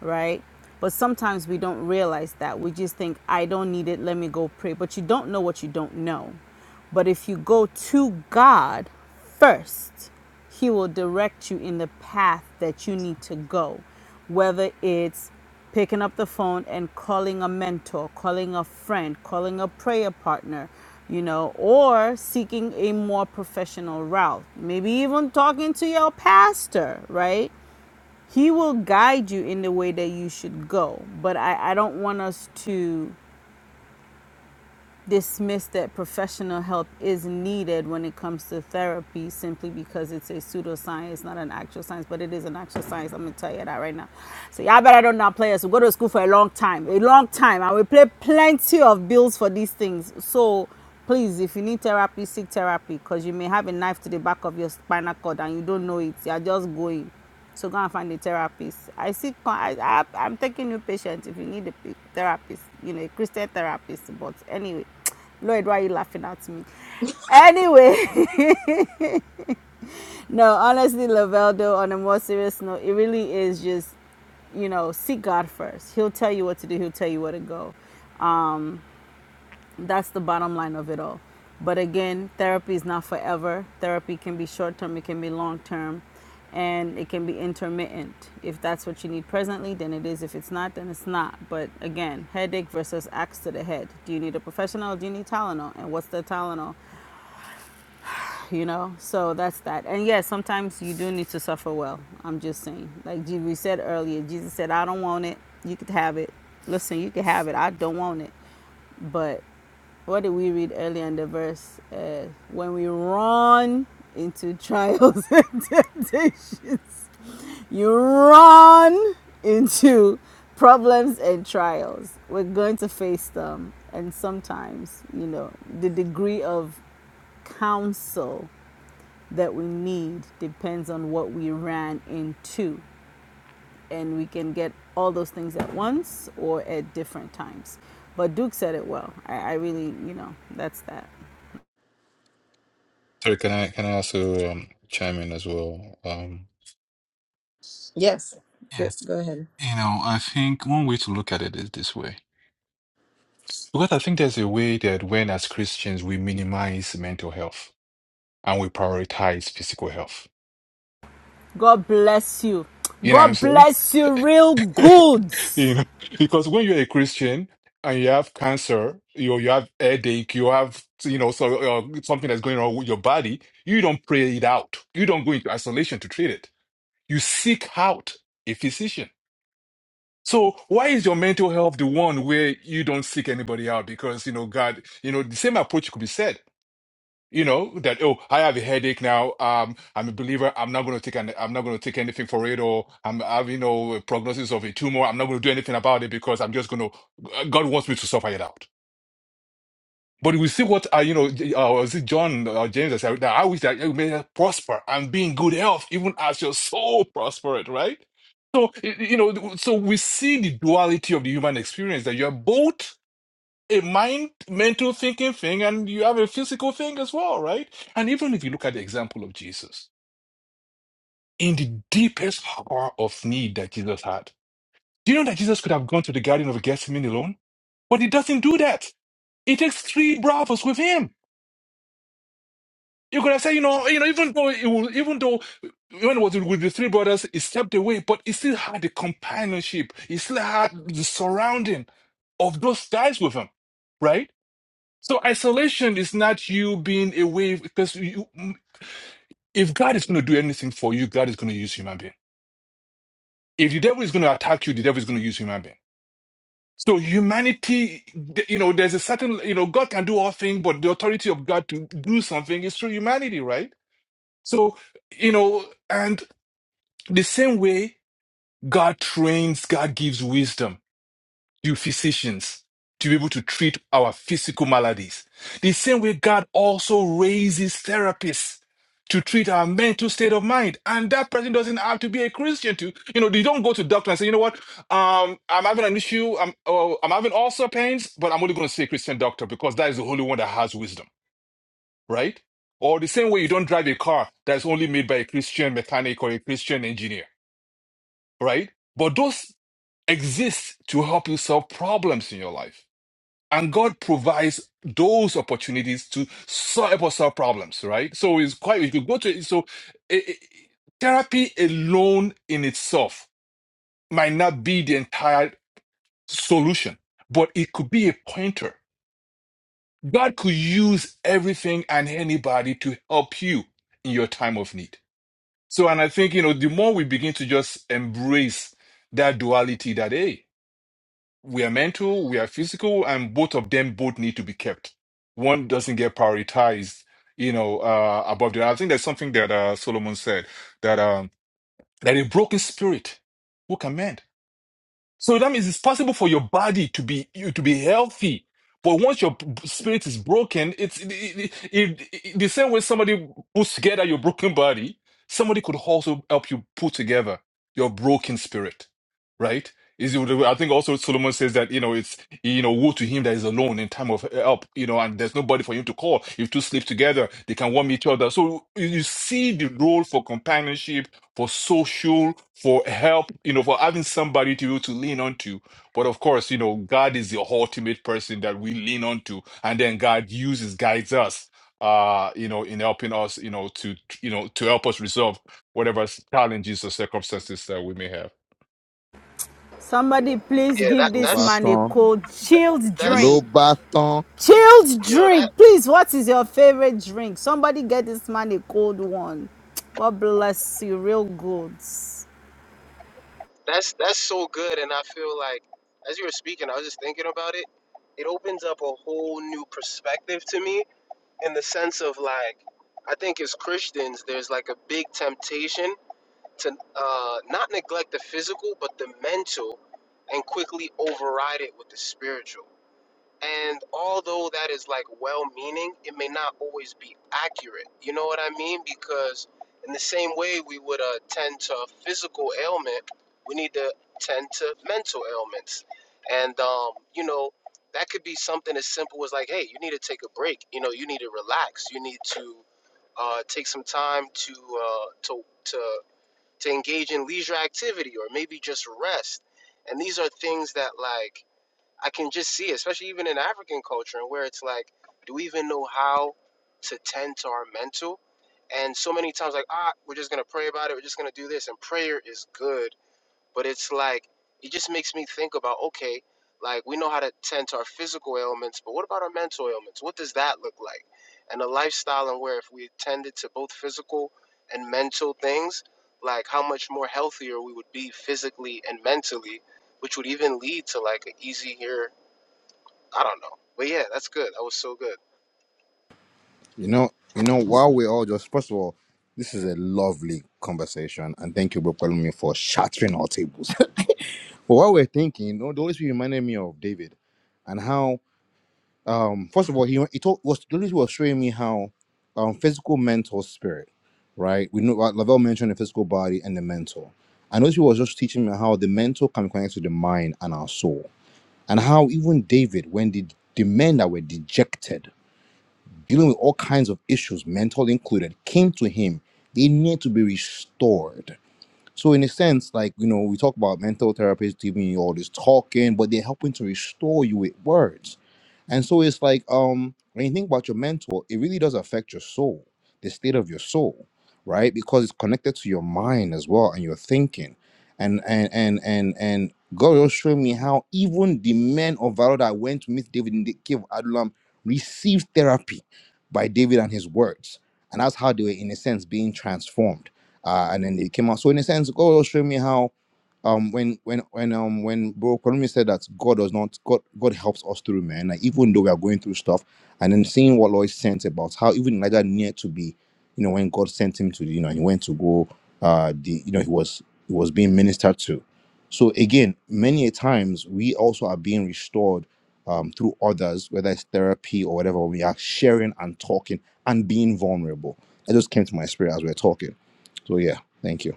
B: right? But sometimes we don't realize that. We just think, I don't need it, let me go pray. But you don't know what you don't know. But if you go to God first, He will direct you in the path that you need to go, whether it's picking up the phone and calling a mentor, calling a friend, calling a prayer partner, you know, or seeking a more professional route. Maybe even talking to your pastor, right? He will guide you in the way that you should go. But I, I don't want us to dismiss that professional help is needed when it comes to therapy simply because it's a pseudoscience, not an actual science, but it is an actual science. I'm gonna tell you that right now. So y'all better don't not play us. We go to school for a long time. A long time. I will pay plenty of bills for these things. So please if you need therapy seek therapy because you may have a knife to the back of your spinal cord and you don't know it you're just going so go and find a therapist. I see, I, I, I'm taking new patients if you need a therapist, you know, a Christian therapist. But anyway, Lloyd, why are you laughing at me? Anyway, no, honestly, Laveldo, on a more serious note, it really is just, you know, seek God first. He'll tell you what to do, He'll tell you where to go Um, that's the bottom line of it all. But again, therapy is not forever. Therapy can be short term, it can be long term, and it can be intermittent. If that's what you need presently, then it is. If it's not, then it's not. But again, headache versus axe to the head. Do you need a professional? Do you need Tylenol? And what's the Tylenol? You know? So that's that. And yes, sometimes you do need to suffer well. I'm just saying. Like we said earlier, Jesus said, I don't want it. You could have it. Listen, you could have it. I don't want it. But what did we read earlier in the verse? Uh, when we run into trials and temptations, you run into problems and trials. We're going to face them. And sometimes, you know, the degree of counsel that we need depends on what we ran into. And we can get all those things at once or at different times. But Duke said it well. I, I really, you know, that's that.
C: So can I can I also um, chime in as well? Um,
A: yes. Good.
C: Yes.
A: Go ahead.
C: you know, I think one way to look at it is this way. Because I think there's a way that when as Christians we minimize mental health and we prioritize physical health.
B: God bless you.
C: You know what I'm
B: God
C: saying?
B: bless you, real
C: You
B: goods.
C: know, because when you're a Christian and you have cancer, you you have headache, you have you know so uh, something that's going on with your body, you don't pray it out. You don't go into isolation to treat it. You seek out a physician. So why is your mental health the one where you don't seek anybody out? Because you know God, you know the same approach could be said you know that oh i have a headache now um i'm a believer i'm not going to take an i'm not going to take anything for it or i'm having you know a prognosis of a tumor i'm not going to do anything about it because i'm just going to god wants me to suffer it out but we see what uh, you know J- uh, was it john uh, james that said that i wish that you may prosper and be in good health even as your soul prospered right so y- you know so we see the duality of the human experience that you're both a mind mental thinking thing and you have a physical thing as well, right? And even if you look at the example of Jesus, in the deepest hour of need that Jesus had, do you know that Jesus could have gone to the Garden of Gethsemane alone? But he doesn't do that. He takes three brothers with him. You could have said, you know, you know, even though it was, even though when it was with the three brothers, he stepped away, but he still had the companionship. He still had the surrounding of those guys with him, right? So isolation is not you being away because you, if God is going to do anything for you, God is going to use human being. If the devil is going to attack you, the devil is going to use human being. So humanity, th- you know, there's a certain, you know, God can do all things, but the authority of God to do something is through humanity, right? So, you know, and the same way God trains, God gives wisdom. to physicians to be able to treat our physical maladies. The same way God also raises therapists to treat our mental state of mind. And that person doesn't have to be a Christian to, you know, they don't go to doctor and say, you know what, um, I'm having an issue, I'm, oh, I'm having also pains, but I'm only going to see a Christian doctor because that is the only one that has wisdom, right? Or the same way you don't drive a car that's only made by a Christian mechanic or a Christian engineer, right? But those exist to help you solve problems in your life. And God provides those opportunities to sol- help us solve problems, right? So it's quite, you could go to, so eh, eh, therapy alone in itself might not be the entire solution, but it could be a pointer. God could use everything and anybody to help you in your time of need. So, and I think, you know, the more we begin to just embrace that duality that, hey, we are mental, we are physical, and both of them both need to be kept. One doesn't get prioritized, you know, uh, above the other. I think that's something that uh, Solomon said that um, that a broken spirit who can mend. So that means it's possible for your body to be you to be healthy, but once your b- spirit is broken, it's it, it, it, it- the same way somebody puts together your broken body. Somebody could also help you put together your broken spirit, right? Is it, I think also Solomon says that you know it's you know woe to him that is alone in time of help, you know, and there's nobody for him to call. If two sleep together, they can warm each other. So you you see the role for companionship, for social for help, you know, for having somebody to to lean onto. But of course, you know, God is the ultimate person that we lean onto, and then God uses, guides us, uh, you know, in helping us, you know, to you know, to help us resolve whatever challenges or circumstances that we may have.
B: Somebody, please
G: Yeah, that
B: give
D: Go
B: this
G: that's
B: man a
D: baton.
B: cold
G: that,
B: chilled
G: that's
B: drink.
D: Lobaton.
B: Chilled
G: you know that
B: drink. Please, what is your favorite drink? Somebody get this man a cold one. God bless you, real goods.
G: that's that's so good. And I feel like as you were speaking, I was just thinking about it. It opens up a whole new perspective to me in the sense of like. I think as Christians, there's like a big temptation to uh, not neglect the physical but the mental and quickly override it with the spiritual. And although that is like well meaning, it may not always be accurate. You know what I mean? Because in the same way we would uh, tend to physical ailment, we need to tend to mental ailments. And, um, you know, that could be something as simple as like, hey, you need to take a break. You know, you need to relax. You need to uh, take some time to uh, to to to engage in leisure activity or maybe just rest. And these are things that like I can just see, especially even in African culture and where it's like, do we even know how to tend to our mental? And so many times like, ah, we're just gonna pray about it, we're just gonna do this, and prayer is good but it's like it just makes me think about okay, like we know how to tend to our physical ailments, but what about our mental ailments? What does that look like? And a lifestyle and where if we attended to both physical and mental things, like how much more healthier we would be physically and mentally, which would even lead to like an easier I don't know. But yeah, that's good. That was so good.
D: You know, you know, while we're all just first of all, this is a lovely conversation, and thank you, Bro for me for shattering our tables. but while we're thinking, you know, the Holy Spirit reminded me of David and how um first of all he he told was the Holy Spirit was showing me how um physical, mental, spirit, right? We know like Lavelle mentioned the physical body and the mental. And Holy Spirit was just teaching me how the mental can connect to the mind and our soul. And how even David, when the, the men that were dejected dealing with all kinds of issues, mental included, came to him. They need to be restored. So in a sense, like you know, we talk about mental therapists giving you all this talking, but they're helping to restore you with words. And so it's like um, when you think about your mentor, it really does affect your soul, the state of your soul, right? Because it's connected to your mind as well and your thinking. And and and and and God will show me how even the men of valor that went to meet David in the cave of Adullam received therapy by David and his words. And that's how they were, in a sense, being transformed uh, and then they came out. So in a sense, God was showing me how, um, when when when um when Bro Konami said that God does not God God helps us through, man. Like even though we are going through stuff, and then seeing what Lloyd sent about how even Elijah needed to be, you know, when God sent him to, you know, he went to go, uh, the you know he was he was being ministered to. So again, many a times we also are being restored. Um, through others, whether it's therapy or whatever, we are sharing and talking and being vulnerable. That just came to my spirit as we are talking. So yeah, thank you.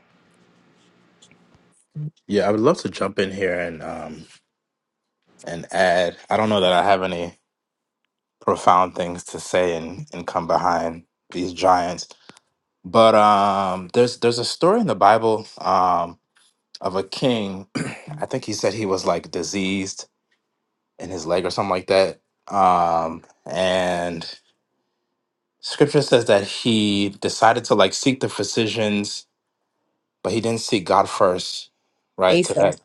H: Yeah, I would love to jump in here and um and add. I don't know that I have any profound things to say and and come behind these giants, but um there's there's a story in the Bible um of a king. I think he said he was like diseased in his leg or something like that. Um and scripture says that he decided to like seek the physicians, but he didn't seek God first, right? To
A: Asa.
H: that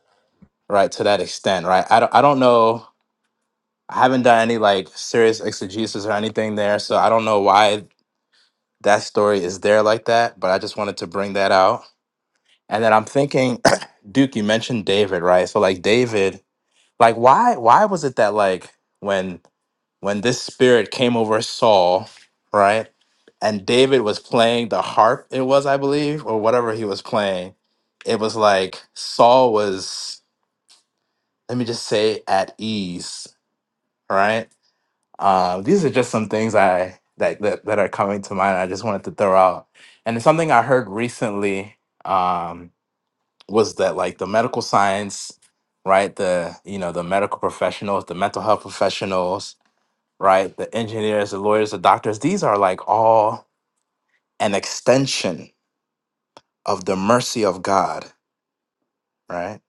H: right to that extent, right? I don't I don't know I haven't done any like serious exegesis or anything there, so I don't know why that story is there like that, but I just wanted to bring that out. And then I'm thinking, Duke, you mentioned David, right? So like David, like why why was it that like when when this spirit came over Saul, right? And David was playing the harp, it was, I believe, or whatever he was playing. It was like Saul was, let me just say, at ease, right? Uh, these are just some things I that, that that are coming to mind. I just wanted to throw out, and something I heard recently um, was that like the medical science, right? The you know the medical professionals, the mental health professionals, right? The engineers, the lawyers, the doctors. These are like all an extension of the mercy of God, right?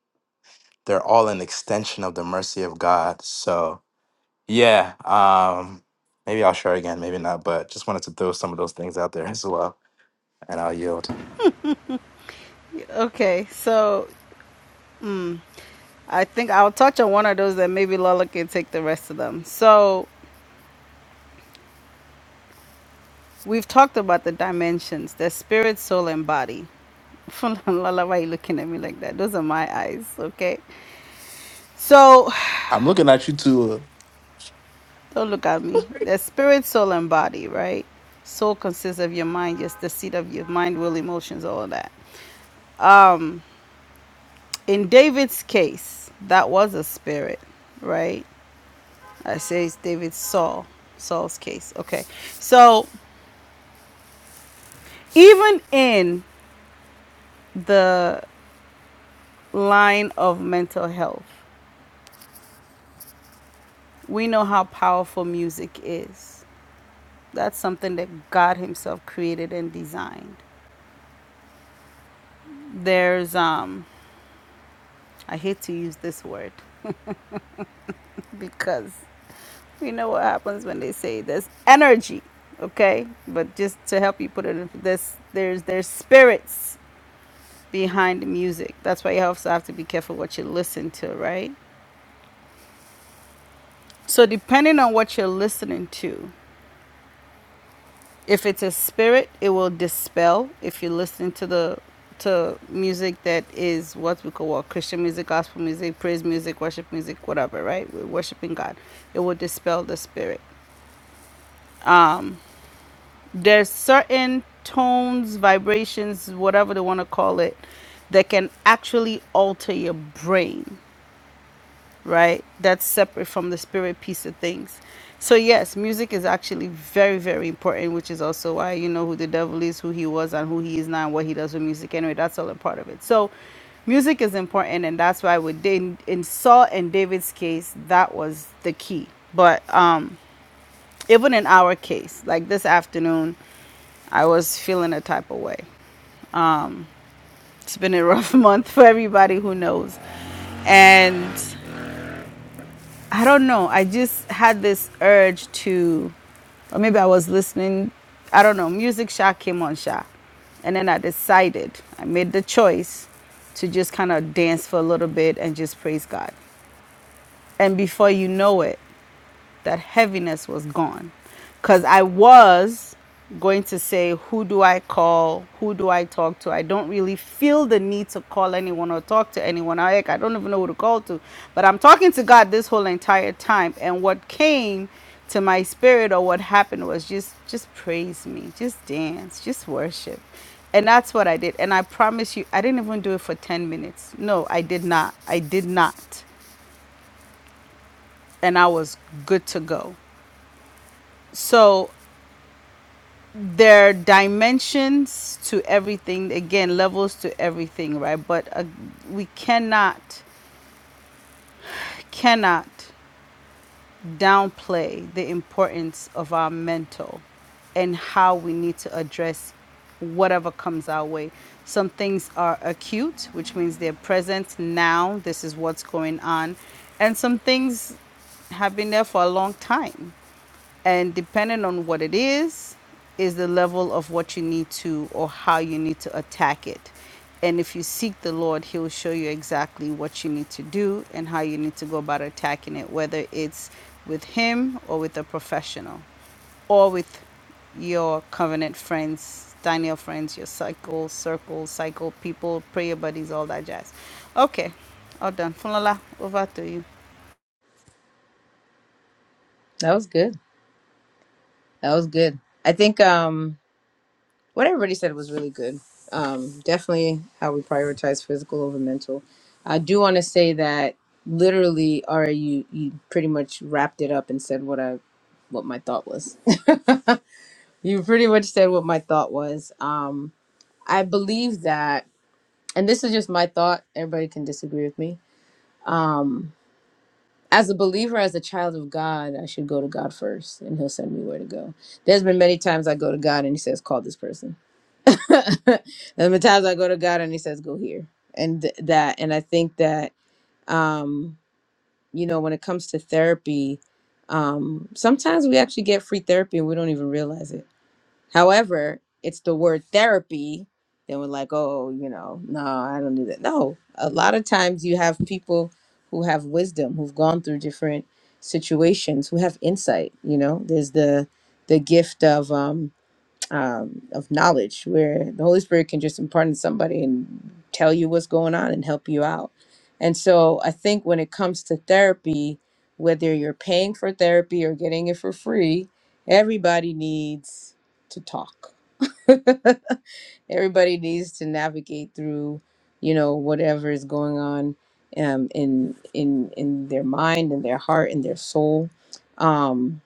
H: They're all an extension of the mercy of God. So Yeah. Um, maybe I'll share again, maybe not, but just wanted to throw some of those things out there as well. And I'll yield.
B: Okay, so I think I'll touch on one of those that maybe Lola can take the rest of them. So we've talked about the dimensions, the spirit, soul, and body. Lola, why are you looking at me like that? Those are my eyes, okay? So,
H: I'm looking at you too.
B: don't look at me. The spirit, soul, and body, right? Soul consists of your mind, yes, the seat of your mind, will, emotions, all of that. In David's case, that was a spirit, right? I say it's David Saul, Saul's case. Okay. So, even in the line of mental health, we know how powerful music is. That's something that God Himself created and designed. There's um I hate to use this word. because you know what happens when they say there's energy okay but just to help you put it in this there's there's spirits behind the music that's why you also have to be careful what you listen to right so depending on what you're listening to if it's a spirit it will dispel if you listen to the to music that is what we call what christian music gospel music praise music worship music whatever right we're worshiping god it will dispel the spirit there's certain tones, vibrations, whatever they want to call it, that can actually alter your brain, right? That's separate from the spirit piece of things. So yes, music is actually very, very important, which is also why you know who the devil is, who he was, and who he is now, and what he does with music. Anyway, that's all a part of it. So music is important, and that's why with Dan- in Saul and David's case, that was the key. But um, even in our case, like this afternoon, I was feeling a type of way. It's been a rough month for everybody who knows. And I don't know, I just had this urge to, or maybe I was listening, I don't know, music Sha came on Sha. And then I decided, I made the choice to just kind of dance for a little bit and just praise God. And before you know it, that heaviness was gone because i was going to say who do i call who do i talk to i don't really feel the need to call anyone or talk to anyone i, like, I don't even know who to call to but i'm talking to god this whole entire time and what came to my spirit or what happened was just just praise me just dance just worship and that's what i did and i promise you i didn't even do it for 10 minutes no i did not i did not and i was good to go so there are dimensions to everything again levels to everything right but uh, we cannot cannot downplay the importance of our mental and how we need to address whatever comes our way some things are acute which means they're present now this is what's going on and some things have been there for a long time and depending on what it is is the level of what you need to or how you need to attack it and if you seek the lord he'll show you exactly what you need to do and how you need to go about attacking it whether it's with him or with a professional or with your covenant friends daniel friends your cycle circle cycle people prayer buddies all that jazz okay all done Funala, over to you
A: That was good. That was good. I think. Um. what everybody said was really good. Um, definitely how we prioritize physical over mental. I do want to say that literally, Ari, you you pretty much wrapped it up and said what I what my thought was. you pretty much said what my thought was. Um, I believe that, and this is just my thought. Everybody can disagree with me. Um, as a believer, as a child of God, I should go to God first, and He'll send me where to go. There's been many times I go to God, and He says, "Call this person." and the times I go to God and He says, "Go here," and th- that, and I think that um, you know when it comes to therapy, um, sometimes we actually get free therapy and we don't even realize it. However, it's the word therapy. Then we're like, oh, you know, no, I don't do that. No, a lot of times you have people who have wisdom, who've gone through different situations, who have insight. You know, there's the the gift of um, um, of knowledge where the Holy Spirit can just impart on somebody and tell you what's going on and help you out. And so I think when it comes to therapy, whether you're paying for therapy or getting it for free, everybody needs to talk. everybody needs to navigate through, you know, whatever is going on um, in in in their mind and their heart and their soul. Um,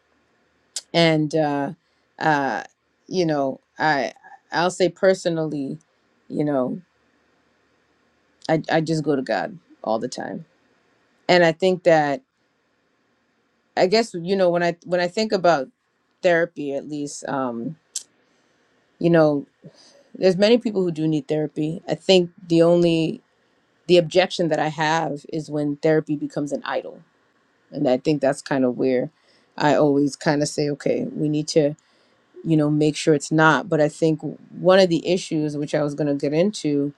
A: and uh, uh, you know i i'll say personally you know I, I just go to god all the time and i think that i guess you know when i when i think about therapy at least um you know there's many people who do need therapy i think the only the objection that i have is when therapy becomes an idol and i think that's kind of where i always kind of say okay we need to you know make sure it's not but i think one of the issues which i was going to get into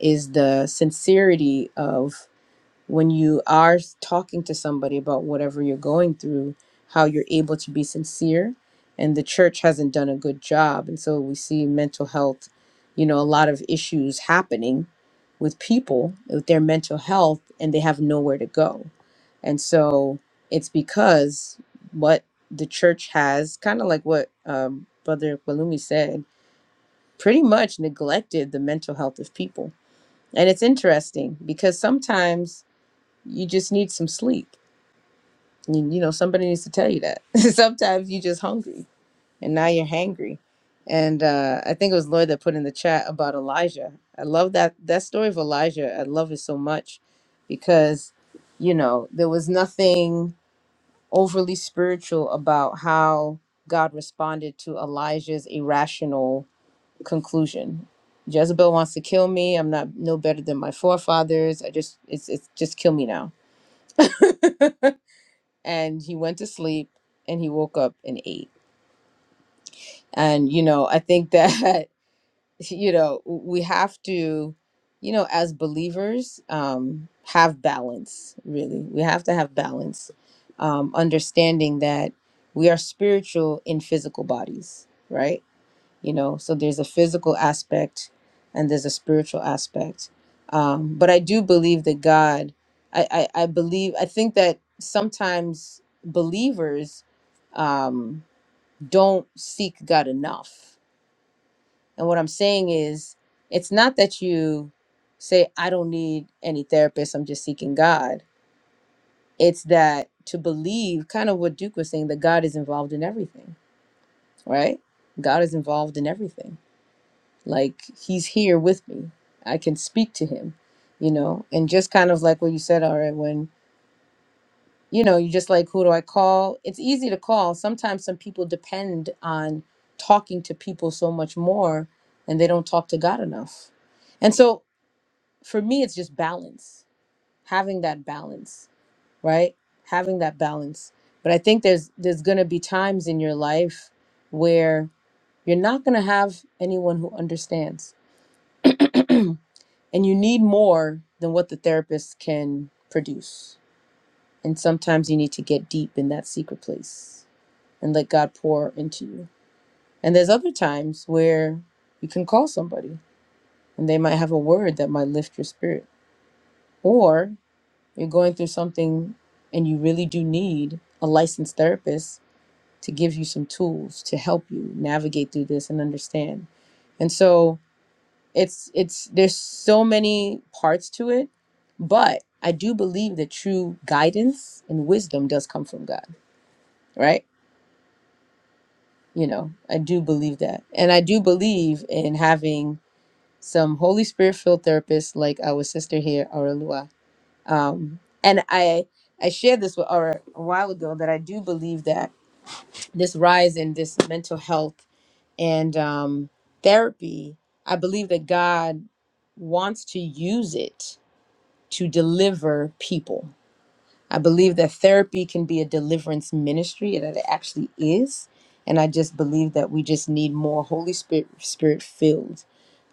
A: is the sincerity of when you are talking to somebody about whatever you're going through, how you're able to be sincere. And the church hasn't done a good job. And so we see mental health, you know, a lot of issues happening with people with their mental health and they have nowhere to go. And so it's because what the church has, kind of like what um, Brother Balumi said, pretty much neglected the mental health of people. And it's interesting because sometimes you just need some sleep. You, you know, somebody needs to tell you that. Sometimes you just hungry and now you're hangry. And uh, I think it was Lloyd that put in the chat about Elijah. I love that that story of Elijah. I love it so much because, you know, there was nothing overly spiritual about how God responded to Elijah's irrational conclusion. Jezebel wants to kill me. I'm not no better than my forefathers. I just it's it's just kill me now and he went to sleep and he woke up and ate. And, you know, I think that, you know, we have to, you know, as believers, um, have balance, really. We have to have balance, um, understanding that we are spiritual in physical bodies, right? you know so there's a physical aspect and there's a spiritual aspect um, but i do believe that god I, I i believe i think that sometimes believers um, don't seek god enough and what i'm saying is it's not that you say i don't need any therapist i'm just seeking god it's that to believe kind of what duke was saying that god is involved in everything right god is involved in everything like he's here with me i can speak to him you know and just kind of like what you said all right when you know you just like who do i call it's easy to call sometimes some people depend on talking to people so much more and they don't talk to god enough and so for me it's just balance having that balance right having that balance but i think there's there's going to be times in your life where you're not going to have anyone who understands And you need more than what the therapist can produce. And sometimes you need to get deep in that secret place and let God pour into you. And there's other times where you can call somebody and they might have a word that might lift your spirit. Or you're going through something and you really do need a licensed therapist to give you some tools to help you navigate through this and understand. And so it's it's there's so many parts to it but i do believe that true guidance and wisdom does come from god right you know i do believe that and i do believe in having some holy spirit filled therapists like our sister here aurelua um and i i shared this with Aura a while ago that i do believe that this rise in this mental health and um therapy i believe that god wants to use it to deliver people. I believe that therapy can be a deliverance ministry, and that it actually is. And I just believe that we just need more Holy Spirit, Spirit filled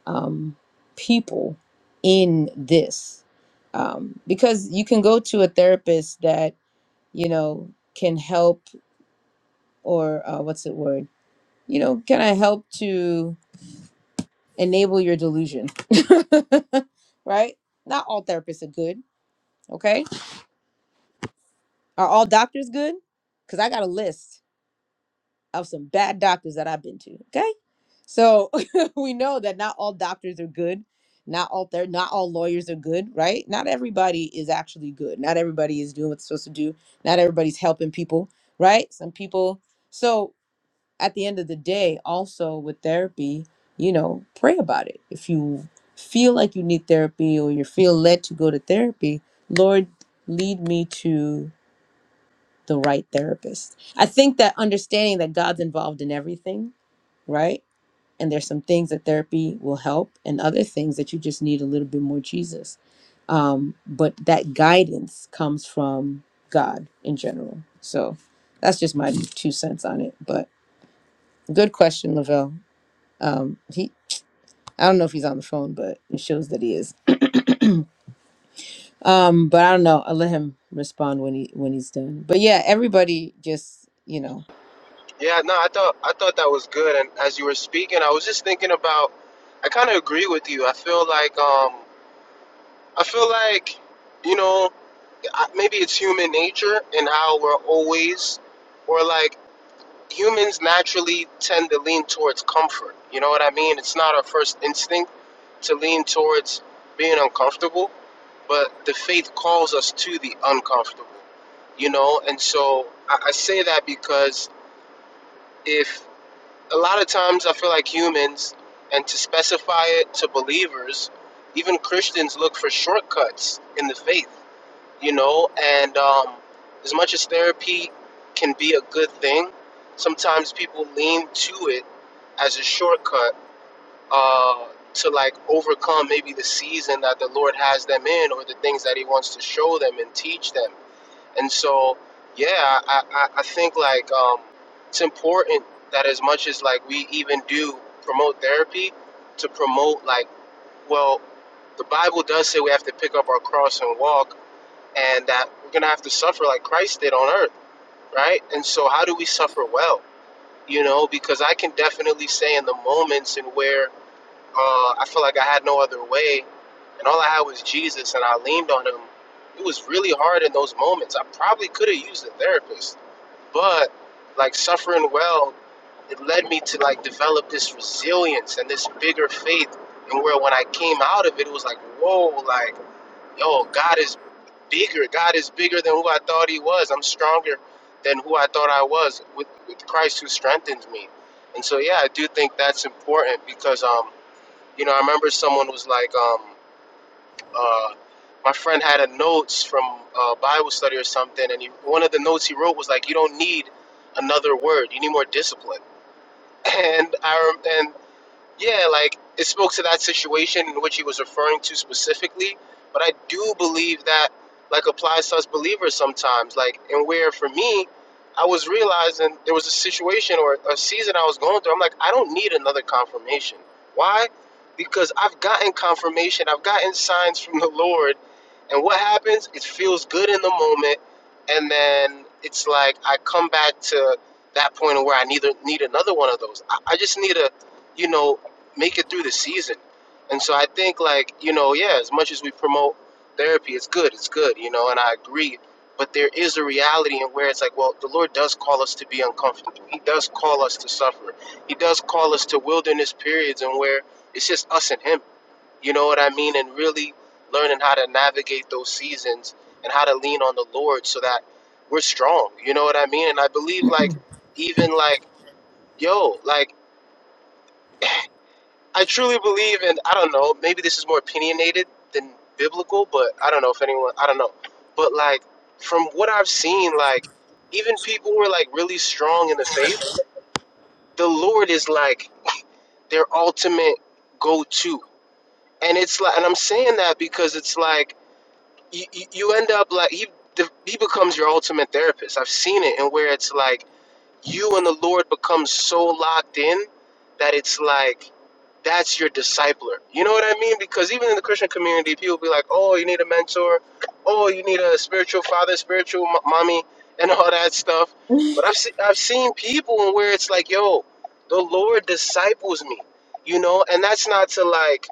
A: um, people in this, um, because you can go to a therapist that you know can help or uh, what's the word? You know, can I help to enable your delusion? right? Not all therapists are good. Okay Are all doctors good? Because I got a list of some bad doctors that I've been to. Okay. So we know that not all doctors are good. Not all they're not all lawyers are good, right? Not everybody is actually good. Not everybody is doing what they're supposed to do. Not everybody's helping people, right? Some people. So at the end of the day, also with therapy, you know, pray about it. If you feel like you need therapy or you feel led to go to therapy, Lord, lead me to the right therapist. I think that understanding that God's involved in everything, right? And there's some things that therapy will help, and other things that you just need a little bit more Jesus. Um, but that guidance comes from God in general. So that's just my two cents on it. But good question, Lavelle. Um, he, I don't know if he's on the phone, but it shows that he is. Um, but I don't know. I'll let him respond when he when he's done. But yeah, everybody just you know
G: Yeah, no, I thought I thought that was good and as you were speaking, I was just thinking about I kind of agree with you. I feel like um I feel like you know I- maybe it's human nature and how we're always, or like humans naturally tend to lean towards comfort. You know what I mean? It's not our first instinct to lean towards being uncomfortable, but the faith calls us to the uncomfortable, you know? And so I, I say that because if a lot of times I feel like humans, and to specify it to believers, even Christians look for shortcuts in the faith you know and um, as much as therapy can be a good thing sometimes people lean to it as a shortcut uh, to like overcome maybe the season that the lord has them in or the things that he wants to show them and teach them and so yeah i, I, I think like um, it's important that as much as like we even do promote therapy to promote like well the bible does say we have to pick up our cross and walk and that we're going to have to suffer like Christ did on earth, right? And so, how do we suffer well? You know, because I can definitely say in the moments in where uh, I feel like I had no other way, and all I had was Jesus, and I leaned on Him. It was really hard in those moments. I probably could have used a therapist, but like suffering well, it led me to like develop this resilience and this bigger faith. And where when I came out of it, it was like, whoa, like yo, God is bigger. God is bigger than who I thought He was. I'm stronger than who I thought I was with, with Christ who strengthens me. And so, yeah, I do think that's important because, um, you know, I remember someone was like, um, uh, my friend had a notes from uh, Bible study or something, and he, one of the notes he wrote was like, you don't need another word. You need more discipline. And I rem- and yeah, like it spoke to that situation in which he was referring to specifically, but I do believe that like applies to us believers sometimes. Like, and where for me, I was realizing there was a situation or a season I was going through. I'm like, I don't need another confirmation. Why? Because I've gotten confirmation, I've gotten signs from the Lord, and what happens? It feels good in the moment, and then it's like I come back to that point where I need need another one of those. I, I just need a you know, make it through the season. And so I think like, you know, yeah, as much as we promote therapy, it's good, it's good, you know, and I agree. But there is a reality in where it's like, well, the Lord does call us to be uncomfortable. He does call us to suffer. He does call us to wilderness periods and where it's just us and him. You know what I mean? And really learning how to navigate those seasons and how to lean on the Lord so that we're strong. You know what I mean? And I believe like even like, yo, like I truly believe, and I don't know, maybe this is more opinionated than biblical, but I don't know if anyone, I don't know. But like, from what I've seen, like, even people who are like really strong in the faith, the Lord is like their ultimate go to. And it's like, and I'm saying that because it's like, you, you you end up like, he, the, he becomes your ultimate therapist. I've seen it, and where it's like, you and the Lord become so locked in that it's like, that's your discipler. You know what I mean? Because even in the Christian community, people be like, "Oh, you need a mentor. Oh, you need a spiritual father, spiritual m- mommy, and all that stuff." But I've se- I've seen people and where it's like, "Yo, the Lord disciples me," you know, and that's not to like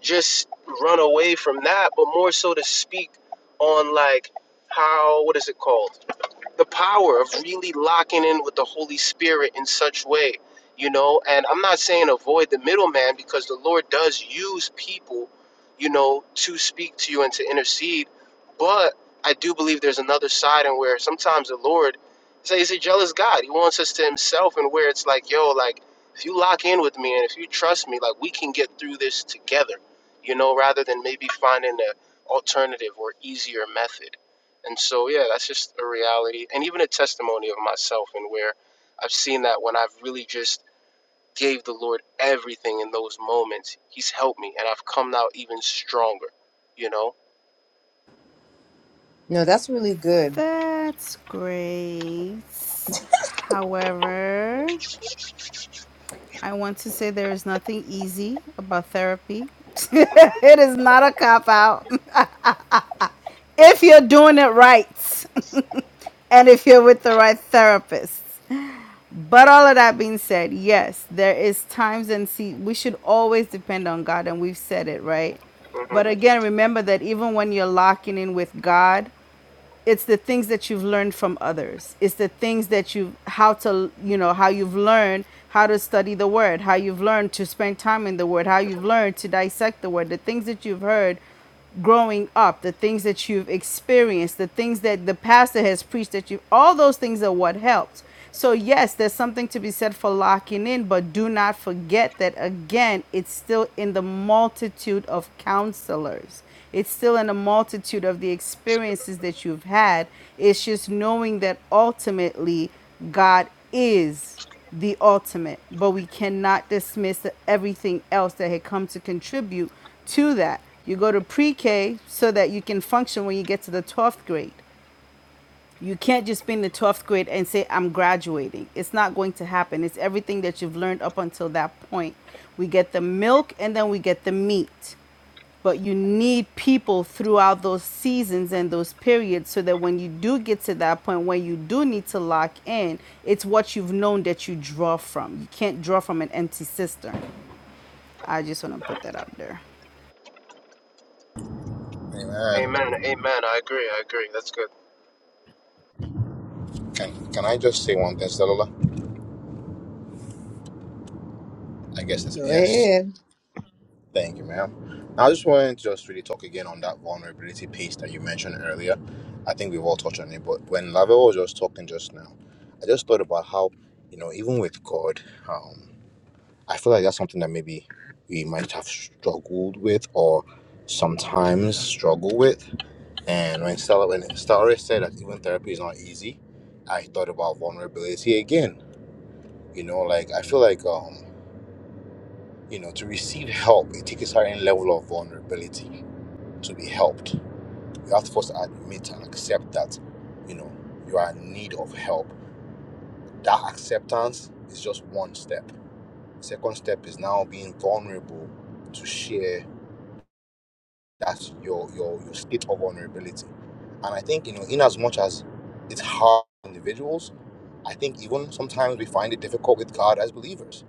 G: just run away from that, but more so to speak on like how what is it called? the power of really locking in with the Holy Spirit in such way, you know. And I'm not saying avoid the middleman because the Lord does use people, you know, to speak to you and to intercede. But I do believe there's another side and where sometimes the Lord, he's a he's a jealous God. He wants us to himself, and where it's like, yo, like if you lock in with me and if you trust me, like we can get through this together, you know, rather than maybe finding an alternative or easier method. And so, yeah, that's just a reality and even a testimony of myself and where I've seen that when I've really just gave the Lord everything in those moments, He's helped me and I've come out even stronger, you know?
A: No, that's really good.
B: That's great. However, I want to say there is nothing easy about therapy. it is not a cop out if you're doing it right and if you're with the right therapist. But all of that being said, yes, there is times and see we should always depend on God and we've said it, right?
G: hmm
B: But again, remember that even when you're locking in with God, it's the things that you've learned from others it's the things that you how to you know how you've learned how to study the word how you've learned to spend time in the word how you've learned to dissect the word the things that you've heard growing up the things that you've experienced the things that the pastor has preached that you all those things are what helps so, yes, there's something to be said for locking in, but do not forget that again, it's still in the multitude of counselors. It's still in the multitude of the experiences that you've had. It's just knowing that ultimately God is the ultimate, but we cannot dismiss everything else that had come to contribute to that. You go to pre K so that you can function when you get to the 12th grade. You can't just be in the 12th grade and say, I'm graduating. It's not going to happen. It's everything that you've learned up until that point. We get the milk and then we get the meat. But you need people throughout those seasons and those periods so that when you do get to that point where you do need to lock in, it's what you've known that you draw from. You can't draw from an empty cistern. I just want to put that out there.
D: Amen.
G: Amen. Amen. I agree. I agree. That's good.
D: Can can I just say one thing, Stella? I guess that's a
A: Go
D: yes.
A: ahead.
D: Thank you, ma'am. I just wanted to just really talk again on that vulnerability piece that you mentioned earlier. I think we've all touched on it, but when Lavelle was just talking just now, I just thought about how, you know, even with God, um, I feel like that's something that maybe we might have struggled with or sometimes struggle with. And when Stella when Stella said that even therapy is not easy, I thought about vulnerability again You know, like I feel like um, you know, to receive help, it takes a certain level of vulnerability to be helped. You have to first admit and accept that, you know, you are in need of help. That acceptance is just one step. Second step is now being vulnerable to share that your your your state of vulnerability. And I think, you know, in as much as it's hard for individuals, I think even sometimes we find it difficult with God as believers.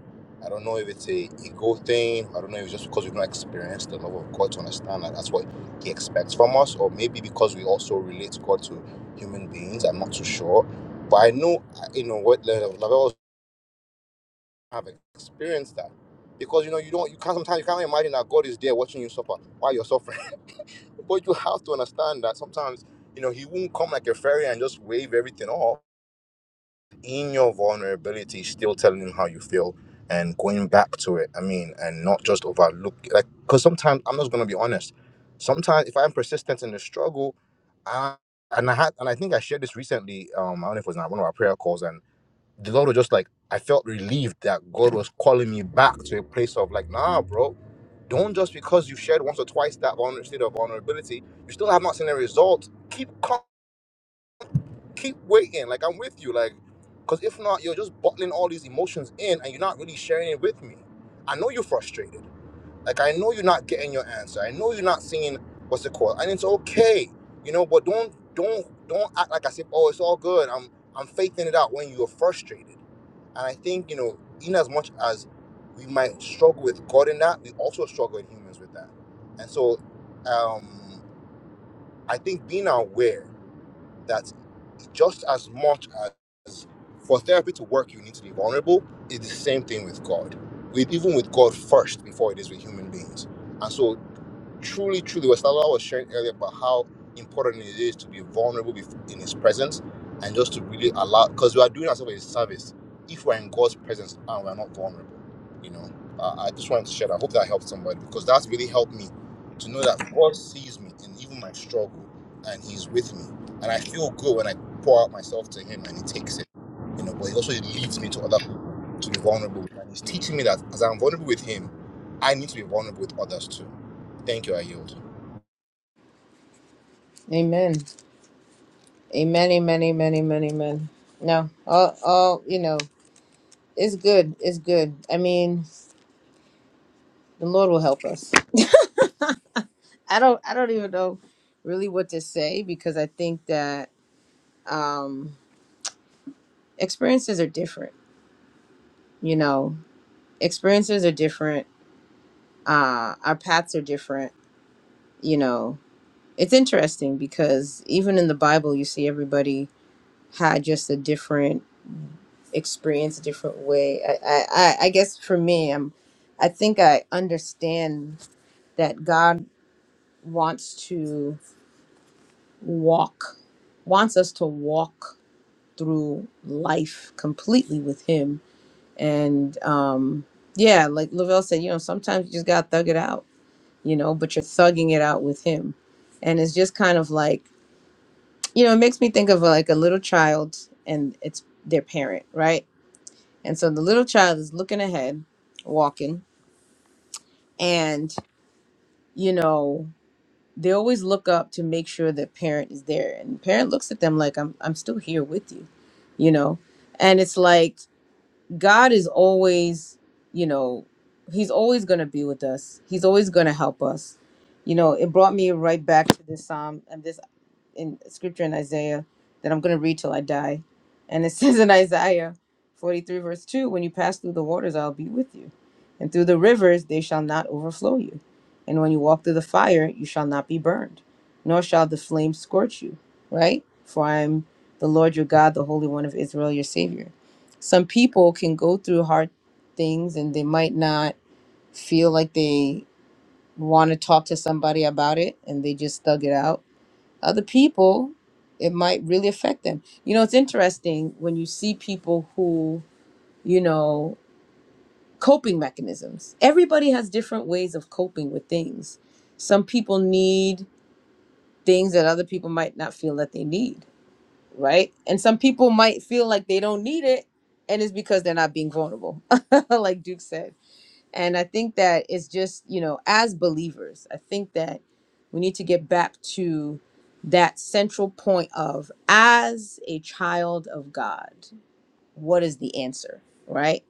D: I don't know if it's a ego thing. I don't know if it's just because we've not experienced the love of God to understand that that's what He expects from us, or maybe because we also relate God to human beings. I'm not too sure, but I know uh, you know what level levels have experienced that because you know you don't you can't sometimes you can't imagine that God is there watching you suffer while you're suffering. but you have to understand that sometimes you know He won't come like a fairy and just wave everything off in your vulnerability, still telling him how you feel and going back to it. I mean, and not just overlook like because sometimes I'm just gonna be honest. Sometimes if I'm persistent in the struggle, I and I had and I think I shared this recently. Um, I don't know if it was on one of our prayer calls, and the Lord was just like I felt relieved that God was calling me back to a place of like, nah, bro. Don't just because you shared once or twice that vulner- state of vulnerability, you still have not seen a result. Keep keep waiting. Like I'm with you. Like, cause if not, you're just bottling all these emotions in, and you're not really sharing it with me. I know you're frustrated. Like I know you're not getting your answer. I know you're not seeing what's the call, and it's okay. You know, but don't don't don't act like I said. Oh, it's all good. I'm I'm faking it out when you're frustrated. And I think you know, in as much as we might struggle with God in that, we also struggle in humans with that. And so, um, I think being aware that just as much as for therapy to work, you need to be vulnerable, is the same thing with God. With even with God first before it is with human beings. And so truly, truly, was Lalo was sharing earlier about how important it is to be vulnerable bef- in His presence and just to really allow, because we are doing ourselves a service if we're in God's presence and we're not vulnerable. You know, uh, I just wanted to share that. I hope that helped somebody because that's really helped me to know that God sees me in even my struggle and He's with me. And I feel good when I pour out myself to Him and He takes it, you know, but He also leads me to other people to be vulnerable. And He's teaching me that as I'm vulnerable with Him, I need to be vulnerable with others too Thank you. I yield.
A: Amen. Amen. Amen. Amen. Amen. Amen. No, all, all, you know, it's good. It's good. I mean, the Lord will help us. I don't, I don't even know really what to say because I think that, um, experiences are different you know experiences are different uh our paths are different you know it's interesting because even in the bible you see everybody had just a different experience a different way i i i I guess for me i'm i think i understand that god wants to walk wants us to walk through life completely with him And um, yeah, like Lavelle said, you know, sometimes you just gotta thug it out, you know, but you're thugging it out with him. And it's just kind of like, you know, it makes me think of like a little child and it's their parent, right? And so the little child is looking ahead, walking, and you know, they always look up to make sure the parent is there. And the parent looks at them like I'm I'm still here with you, you know. And it's like God is always, you know, He's always going to be with us. He's always going to help us. You know, it brought me right back to this psalm and this in scripture in Isaiah that I'm going to read till I die. And it says in Isaiah 43, verse 2 When you pass through the waters, I'll be with you. And through the rivers, they shall not overflow you. And when you walk through the fire, you shall not be burned, nor shall the flame scorch you. Right? For I am the Lord your God, the Holy One of Israel, your Savior. Some people can go through hard things and they might not feel like they want to talk to somebody about it and they just thug it out other people, it might really affect them. You know, it's interesting when you see people who, you know, coping mechanisms. Everybody has different ways of coping with things. Some people need things that other people might not feel that they need, right? And some people might feel like they don't need it and it's because they're not being vulnerable, like Duke said and I think that it's just, you know, as believers, I think that we need to get back to that central point of as a child of God, what is the answer, right?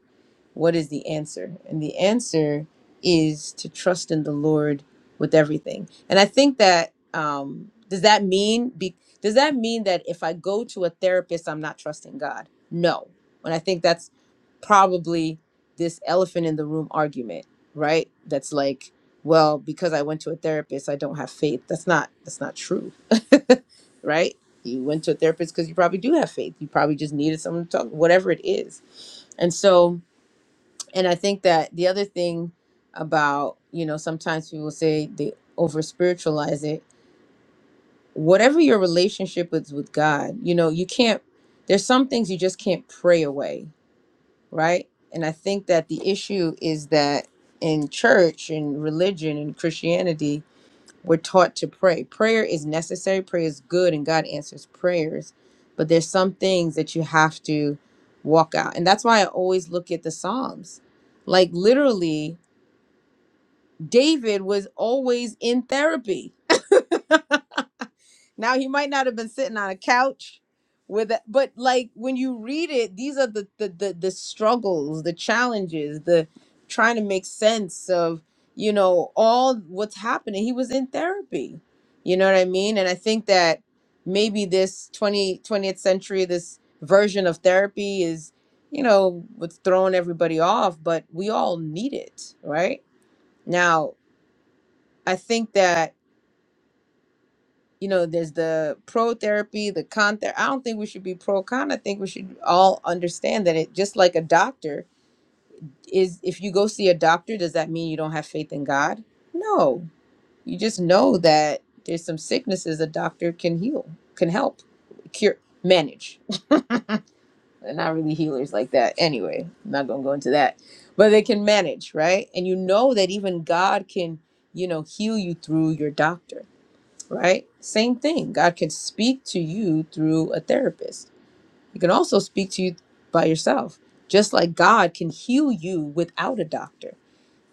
A: what is the answer? And the answer is to trust in the Lord with everything. And I think that um, does that mean be, does that mean that if I go to a therapist, I'm not trusting God? No. And I think that's probably this elephant in the room argument, right? That's like, well, because I went to a therapist, I don't have faith. That's not that's not true, right? You went to a therapist because you probably do have faith. You probably just needed someone to talk, whatever it is. And so and I think that the other thing about, you know, sometimes people say they over spiritualize it. Whatever your relationship is with God, you know, you can't, there's some things you just can't pray away, right? And I think that the issue is that in church and religion and Christianity, we're taught to pray. Prayer is necessary, prayer is good, and God answers prayers. But there's some things that you have to walk out. And that's why I always look at the Psalms. Like literally, David was always in therapy. Now he might not have been sitting on a couch with a, but like when you read it, these are the, the the the struggles, the challenges, the trying to make sense of, you know, all what's happening. He was in therapy. You know what I mean? And I think that maybe this 20 twentieth century this version of therapy is, you know, what's throwing everybody off, but we all need it, right? Now, I think that you know, there's the pro therapy, the con therapy. I don't think we should be pro con. I think we should all understand that it just like a doctor is if you go see a doctor, does that mean you don't have faith in God? No. You just know that there's some sicknesses a doctor can heal, can help, cure, manage. They're not really healers like that. Anyway, I'm not gonna go into that. But they can manage, right? And you know that even God can, you know, heal you through your doctor right? Same thing. God can speak to you through a therapist. He can also speak to you by yourself, just like God can heal you without a doctor.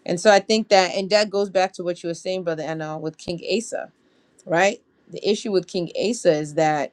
A: And so I think that, and that goes back to what you were saying, Brother Anna, with King Asa, right? The issue with King Asa is that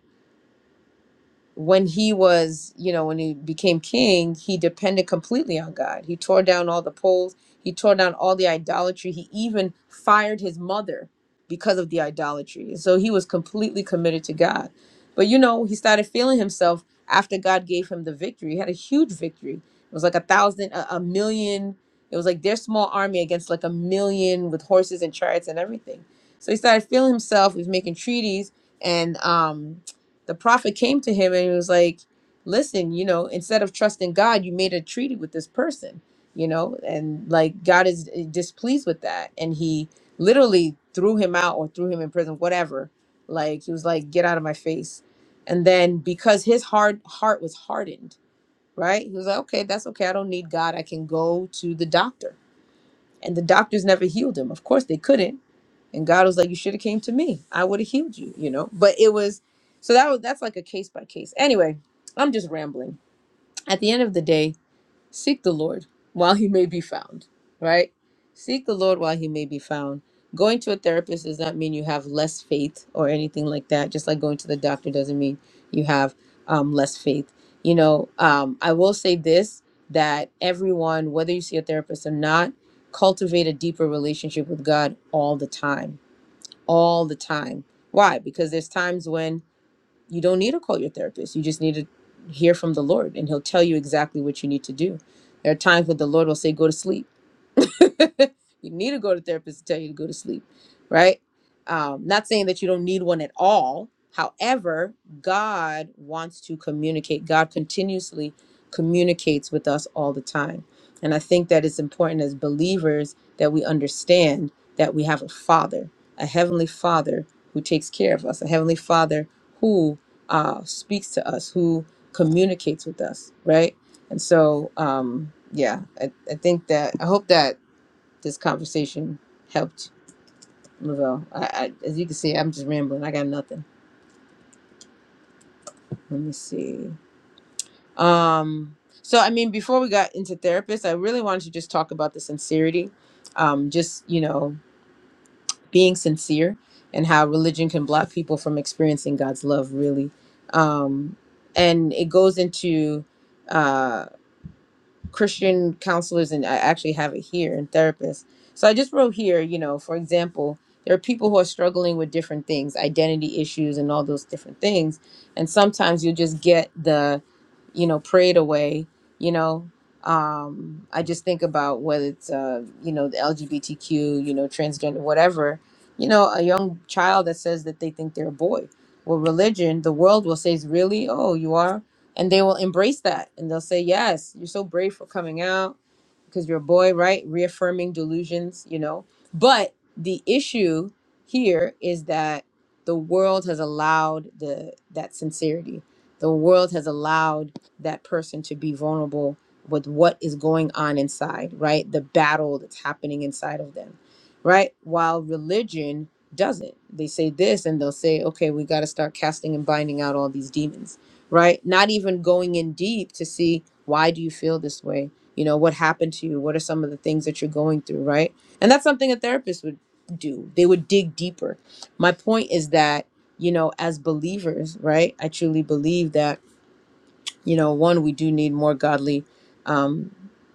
A: when he was, you know, when he became king, he depended completely on God. He tore down all the poles, he tore down all the idolatry. He even fired his mother because of the idolatry. So he was completely committed to God. But you know, he started feeling himself after God gave him the victory. He had a huge victory. It was like a thousand, a, a million. It was like their small army against like a million with horses and chariots and everything. So he started feeling himself. He was making treaties and um the prophet came to him and he was like, "Listen, you know, instead of trusting God, you made a treaty with this person, you know, and like God is eh, displeased with that." And he literally threw him out or threw him in prison, whatever. Like he was like, "Get out of my face." And then because his hard heart was hardened, right? He was like, "Okay, that's okay. I don't need God. I can go to the doctor." And the doctors never healed him. Of course they couldn't and God was like, you should have came to me. I would have healed you, you know. But it was so that was that's like a case by case. Anyway, I'm just rambling. At the end of the day, seek the Lord while he may be found, right? Seek the Lord while he may be found. Going to a therapist does not mean you have less faith or anything like that. Just like going to the doctor doesn't mean you have um, less faith. You know, um, I will say this that everyone, whether you see a therapist or not, cultivate a deeper relationship with God all the time all the time. Why? Because there's times when you don't need to call your therapist. You just need to hear from the Lord and he'll tell you exactly what you need to do. There are times when the Lord will say, go to sleep you need to go to therapist to tell you to go to sleep, right? Um, not saying that you don't need one at all. However, God wants to communicate. God continuously communicates with us all the time. And I think that it's important as believers that we understand that we have a Father, a Heavenly Father who takes care of us, a Heavenly Father who uh, speaks to us, who communicates with us, right? And so, um, yeah, I, I think that I hope that this conversation helped Lavelle. I, I, as you can see, I'm just rambling. I got nothing. Let me see. Um, so I mean, before we got into therapists, I really wanted to just talk about the sincerity, um, just you know, being sincere and how religion can block people from experiencing God's love, really. Um, and it goes into uh, Christian counselors, and I actually have it here and therapists. So I just wrote here, you know, for example, there are people who are struggling with different things, identity issues, and all those different things. And sometimes you just get the, you know, prayed away, you know. Um, I just think about whether it's, uh, you know, the LGBTQ, you know, transgender, whatever, you know, a young child that says that they think they're a boy. Well, religion, the world will say, is really? Oh, you are? and they will embrace that and they'll say yes you're so brave for coming out because your boy, right? Reaffirming delusions, you know. But the issue here is that the world has allowed the that sincerity. The world has allowed that person to be vulnerable with what is going on inside, right? The battle that's happening inside of them, right? While religion doesn't. They say this and they'll say, okay, we got to start casting and binding out all these demons, right? Not even going in deep to see why do you feel this way? you know what happened to you what are some of the things that you're going through right and that's something a therapist would do they would dig deeper my point is that you know as believers right i truly believe that you know, one, we do need more godly um,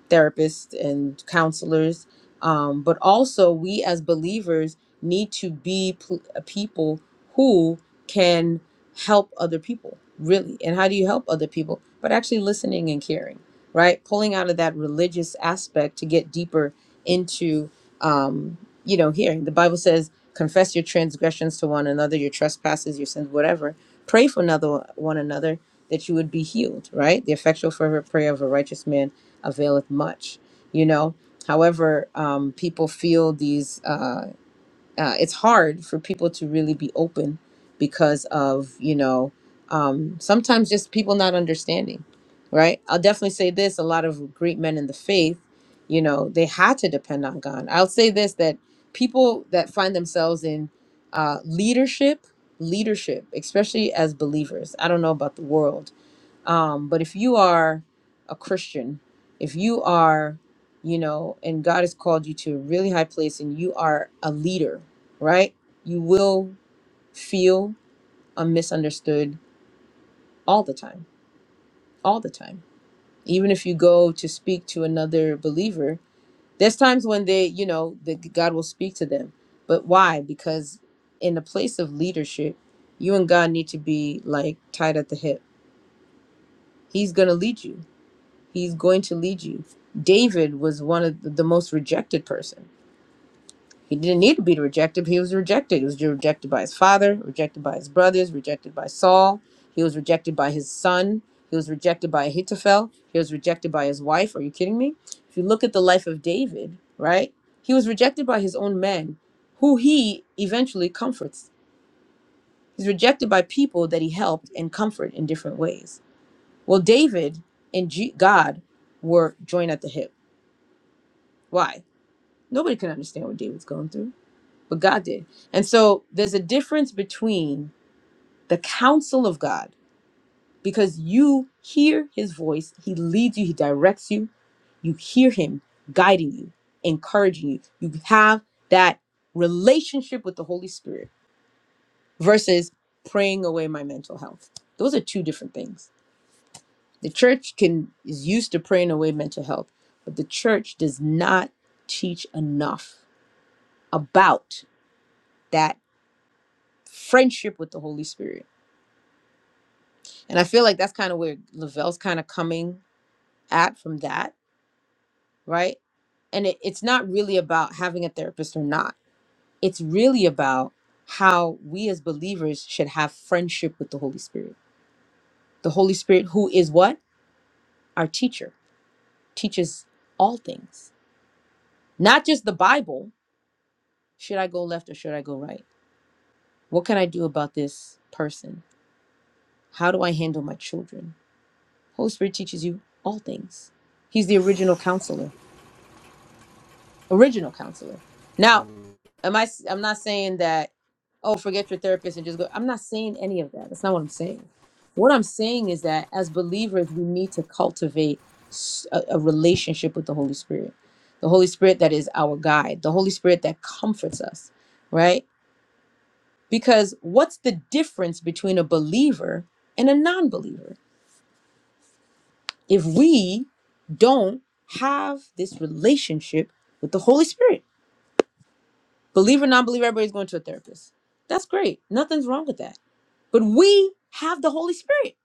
A: therapists and counselors, um, but also we as believers need to be pl- people who can help other people, really. And how do you help other people? But actually listening and caring, right? Pulling out of that religious aspect to get deeper into, um, you know, hearing. The Bible says, confess your transgressions to one another, your trespasses, your sins, whatever. Pray for another one another that you would be healed, right? The effectual fervent prayer of a righteous man availeth much, you know. However, um, people feel these, uh, uh, it's hard for people to really be open because of, you know, um, sometimes just people not understanding, right? I'll definitely say this a lot of great men in the faith, you know, they had to depend on God. I'll say this that people that find themselves in uh, leadership, leadership, especially as believers, I don't know about the world um, but if you are a Christian, if you are, you know, and God has called you to a really high place and you are a leader, right? You will feel uh, misunderstood all the time, all the time. Even if you go to speak to another believer, there's times when they, you know, that God will speak to them. But why? Because in the place of leadership, you and God need to be like tied at the hip. He's going to lead you He's going to lead you. David was one of the the most rejected person. He didn't need to be rejected. but He was rejected. He was rejected by his father, rejected by his brothers, rejected by Saul. He was rejected by his son. He was rejected by Ahithophel. He was rejected by his wife. Are you kidding me? If you look at the life of David, right? He was rejected by his own men, who he eventually comforts. He's rejected by people that he helped and comfort in different ways. Well, David and G- God were joined at the hip. Why? Nobody could understand what David's going through, but God did. And so there's a difference between the counsel of God because you hear his voice, he leads you, he directs you, you hear him guiding you, encouraging you. You have that relationship with the Holy Spirit versus praying away my mental health. Those are two different things. The church can is used to praying away mental health, but the church does not teach enough about that friendship with the Holy Spirit. And I feel like that's kind of where Lavelle's kind of coming at from that, right? And it, it's not really about having a therapist or not. It's really about how we as believers should have friendship with the Holy Spirit. The Holy Spirit, who is what? Our teacher, teaches all things, not just the Bible. Should I go left or should I go right? What can I do about this person? How do I handle my children? Holy Spirit teaches you all things. He's the original counselor. original counselor. Now,
G: Amen,
A: am I? i s- I'm not saying that. Oh, forget your therapist and just go. I'm not saying any of that. That's not what I'm saying. What I'm saying is that as believers, we need to cultivate s- a, a relationship with the Holy Spirit, the Holy Spirit that is our guide, the Holy Spirit that comforts us, right? Because what's the difference between a believer and a non-believer if we don't have this relationship with the Holy Spirit? Believe or not believe, everybody's going to a therapist. That's great. Nothing's wrong with that. But we have the Holy Spirit.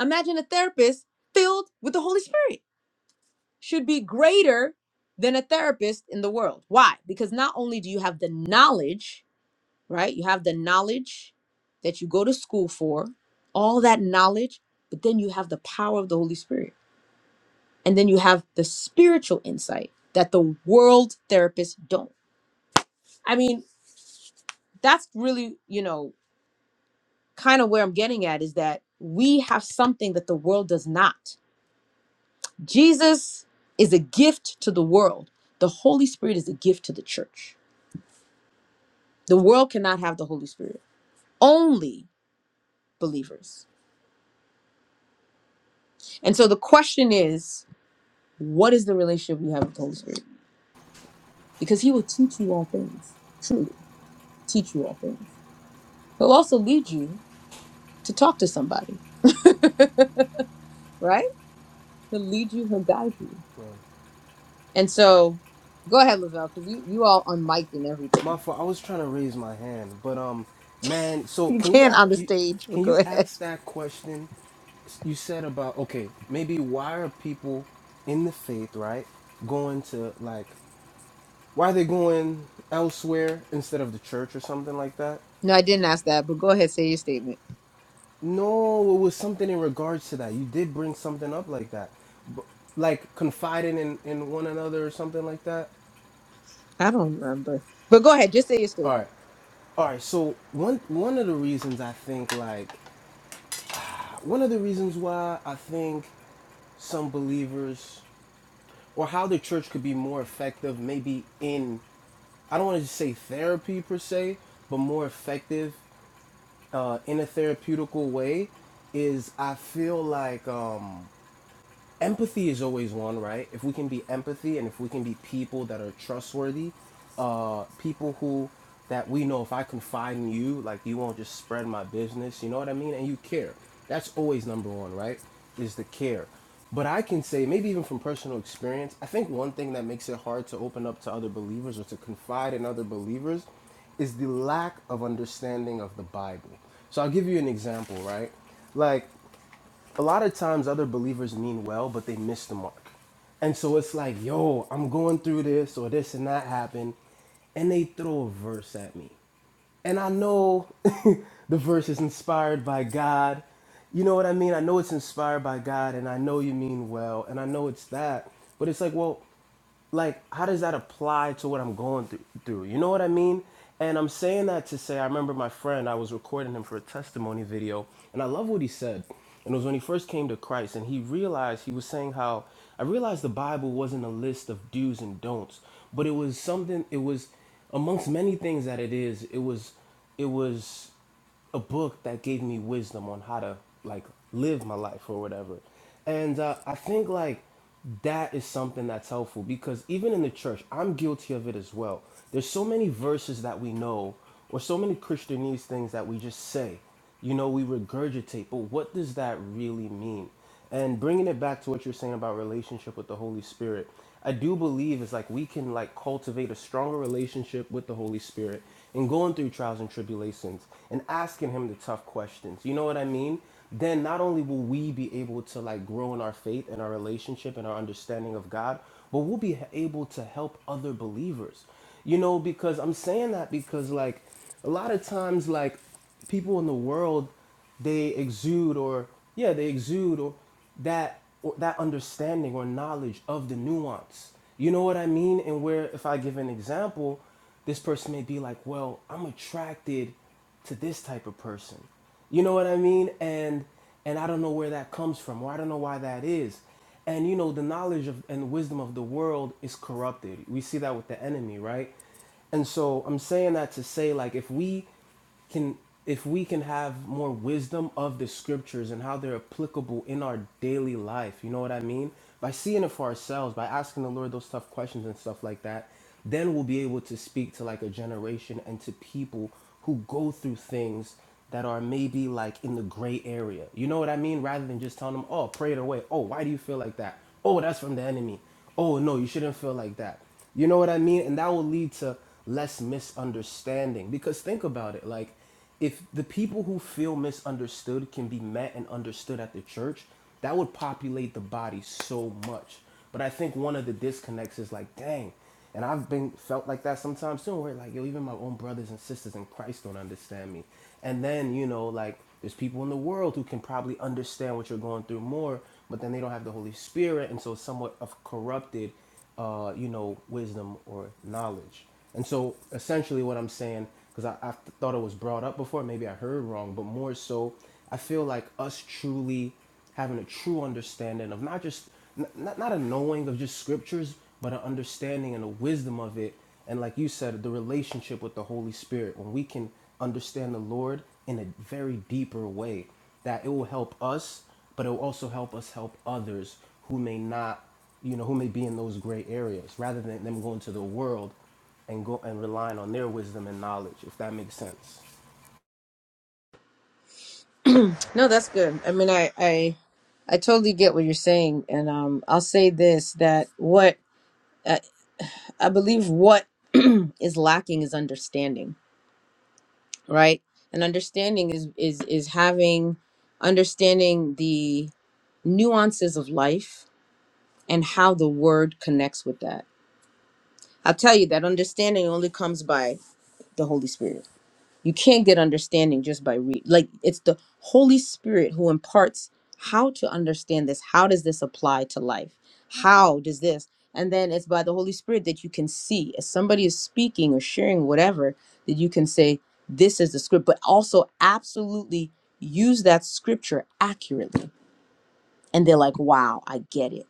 A: Imagine a therapist filled with the Holy Spirit should be greater than a therapist in the world. Why? Because not only do you have the knowledge, right? You have the knowledge that you go to school for, all that knowledge, but then you have the power of the Holy Spirit. And then you have the spiritual insight that the world therapists don't. I mean, that's really, you know, kind of where I'm getting at is that we have something that the world does not. Jesus is a gift to the world. The Holy Spirit is a gift to the church. The world cannot have the Holy Spirit. Only believers. And so the question is, what is the relationship you have with the Holy Spirit? Because he will teach you all things, truly teach you all things. He'll also lead you to talk to somebody, right? He'll lead you, he'll guide you. And so go ahead, Lavelle, because you, you all unmiked and
G: My
A: everything.
G: fault. I was trying to raise my hand, but um, man. So
A: You
G: can you,
A: can
G: a-
A: on the
G: you
A: stage, but
G: can
A: go
G: you
A: ahead.
G: ask that question you said about okay, maybe why are people in the faith right going to like Why are they going elsewhere instead of the church or something like that?
A: No, I didn't ask that, but go ahead, say your statement.
G: No, it was something in regards to that. You did bring something up like that. But, like confiding in, in one another or something like that.
A: I don't remember. But go ahead, just say your
G: All right.
A: statement.
G: All right. So one one of the reasons I think like one of the reasons why I think some believers or how the church could be more effective maybe in I don't want to just say therapy per se, but more effective uh, in a therapeutical way is I feel like um, empathy is always one, right? If we can be empathy and if we can be people that are trustworthy, uh, people who that we know if I confide in you, like you won't just spread my business, you know what I mean? And you care. That's always number one, right? Is the care. But I can say, maybe even from personal experience, I think one thing that makes it hard to open up to other believers or to confide in other believers is the lack of understanding of the Bible. So I'll give you an example, right? Like, a lot of times other believers mean well, but they miss the mark. And so it's like, yo, I'm going through this or this and that happened. And they throw a verse at me. And I know the verse is inspired by God. You know what I mean? I know it's inspired by God and I know you mean well and I know it's that. But it's like, well, like how does that apply to what I'm going through, You know what I mean? And I'm saying that to say I remember my friend, I was recording him for a testimony video, and I love what he said. And it was when he first came to Christ and he realized he was saying how I realized the Bible wasn't a list of do's and don'ts, but it was something it was amongst many things that it is, it was it was a book that gave me wisdom on how to like live my life or whatever. And uh, I think like that is something that's helpful because even in the church, I'm guilty of it as well. There's so many verses that we know or so many Christianese things that we just say. You know, we regurgitate, but what does that really mean? And bringing it back to what you're saying about relationship with the Holy Spirit, I do believe is like we can like cultivate a stronger relationship with the Holy Spirit and going through trials and tribulations and asking him the tough questions. You know what I mean? Then not only will we be able to like grow in our faith and our relationship and our understanding of God, but we'll be able to help other believers. You know, because I'm saying that because like a lot of times like people in the world they exude or yeah they exude or that or that understanding or knowledge of the nuance you know what i mean and where if i give an example this person may be like well i'm attracted to this type of person you know what i mean and and i don't know where that comes from or i don't know why that is and you know the knowledge of and wisdom of the world is corrupted we see that with the enemy right and so I'm saying that to say, like, if we can if we can have more wisdom of the scriptures and how they're applicable in our daily life you know what i mean by seeing it for ourselves by asking the lord those tough questions and stuff like that then we'll be able to speak to like a generation and to people who go through things that are maybe like in the gray area you know what i mean rather than just telling them oh pray it away oh why do you feel like that oh that's from the enemy oh no you shouldn't feel like that you know what I mean? And that will lead to less misunderstanding. Because think about it like, if the people who feel misunderstood can be met and understood at the church, that would populate the body so much. But I think one of the disconnects is like, dang, and I've been felt like that sometimes too, where like, yo, even my own brothers and sisters in Christ don't understand me. And then, you know, like there's people in the world who can probably understand what you're going through more, but then they don't have the Holy Spirit, and so it's somewhat of corrupted uh, you know, wisdom or knowledge. And so essentially what I'm saying, because I, I thought it was brought up before, maybe I heard wrong, but more so, I feel like us truly having a true understanding of not just not, not a knowing of just scriptures but an understanding and a wisdom of it and like you said the relationship with the holy spirit when we can understand the lord in a very deeper way that it will help us but it will also help us help others who may not you know who may be in those gray areas rather than them going to the world and go and relying on their wisdom and knowledge if that makes sense
A: No, that's good. I mean I I, I totally get what you're saying. And um I'll say this that what I, I believe what is lacking is understanding, right? And understanding is is is having understanding the nuances of life and how the word connects with that I'll tell you that understanding only comes by the Holy Spirit. You can't get understanding just by read. Like it's the Holy Spirit who imparts how to understand this. How does this apply to life? How does this? And then it's by the Holy Spirit that you can see as somebody is speaking or sharing whatever that you can say this is the script, but also absolutely use that scripture accurately. And they're like, "Wow, I get it."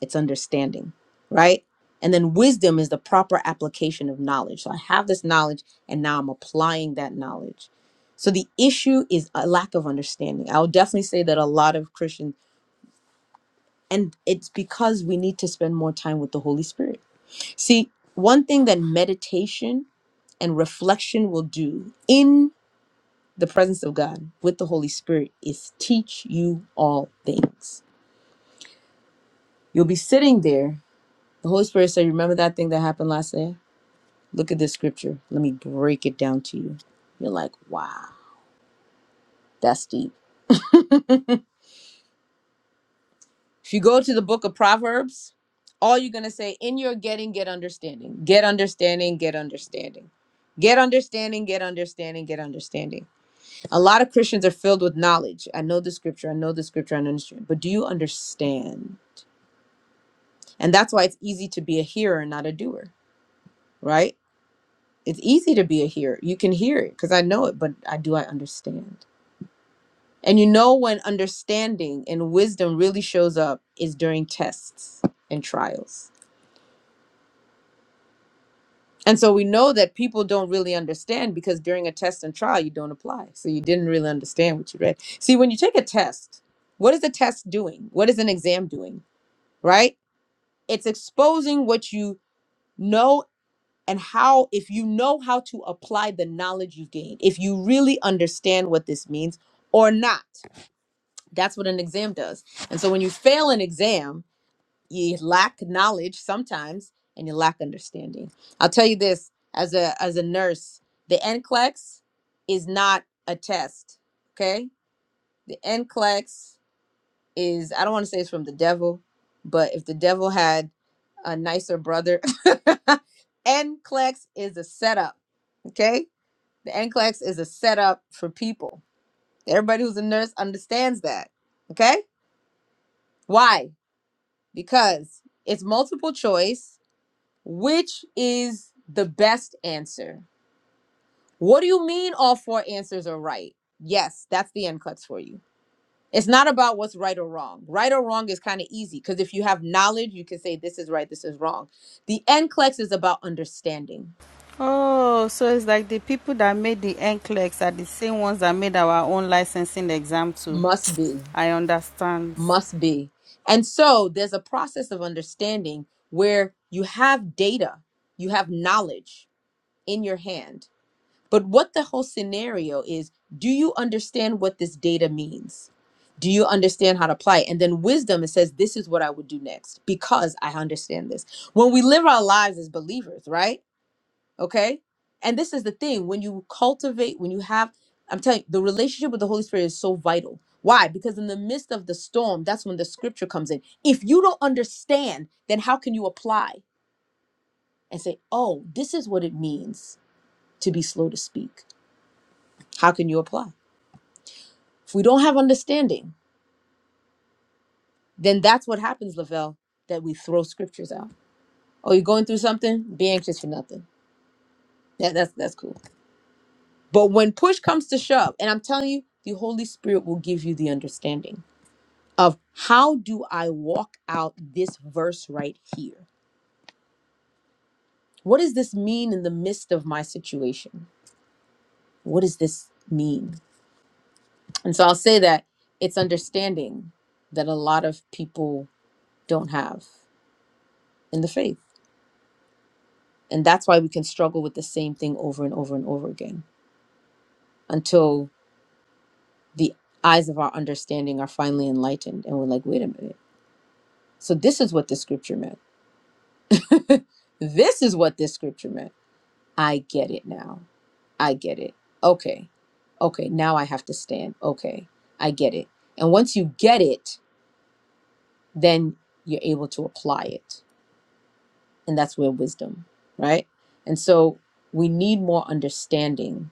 A: it's understanding, right? And then wisdom is the proper application of knowledge. So I have this knowledge and now I'm applying that knowledge. So the issue is a lack of understanding. I would definitely say that a lot of Christians, and it's because we need to spend more time with the Holy Spirit. See, one thing that meditation and reflection will do in the presence of God with the Holy Spirit is teach you all things. You'll be sitting there. The Holy Spirit said, Remember that thing that happened last day." Look at this scripture. Let me break it down to you. You're like, wow, that's deep. If you go to the book of Proverbs, all you're going to say in your getting, get understanding, get understanding, get understanding, get understanding, get understanding, get understanding. A lot of Christians are filled with knowledge. I know the scripture, I know the scripture, I understand, but do you understand? And that's why it's easy to be a hearer and not a doer, right? It's easy to be a hearer. You can hear it because I know it, but I do I understand? And you know when understanding and wisdom really shows up is during tests and trials. And so we know that people don't really understand because during a test and trial, you don't apply. So you didn't really understand what you read. See, when you take a test, what is a test doing? What is an exam doing? Right? It's exposing what you know and how, if you know how to apply the knowledge you've gained, if you really understand what this means or not. That's what an exam does. And so when you fail an exam, you lack knowledge sometimes and you lack understanding. I'll tell you this as a as a nurse, the NCLEX is not a test. Okay? The NCLEX is I don't want to say it's from the devil, but if the devil had a nicer brother, NCLEX is a setup. Okay? The NCLEX is a setup for people. Everybody who's a nurse understands that. Okay? Why? Because it's multiple choice Which is the best answer? What do you mean all four answers are right? Yes, that's the NCLEX for you. It's not about what's right or wrong. Right or wrong is kind of easy because if you have knowledge, you can say this is right, this is wrong. The NCLEX is about understanding.
B: Oh, so it's like the people that made the NCLEX are the same ones that made our own licensing exam too.
A: Must be,
B: I understand.
A: must be. And so there's a process of understanding where you have data, you have knowledge in your hand But what the whole scenario is do you understand what this data means? Do you understand how to apply it? And then wisdom, it says, this is what I would do next because I understand this. When we live our lives as believers, right? Okay. And this is the thing when you cultivate, when you have, I'm telling you, the relationship with the Holy Spirit is so vital. Why? Because in the midst of the storm, that's when the scripture comes in. If you don't understand, then how can you apply and say, oh, this is what it means to be slow to speak? How can you apply? If we don't have understanding, then that's what happens, Lavelle, that we throw scriptures out. Oh, you're going through something? Be anxious for nothing. Yeah, that's that's cool. But when push comes to shove, and I'm telling you, the Holy Spirit will give you the understanding of how do I walk out this verse right here? What does this mean in the midst of my situation? What does this mean? And so I'll say that it's understanding that a lot of people don't have in the faith And that's why we can struggle with the same thing over and over and over again until the eyes of our understanding are finally enlightened and we're like, wait a minute. So this is what the scripture meant. this is what this scripture meant. I get it now. I get it. Okay. Okay. Now I have to stand. Okay. I get it. And once you get it, then you're able to apply it. And that's where wisdom, right? And so we need more understanding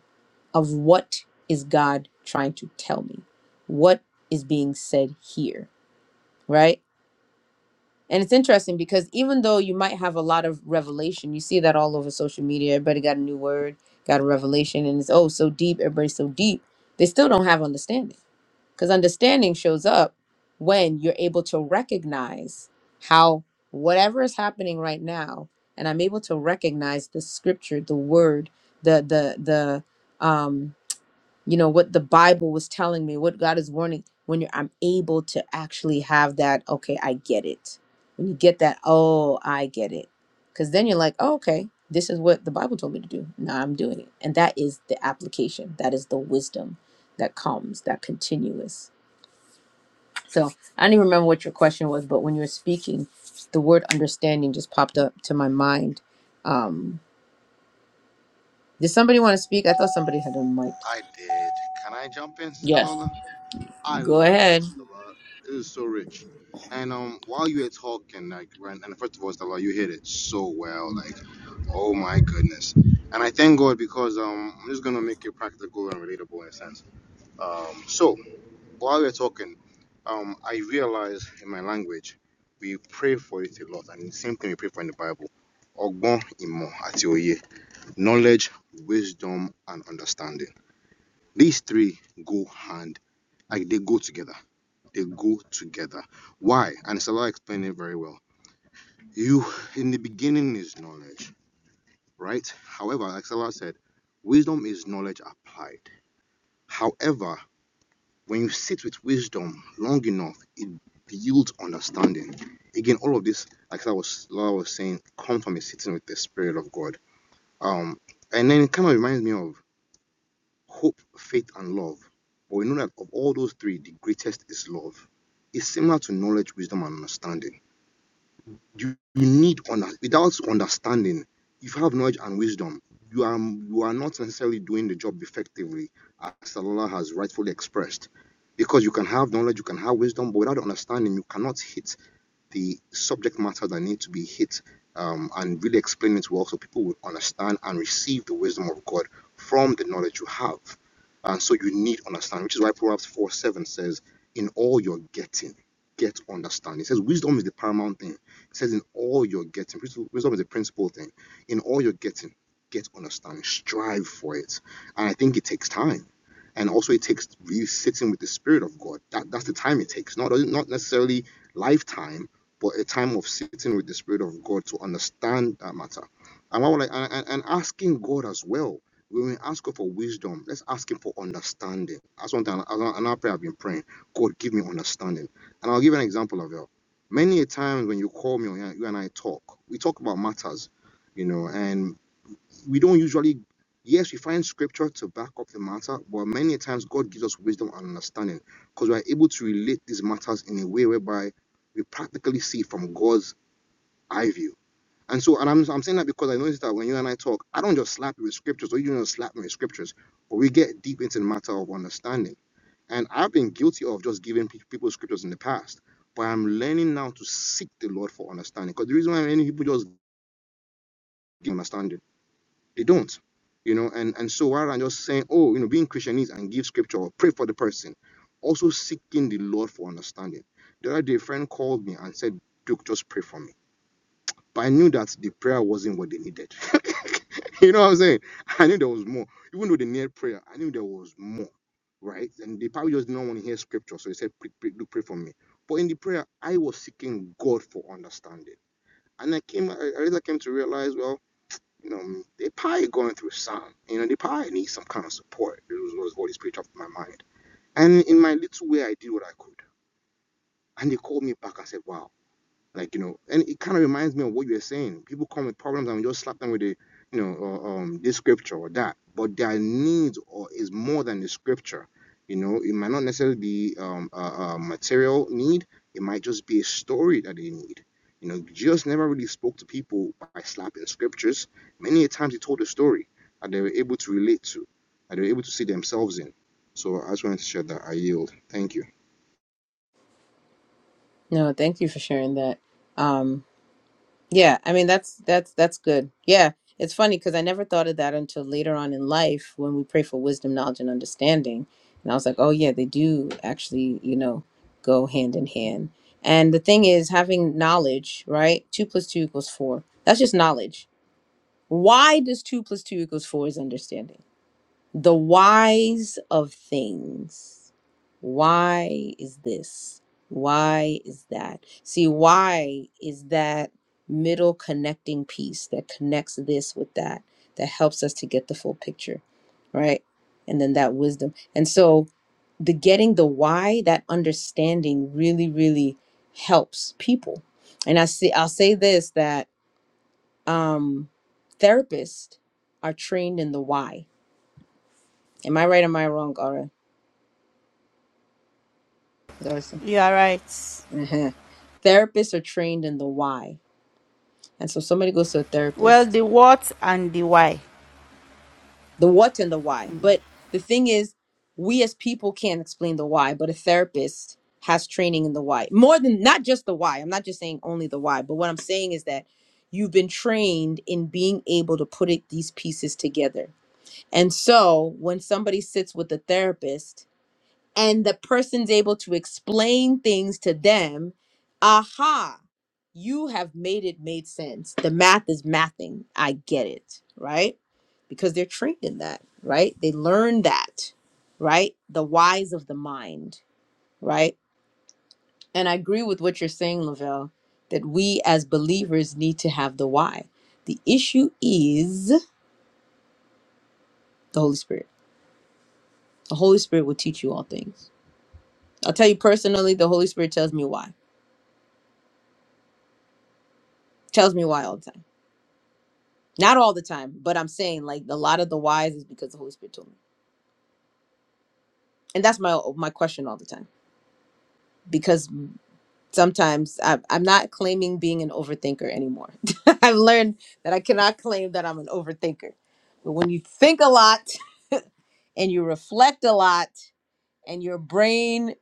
A: of what is God trying to tell me? What is being said here, right? And it's interesting because even though you might have a lot of revelation, you see that all over social media. Everybody got a new word, got a revelation, and it's oh so deep, everybody's so deep. They still don't have understanding because understanding shows up when you're able to recognize how whatever is happening right now, and I'm able to recognize the scripture, the word, the the the um you know what the bible was telling me what god is warning when you're i'm able to actually have that okay i get it when you get that oh i get it because then you're like oh, okay this is what the bible told me to do now i'm doing it and that is the application that is the wisdom that comes that continuous so i don't even remember what your question was but when you were speaking the word understanding just popped up to my mind um did somebody want to speak i thought somebody had a mic
D: I did. Can I jump in, Sister
A: Yes.
D: Lola? I
A: Go
D: love
A: ahead.
D: this, Sister Lola. It is so rich. And um, while you were talking, like, when, and first of all, Sister you hit it so well. Like, oh my goodness. And I thank God because um, I'm just gonna make it practical and relatable in a sense. Um, so while we were talking, um, I realized in my language, we pray for it a lot, and the same thing we pray for in the Bible. Ogbon imo ati oye, knowledge, wisdom, and understanding These three go hand, like they go together. They go together. Why? And Salah explained it very well. You, in the beginning, is knowledge, right? However, like Salah said, wisdom is knowledge applied. However, when you sit with wisdom long enough, it builds understanding. Again, all of this, like I was, Salah was saying, come from a sitting with the Spirit of God. Um, and then it kind of reminds me of hope, faith, and love. But we know that of all those three, the greatest is love. It's similar to knowledge, wisdom, and understanding. You, you need without understanding, if you have knowledge and wisdom, you are you are not necessarily doing the job effectively, as Allah has rightfully expressed. Because you can have knowledge, you can have wisdom, but without understanding, you cannot hit the subject matter that need to be hit um, and really explain it well so people will understand and receive the wisdom of God from the knowledge you have. And so you need understanding, which is why Proverbs 4 7 says, In all you're getting, get understanding. It says, Wisdom is the paramount thing. It says, In all you're getting, wisdom is the principal thing. In all you're getting, get understanding. Strive for it. And I think it takes time. And also, it takes really sitting with the Spirit of God. That, that's the time it takes, not, not necessarily lifetime, but a time of sitting with the Spirit of God to understand that matter. And I would like and, and asking God as well. When we ask God for wisdom, let's ask Him for understanding. That's one thing. Another prayer I've been praying. God, give me understanding. And I'll give an example of it. Many a times when you call me, or you and I talk. We talk about matters, you know. And we don't usually yes we find scripture to back up the matter but many times god gives us wisdom and understanding because we're able to relate these matters in a way whereby we practically see it from god's eye view and so and i'm, I'm saying that because i noticed that when you and i talk i don't just slap you with scriptures or you don't just slap me with scriptures but we get deep into the matter of understanding and i've been guilty of just giving pe- people scriptures in the past but i'm learning now to seek the lord for understanding because the reason why many people just give understanding they don't. You know, and, and so rather than just saying, oh, you know, being Christian is and give scripture or pray for the person, also seeking the Lord for understanding. The other day, a friend called me and said, Duke, just pray for me. But I knew that the prayer wasn't what they needed. you know what I'm saying? I knew there was more. Even though they needed prayer, I knew there was more. Right? And they probably just didn't want to hear scripture. So they said, pray, pray, Duke, pray for me. But in the prayer, I was seeking God for understanding. And I came, I I later came to realize, well, you know, they probably going through some. You know, they probably need some kind of support. It was, always what is pretty tough in my mind. And in my little way, I did what I could. And they called me back and said, "Wow." Like, you know, and it kind of reminds me of what you were saying. People come with problems and we just slap them with a, you know, uh, um, this scripture or that. But their needs or is more than the scripture. You know, it might not necessarily be um, a, a material need. It might just be a story that they need. You know, Jesus never really spoke to people by slapping scriptures. Many a times he told a story that they were able to relate to, that they were able to see themselves in. So I just wanted to share that. I yield. Thank you.
A: No, thank you for sharing that. Um, yeah, I mean that's that's that's good. Yeah, it's funny because I never thought of that until later on in life when we pray for wisdom, knowledge, and understanding. And I was like, oh yeah, they do actually, you know, go hand in hand. And the thing is, having knowledge, right? Two plus two equals four. That's just knowledge. Why does two plus two equals four is understanding? The whys of things. Why is this? Why is that? See, why is that middle connecting piece that connects this with that, that helps us to get the full picture, right? And then that wisdom. And so the getting the why, that understanding really, really helps people. And I see I'll say this that um therapists are trained in the why. Am I right? Am I wrong, Aura? There's-
B: You are right.
A: Mhm. Therapists are trained in the why. And so somebody goes to a
B: Well,
A: therapist,
B: the what and the why.
A: the what and the why. But the thing is, we as people can't explain the why, but a therapist has training in the why. More than not just the why. I'm not just saying only the why, but what I'm saying is that you've been trained in being able to put it, these pieces together. And so when somebody sits with a therapist, and the person's able to explain things to them aha you have made it made sense the math is mathing i get it right because they're trained in that right they learn that right the whys of the mind right and i agree with what you're saying lavelle that we as believers need to have the why the issue is the holy spirit the holy spirit will teach you all things i'll tell you personally the holy spirit tells me why tells me why all the time Not all the time, but I'm saying like a lot of the whys is because the Holy Spirit told me, and that's my my question all the time. Because sometimes I'm, I'm not claiming being an overthinker anymore. I've learned that I cannot claim that I'm an overthinker. But when you think a lot and you reflect a lot, and your brain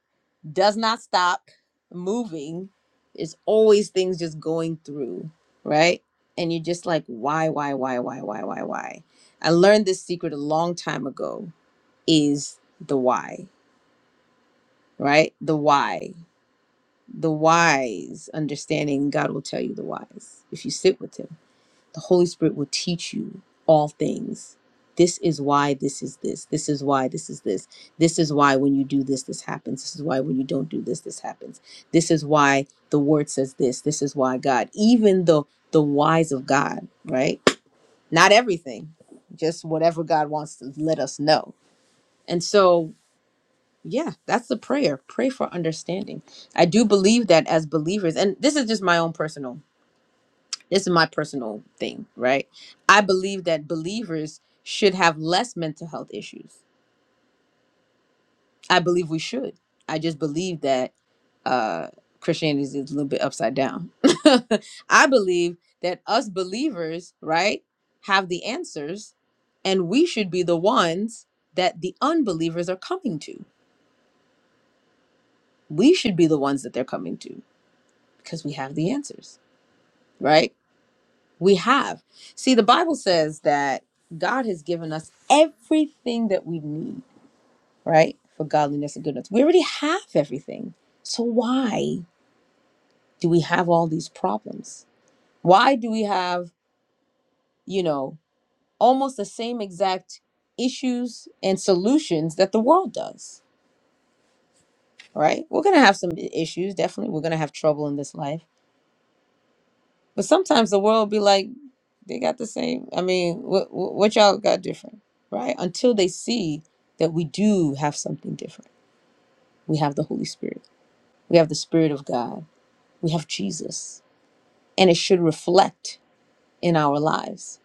A: does not stop moving, it's always things just going through, right? And you're just like, why, why, why, why, why, why, why? I learned this secret a long time ago is the why, right? The why, the whys, understanding God will tell you the whys if you sit with Him. The Holy Spirit will teach you all things. This is why this is this. This is why this is this. This is why when you do this, this happens. This is why when you don't do this, this happens. This is why the word says this. This is why God, even the the whys of God, right? Not everything, just whatever God wants to let us know. And so Yeah, that's the prayer. Pray for understanding. I do believe that as believers, and this is just my own personal, this is my personal thing, right? I believe that believers should have less mental health issues. I believe we should. I just believe that uh Christianity is a little bit upside down. I believe that us believers, right, have the answers and we should be the ones that the unbelievers are coming to. We should be the ones that they're coming to because we have the answers, right? We have. See, the Bible says that God has given us everything that we need, right? For godliness and goodness. We already have everything. So why do we have all these problems? Why do we have, you know, almost the same exact issues and solutions that the world does, right? We're going to have some issues, definitely. We're going to have trouble in this life. But sometimes the world will be like, They got the same. I mean, what what what y'all got different, right? Until they see that we do have something different. We have the Holy Spirit. We have the Spirit of God. We have Jesus, and it should reflect in our lives.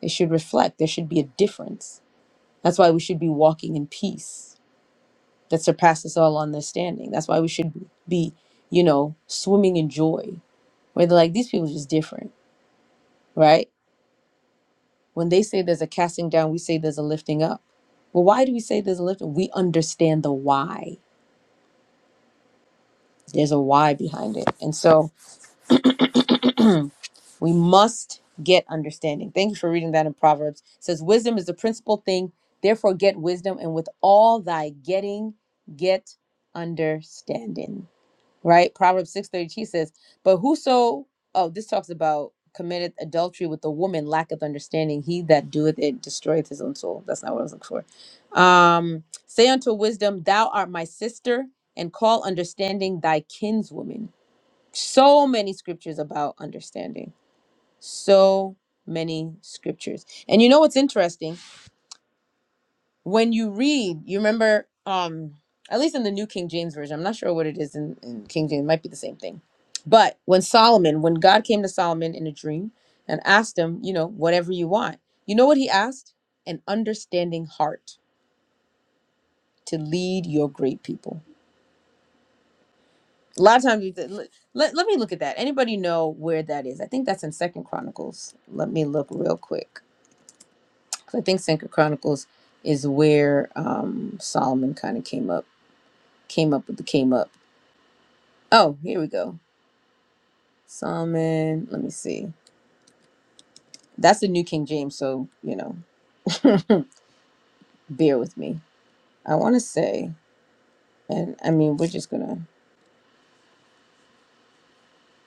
A: It should reflect. There should be a difference. That's why we should be walking in peace that surpasses all understanding. That's why we should be, you know, swimming in joy. Where they're like, these people are just different, right? When they say there's a casting down, we say there's a lifting up. Well, why do we say there's a lifting? We understand the why. There's a why behind it. And so we must get understanding. Thank you for reading that in Proverbs. It says, Wisdom is the principal thing. Therefore, get wisdom, and with all thy getting, get understanding. right? Proverbs six thirty two says, But whoso oh, this talks about committed adultery with a woman lacketh understanding. He that doeth it destroyeth his own soul. That's not what I was looking for. Um, say unto wisdom, Thou art my sister, and call understanding thy kinswoman. So many scriptures about understanding. So many scriptures. And you know what's interesting? when you read, you remember, um, at least in the New King James Version, I'm not sure what it is in, in King James, it might be the same thing. But when Solomon, when God came to Solomon in a dream and asked him, you know, whatever you want, you know what he asked? An understanding heart to lead your great people. A lot of times, you th- let, let, let me look at that. Anybody know where that is? I think that's in Second Chronicles. Let me look real quick. 'Cause I think Second Chronicles is where um, Solomon kind of came up, came up with the came up. Oh, here we go. Solomon, let me see. That's the New King James, so, you know, bear with me. I want to say, and I mean, we're just going to.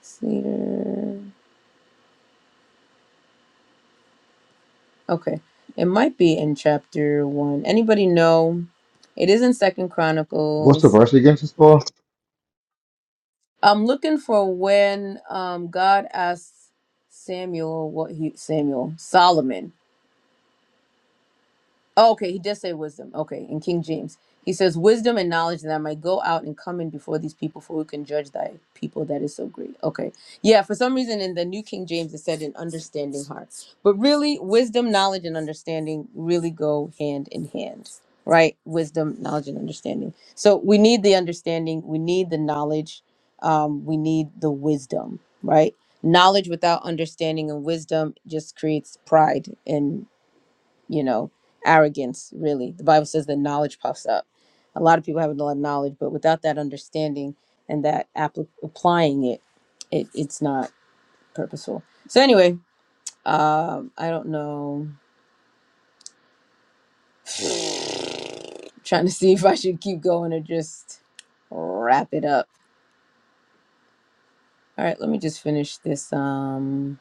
A: Cedar. Okay. It might be in chapter one. Anybody know? It is in Second
D: What's the
A: Chronicles.
D: verse against this Paul?
A: I'm looking for when um, God asks Samuel what he, Samuel, Solomon. Oh, okay, he does say wisdom. Okay, in King James. He says, Wisdom and knowledge that I might go out and come in before these people, for we can judge thy people that is so great. Okay. Yeah, for some reason in the New King James it said an understanding heart. But really, wisdom, knowledge, and understanding really go hand in hand, right? Wisdom, knowledge, and understanding. So we need the understanding, we need the knowledge, um, we need the wisdom, right? Knowledge without understanding and wisdom just creates pride and you know, arrogance, really. The Bible says that knowledge puffs up. A lot of people have a lot of knowledge, but without that understanding and that appli applying it, it, it's not purposeful. So, anyway, um, I don't know. I'm trying to see if I should keep going or just wrap it up. All right, let me just finish this. Um,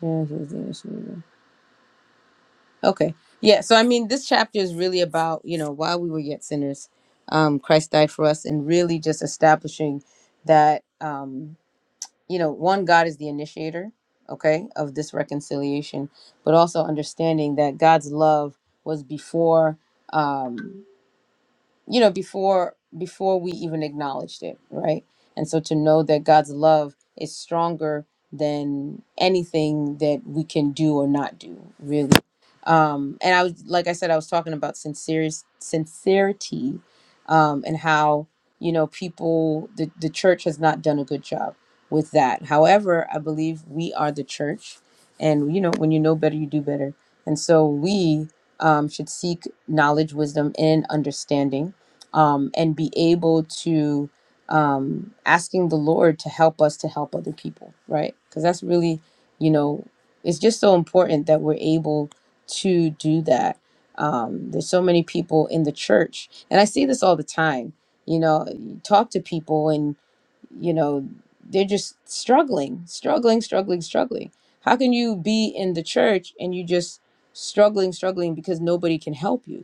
A: yeah, Okay. Yeah. So, I mean, this chapter is really about, you know, while we were yet sinners, um, Christ died for us and really just establishing that, um, you know, one, God is the initiator, okay, of this reconciliation, but also understanding that God's love was before. Um, you know before before we even acknowledged it right and so to know that god's love is stronger than anything that we can do or not do really um and i was like i said i was talking about sincere sincerity um and how you know people the, the church has not done a good job with that however i believe we are the church and you know when you know better you do better and so we um, should seek knowledge, wisdom, and understanding um, and be able to um, asking the Lord to help us to help other people, right? Because that's really, you know, it's just so important that we're able to do that. Um, there's so many people in the church, and I see this all the time. You know, you talk to people, and you know, they're just struggling, struggling, struggling, struggling. How can you be in the church and you just struggling, struggling because nobody can help you?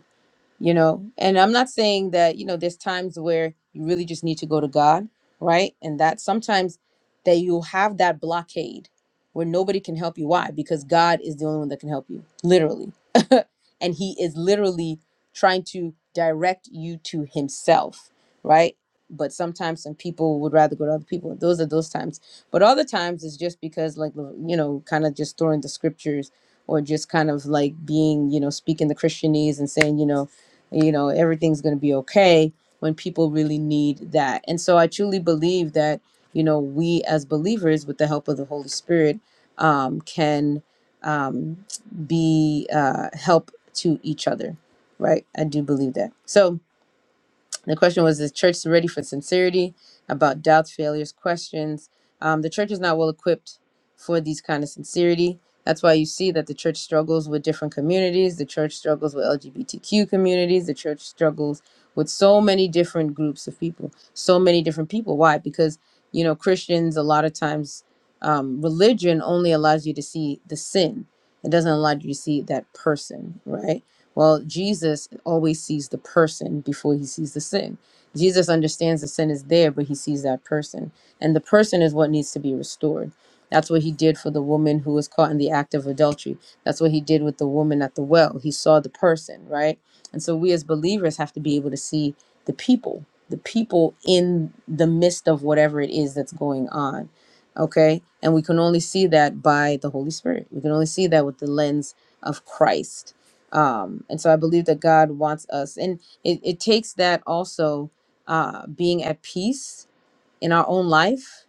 A: you know and i'm not saying that you know there's times where you really just need to go to god right and that sometimes that you'll have that blockade where nobody can help you why because god is the only one that can help you literally and he is literally trying to direct you to himself right but sometimes some people would rather go to other people those are those times but other times it's just because like you know kind of just throwing the scriptures or just kind of like being you know speaking the christianese and saying you know you know everything's going to be okay when people really need that and so i truly believe that you know we as believers with the help of the holy spirit um, can um, be uh, help to each other right i do believe that so the question was, is church ready for sincerity about doubts, failures, questions? Um, the church is not well equipped for these kind of sincerity. That's why you see that the church struggles with different communities. The church struggles with LGBTQ communities. The church struggles with so many different groups of people, so many different people. Why? Because, you know, Christians, a lot of times, um, religion only allows you to see the sin. It doesn't allow you to see that person, right? Well, Jesus always sees the person before he sees the sin. Jesus understands the sin is there, but he sees that person. And the person is what needs to be restored. That's what he did for the woman who was caught in the act of adultery. That's what he did with the woman at the well. He saw the person, right? And so we as believers have to be able to see the people, the people in the midst of whatever it is that's going on. Okay? And we can only see that by the Holy Spirit. We can only see that with the lens of Christ um and so i believe that god wants us and it, it takes that also uh being at peace in our own life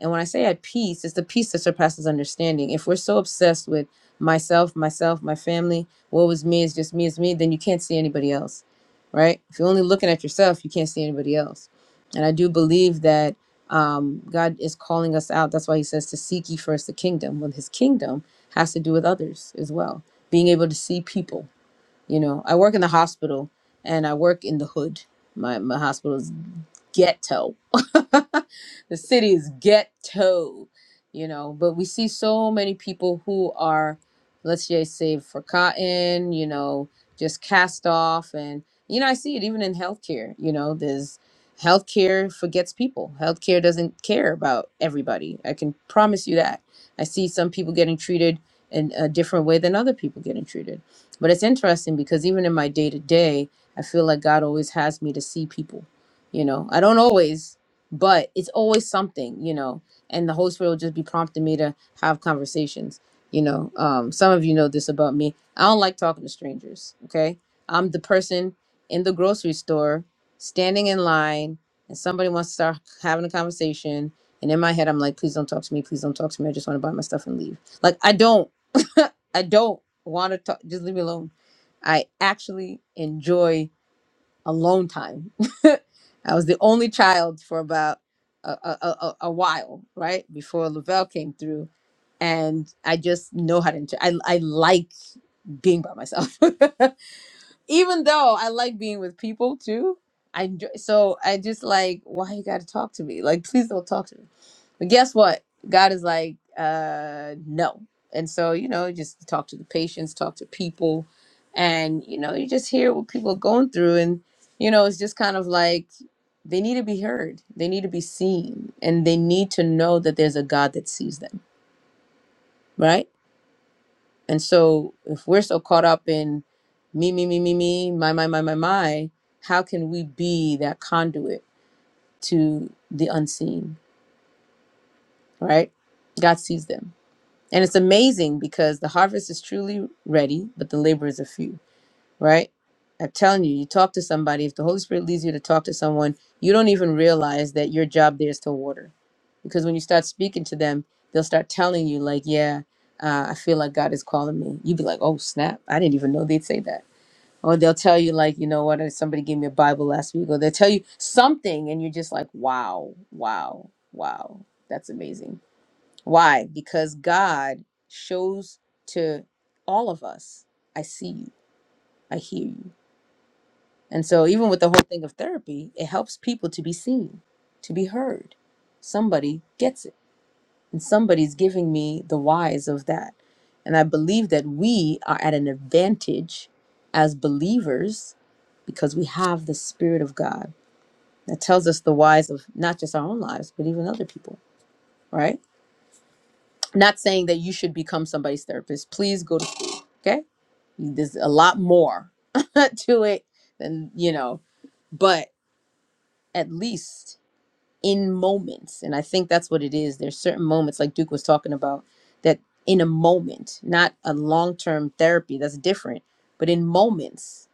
A: and when i say at peace it's the peace that surpasses understanding if we're so obsessed with myself myself my family what was me is just me is me then you can't see anybody else right if you're only looking at yourself you can't see anybody else and i do believe that um, god is calling us out that's why he says to seek ye first the kingdom well his kingdom has to do with others as well being able to see people you know, I work in the hospital and I work in the hood. My my hospital is ghetto. the city is ghetto, you know. But we see so many people who are, let's just say, for cotton, you know, just cast off. And, you know, I see it even in healthcare, you know, there's healthcare forgets people, healthcare doesn't care about everybody. I can promise you that. I see some people getting treated in a different way than other people getting treated. But it's interesting because even in my day to day, I feel like God always has me to see people you know i don't always but it's always something you know and the holy spirit will just be prompting me to have conversations you know um some of you know this about me i don't like talking to strangers okay i'm the person in the grocery store standing in line and somebody wants to start having a conversation and in my head i'm like please don't talk to me please don't talk to me i just want to buy my stuff and leave like i don't i don't want to talk just leave me alone i actually enjoy a long time. I was the only child for about a, a, a, a a while, right? Before Lavelle came through. And I just know how to, inter- I, I like being by myself. even though I like being with people too, I enjoy, so I just like why you got to talk to me? Like please don't talk to me. But guess what? God is like uh no. And so, you know, just talk to the patients, talk to people and you know, you just hear what people are going through and you know, it's just kind of like they need to be heard. They need to be seen and they need to know that there's a God that sees them, right? And so if we're so caught up in me, me, me, me, me, my, my, my, my, my, how can we be that conduit to the unseen, right? God sees them. And it's amazing because the harvest is truly ready, but the laborers are few right? I'm telling you, you talk to somebody, if the Holy Spirit leads you to talk to someone, you don't even realize that your job there is to water. Because when you start speaking to them, they'll start telling you, like, yeah, uh, I feel like God is calling me. You'd be like, oh, snap. I didn't even know they'd say that. Or they'll tell you, like, you know what, uh, somebody gave me a Bible last week. Or they'll tell you something, and you're just like, wow, wow, wow. That's amazing. Why? Because God shows to all of us, I see you, I hear you. And so, even with the whole thing of therapy, it helps people to be seen, to be heard. Somebody gets it, and somebody's giving me the whys of that. And I believe that we are at an advantage as believers because we have the Spirit of God that tells us the whys of not just our own lives, but even other people, right? Not saying that you should become somebody's therapist. Please go to school, okay? There's a lot more to it than, you know, but at least in moments. And I think that's what it is. There's certain moments, like Duke was talking about, that in a moment, not a long term therapy, that's different, but in moments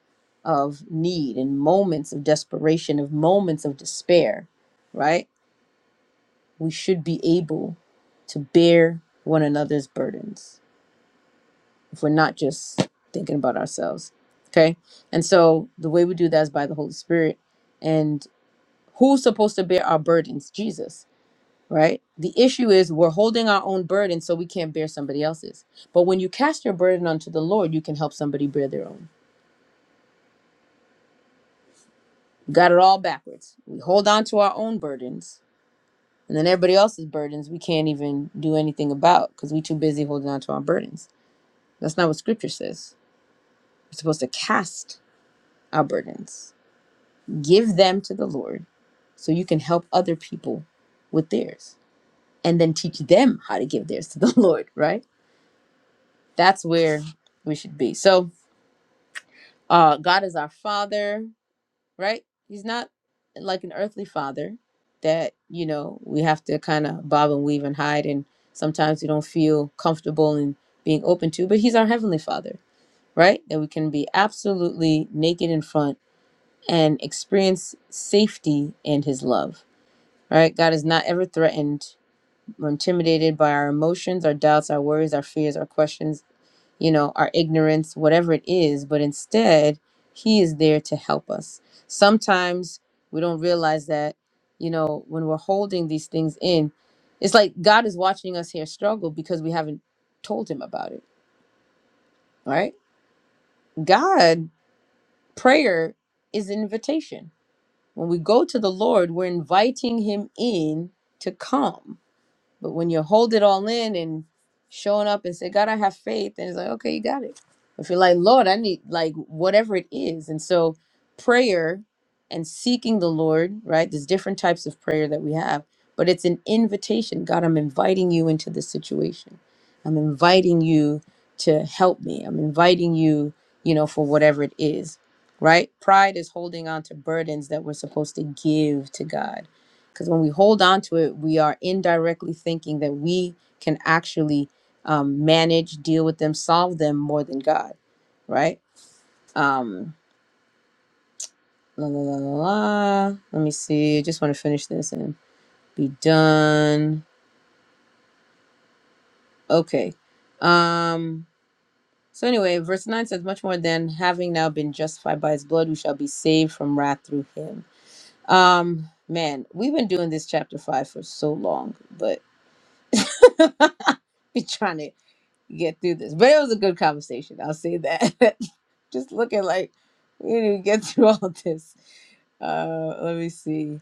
A: of need, in moments of desperation, of moments of despair, right? We should be able to bear one another's burdens if we're not just thinking about ourselves. Okay. And so the way we do that is by the Holy Spirit. And who's supposed to bear our burdens? Jesus right? The issue is we're holding our own burden so we can't bear somebody else's. But when you cast your burden onto the Lord, you can help somebody bear their own. You got it all backwards. We hold on to our own burdens, and then everybody else's burdens we can't even do anything about because we're too busy holding on to our burdens. That's not what scripture says. We're supposed to cast our burdens, give them to the Lord so you can help other people with theirs and then teach them how to give theirs to the Lord, right? That's where we should be. So, uh god is our father right he's not like an earthly father that you know we have to kind of bob and weave and hide and sometimes we don't feel comfortable in being open to but he's our heavenly father right that we can be absolutely naked in front and experience safety in his love right god is not ever threatened or intimidated by our emotions our doubts our worries our fears our questions you know, our ignorance, whatever it is, but instead, He is there to help us. Sometimes we don't realize that, you know, when we're holding these things in, it's like God is watching us here struggle because we haven't told Him about it, right? God, prayer is an invitation. When we go to the Lord, we're inviting Him in to come. But when you hold it all in and showing up and say, God, I have faith, and it's like, okay, you got it. If you're like, Lord, I need like whatever it is. And so prayer and seeking the Lord, right? There's different types of prayer that we have, but it's an invitation. God, I'm inviting you into this situation. I'm inviting you to help me. I'm inviting you, you know, for whatever it is, right? Pride is holding on to burdens that we're supposed to give to God because when we hold on to it, we are indirectly thinking that we can actually um, manage, deal with them, solve them more than God, right? Um, la, la, la, la, la. Let me see. I just want to finish this and be done. Okay. Um, so anyway, verse 9 says, Much more than having now been justified by his blood, we shall be saved from wrath through him. Um, man, we've been doing this chapter 5 for so long, but be trying to get through this. But it was a good conversation. I'll say that. Just looking like we didn't even get through all this. Uh, let me see.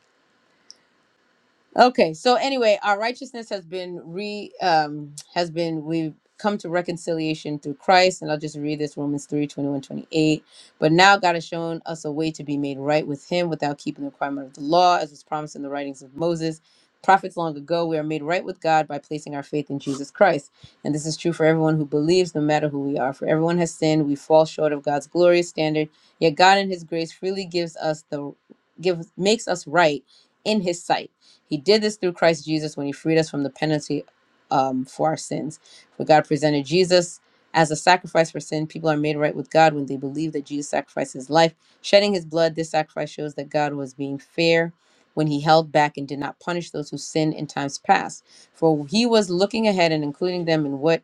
A: Okay, so anyway, our righteousness has been re um has been we've come to reconciliation through Christ, and I'll just read this Romans 3 21 28. But now God has shown us a way to be made right with him without keeping the requirement of the law, as was promised in the writings of Moses. Prophets long ago, we are made right with God by placing our faith in Jesus Christ. And this is true for everyone who believes, no matter who we are. For everyone has sinned, we fall short of God's glorious standard. Yet God in his grace freely gives us the give makes us right in his sight he did this through Christ Jesus when he freed us from the penalty um, for our sins. For God presented Jesus as a sacrifice for sin. People are made right with God when they believe that Jesus sacrificed his life. Shedding his blood, this sacrifice shows that God was being fair when he held back and did not punish those who sinned in times past. For he was looking ahead and including them in what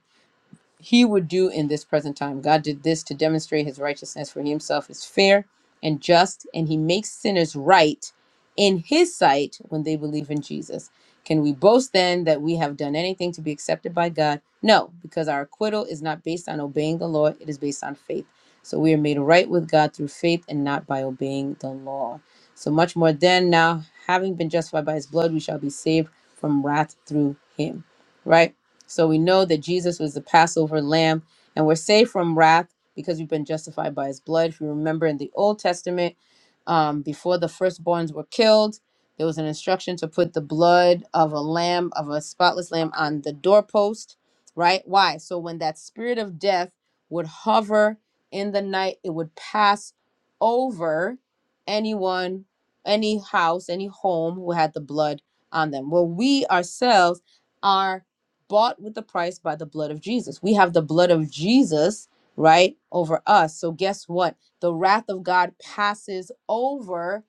A: he would do in this present time. God did this to demonstrate his righteousness, for He himself is fair and just, and he makes sinners right in his sight when they believe in Jesus. Can we boast then that we have done anything to be accepted by God? No, because our acquittal is not based on obeying the law, it is based on faith. So we are made right with God through faith and not by obeying the law. So much more then, now having been justified by his blood, we shall be saved from wrath through him. Right? So we know that Jesus was the Passover lamb, and we're saved from wrath because we've been justified by his blood. If you remember in the Old Testament, um, before the firstborns were killed, there was an instruction to put the blood of a lamb, of a spotless lamb, on the doorpost, right? Why? So when that spirit of death would hover in the night, it would pass over anyone, any house, any home who had the blood on them. Well, we ourselves are bought with the price by the blood of Jesus. We have the blood of Jesus, right, over us. So guess what? the wrath of God passes over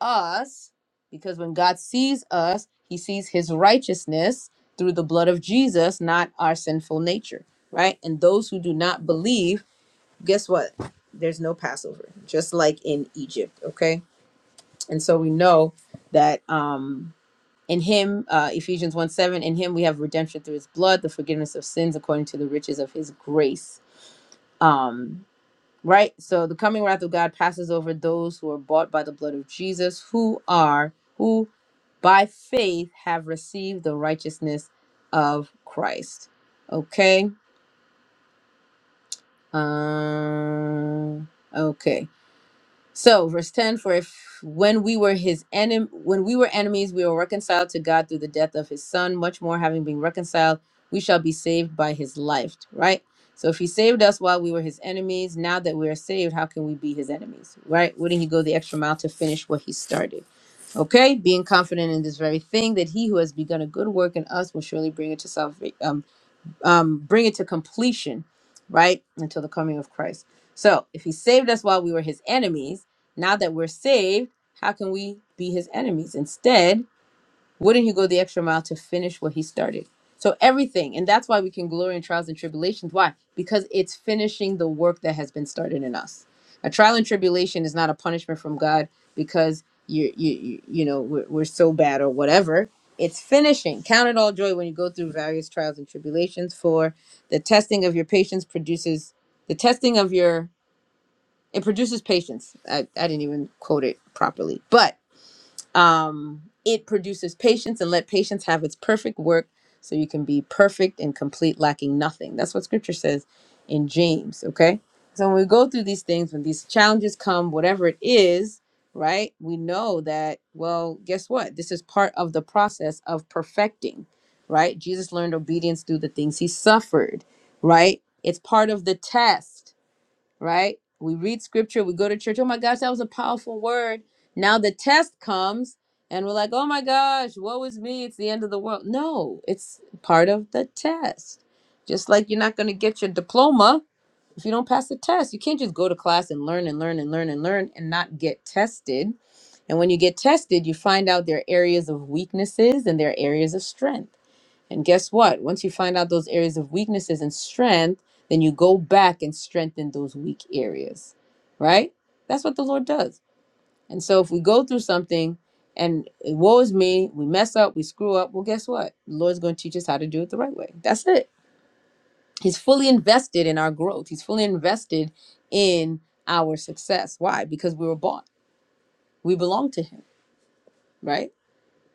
A: us because when God sees us, he sees his righteousness through the blood of Jesus, not our sinful nature, right? And those who do not believe, guess what? There's no Passover, just like in Egypt, okay? And so we know that um in him, uh, Ephesians 1 7, in him we have redemption through his blood, the forgiveness of sins according to the riches of his grace. Um, Right? So the coming wrath of God passes over those who are bought by the blood of Jesus, who are, who by faith have received the righteousness of Christ. Okay? Um, okay. So, verse 10 for if when we were his enem- when we were enemies we were reconciled to God through the death of his son much more having been reconciled we shall be saved by his life, right? So if he saved us while we were his enemies, now that we are saved, how can we be his enemies? Right? Wouldn't he go the extra mile to finish what he started? Okay? Being confident in this very thing that he who has begun a good work in us will surely bring it to salvation um, bring it to completion, right? Until the coming of Christ. So if he saved us while we were his enemies, now that we're saved, how can we be his enemies? Instead, wouldn't he go the extra mile to finish what he started? So everything, and that's why we can glory in trials and tribulations. Why? Because it's finishing the work that has been started in us. A trial and tribulation is not a punishment from God because you you you, you know we're, we're so bad or whatever. It's finishing. Count it all joy when you go through various trials and tribulations. For the testing of your patience produces the testing of your it produces patience. I, I didn't even quote it properly, but um, it produces patience and let patience have its perfect work so you can be perfect and complete, lacking nothing. That's what scripture says in James, okay? So when we go through these things, when these challenges come, whatever it is, right, we know that, well, guess what? This is part of the process of perfecting, right? Jesus learned obedience through the things he suffered, right? It's part of the test right? We read scripture, we go to church. Oh my gosh, that was a powerful word. Now the test comes and we're like, oh my gosh, woe is me. It's the end of the world. No, it's part of the test. Just like you're not going to get your diploma if you don't pass the test. You can't just go to class and learn and learn and learn and learn and not get tested. And when you get tested, you find out there are areas of weaknesses and there are areas of strength and guess what? Once you find out those areas of weaknesses and strength, then you go back and strengthen those weak areas, right? That's what the Lord does. And so if we go through something and eh, woe is me, we mess up, we screw up, well, guess what? The Lord's going to teach us how to do it the right way. That's it. He's fully invested in our growth, He's fully invested in our success. Why? Because we were bought, we belong to Him, right?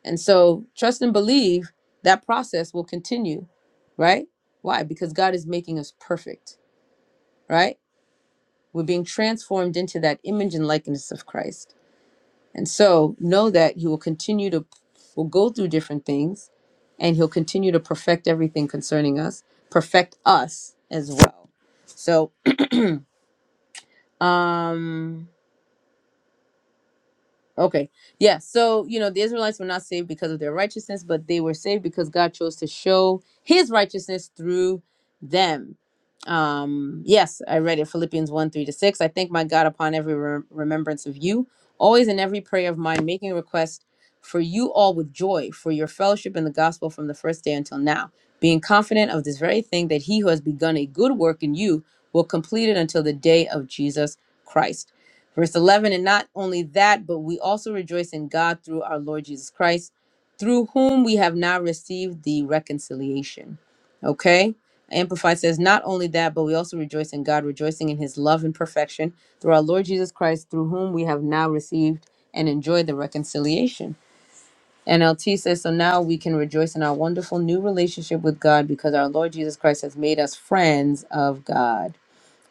A: And so trust and believe that process will continue, right? Why? Because God is making us perfect, right? We're being transformed into that image and likeness of Christ. And so know that He will continue to, will go through different things and He'll continue to perfect everything concerning us, perfect us as well. So, um, Okay. Yeah. So, you know, the Israelites were not saved because of their righteousness, but they were saved because God chose to show his righteousness through them. Um, yes, I read it Philippians 1 3 to 6. I thank my God upon every re- remembrance of you, always in every prayer of mine, making request for you all with joy for your fellowship in the gospel from the first day until now, being confident of this very thing that he who has begun a good work in you will complete it until the day of Jesus Christ. Verse 11, and not only that, but we also rejoice in God through our Lord Jesus Christ, through whom we have now received the reconciliation. Okay? Amplified says, not only that, but we also rejoice in God, rejoicing in his love and perfection through our Lord Jesus Christ, through whom we have now received and enjoyed the reconciliation. NLT says, so now we can rejoice in our wonderful new relationship with God because our Lord Jesus Christ has made us friends of God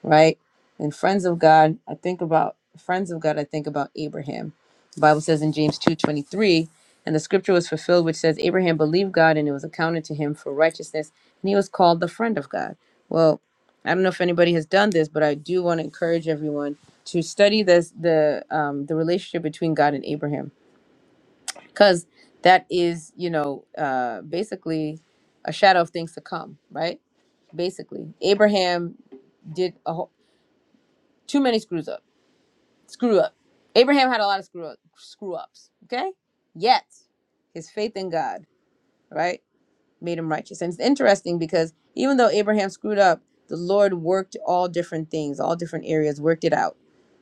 A: right? And friends of God, I think about friends of God, I think about Abraham. The Bible says in James 2:23, and the scripture was fulfilled which says Abraham believed God and it was accounted to him for righteousness, and he was called the friend of God. Well, I don't know if anybody has done this, but I do want to encourage everyone to study this the um, the relationship between God and Abraham because that is, you know, uh, basically a shadow of things to come, right? Basically, Abraham did a whole, too many screws up screw up. Abraham had a lot of screw up, screw ups. Okay, yet his faith in God, right, made him righteous. And it's interesting because even though Abraham screwed up, the Lord worked all different things, all different areas, worked it out.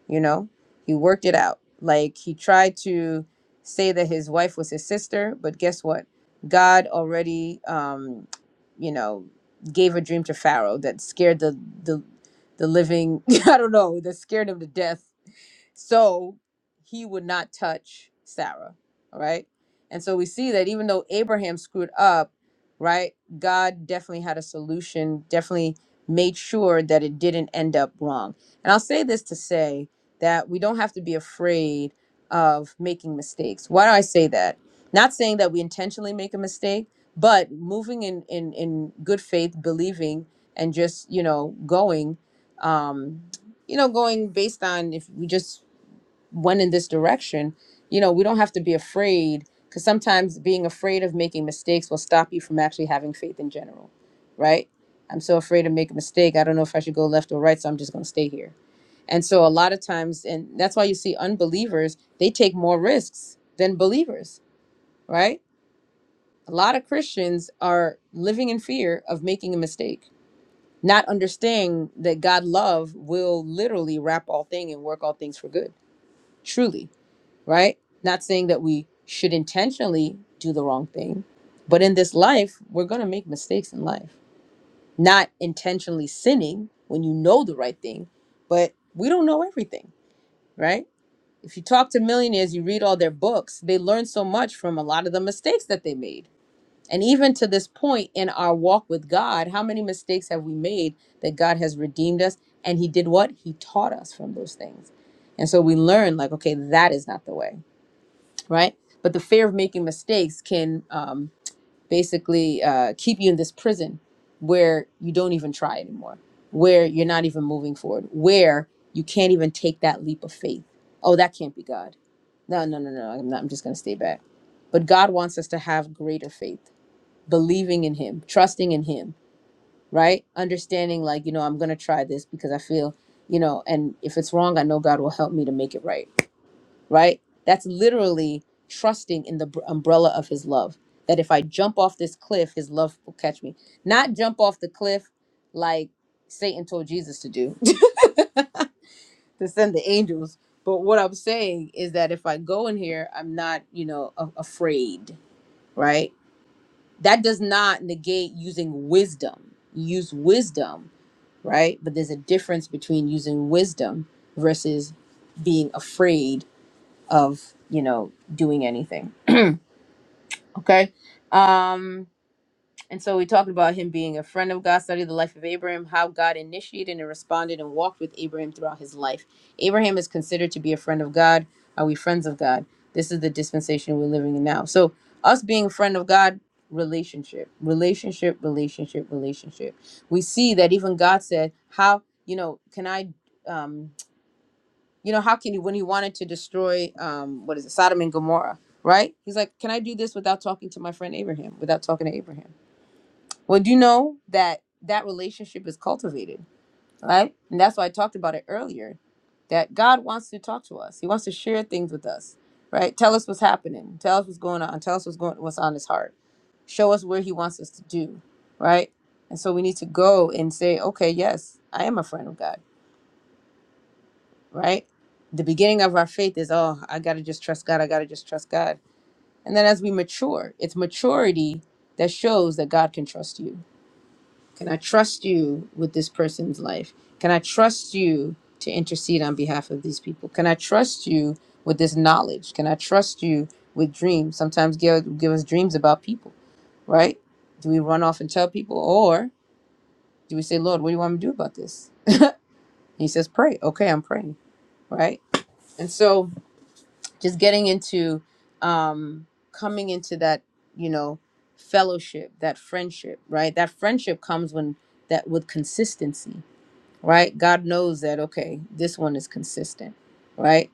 A: You know, he worked it out. Like he tried to say that his wife was his sister, but guess what? God already, um, you know, gave a dream to Pharaoh that scared the the the living. I don't know that scared him to death so he would not touch Sarah. All right. And so we see that even though Abraham screwed up, right, God definitely had a solution, definitely made sure that it didn't end up wrong. And I'll say this to say that we don't have to be afraid of making mistakes. Why do I say that? Not saying that we intentionally make a mistake, but moving in in, in good faith, believing and just, you know, going um you know, going based on if we just one in this direction, you know, we don't have to be afraid because sometimes being afraid of making mistakes will stop you from actually having faith in general, right? I'm so afraid to make a mistake. I don't know if I should go left or right, so I'm just going to stay here. And so a lot of times, and that's why you see unbelievers, they take more risks than believers, right? A lot of Christians are living in fear of making a mistake, not understanding that God love will literally wrap all things and work all things for good, truly right? Not saying that we should intentionally do the wrong thing, but in this life, we're going to make mistakes in life. Not intentionally sinning when you know the right thing, but we don't know everything, right? If you talk to millionaires, you read all their books, they learn so much from a lot of the mistakes that they made. And even to this point in our walk with God, how many mistakes have we made that God has redeemed us? And He did what? He taught us from those things. And so we learn, like, okay, that is not the way right? But the fear of making mistakes can um, basically uh, keep you in this prison where you don't even try anymore, where you're not even moving forward, where you can't even take that leap of faith. Oh, that can't be God. No, no, no, no. I'm not. I'm just going to stay back. But God wants us to have greater faith, believing in Him, trusting in Him, right? Understanding, like, you know, I'm going to try this because I feel, you know, and if it's wrong, I know God will help me to make it right right? That's literally trusting in the br- umbrella of his love. That if I jump off this cliff, his love will catch me. Not jump off the cliff like Satan told Jesus to do, to send the angels. But what I'm saying is that if I go in here, I'm not, you know, a- afraid, right? That does not negate using wisdom. use wisdom, right? But there's a difference between using wisdom versus being afraid of, you know, doing anything. Okay. Um, and so we talked about him being a friend of God, Studied the life of Abraham, how God initiated and responded and walked with Abraham throughout his life. Abraham is considered to be a friend of God. Are we friends of God? This is the dispensation we're living in now. So us being a friend of God, relationship, relationship, relationship, relationship. We see that even God said, How, you know, can I um you know, how can he, when he wanted to destroy, um, what is it, Sodom and Gomorrah, right? He's like, can I do this without talking to my friend Abraham, without talking to Abraham? Well, do you know that that relationship is cultivated, right? And that's why I talked about it earlier, that God wants to talk to us. He wants to share things with us, right? Tell us what's happening. Tell us what's going on. Tell us what's going, what's on his heart. Show us where he wants us to do, right? And so we need to go and say, okay, yes, I am a friend of God right? The beginning of our faith is, oh, I got to just trust God. I got to just trust God. And then as we mature, it's maturity that shows that God can trust you. Can I trust you with this person's life? Can I trust you to intercede on behalf of these people? Can I trust you with this knowledge? Can I trust you with dreams? Sometimes give, give us dreams about people, right? Do we run off and tell people? Or do we say, Lord, what do you want me to do about this? And he says, pray. Okay, I'm praying, right? And so, just getting into um coming into that you know fellowship that friendship right that friendship comes when that with consistency right god knows that okay this one is consistent right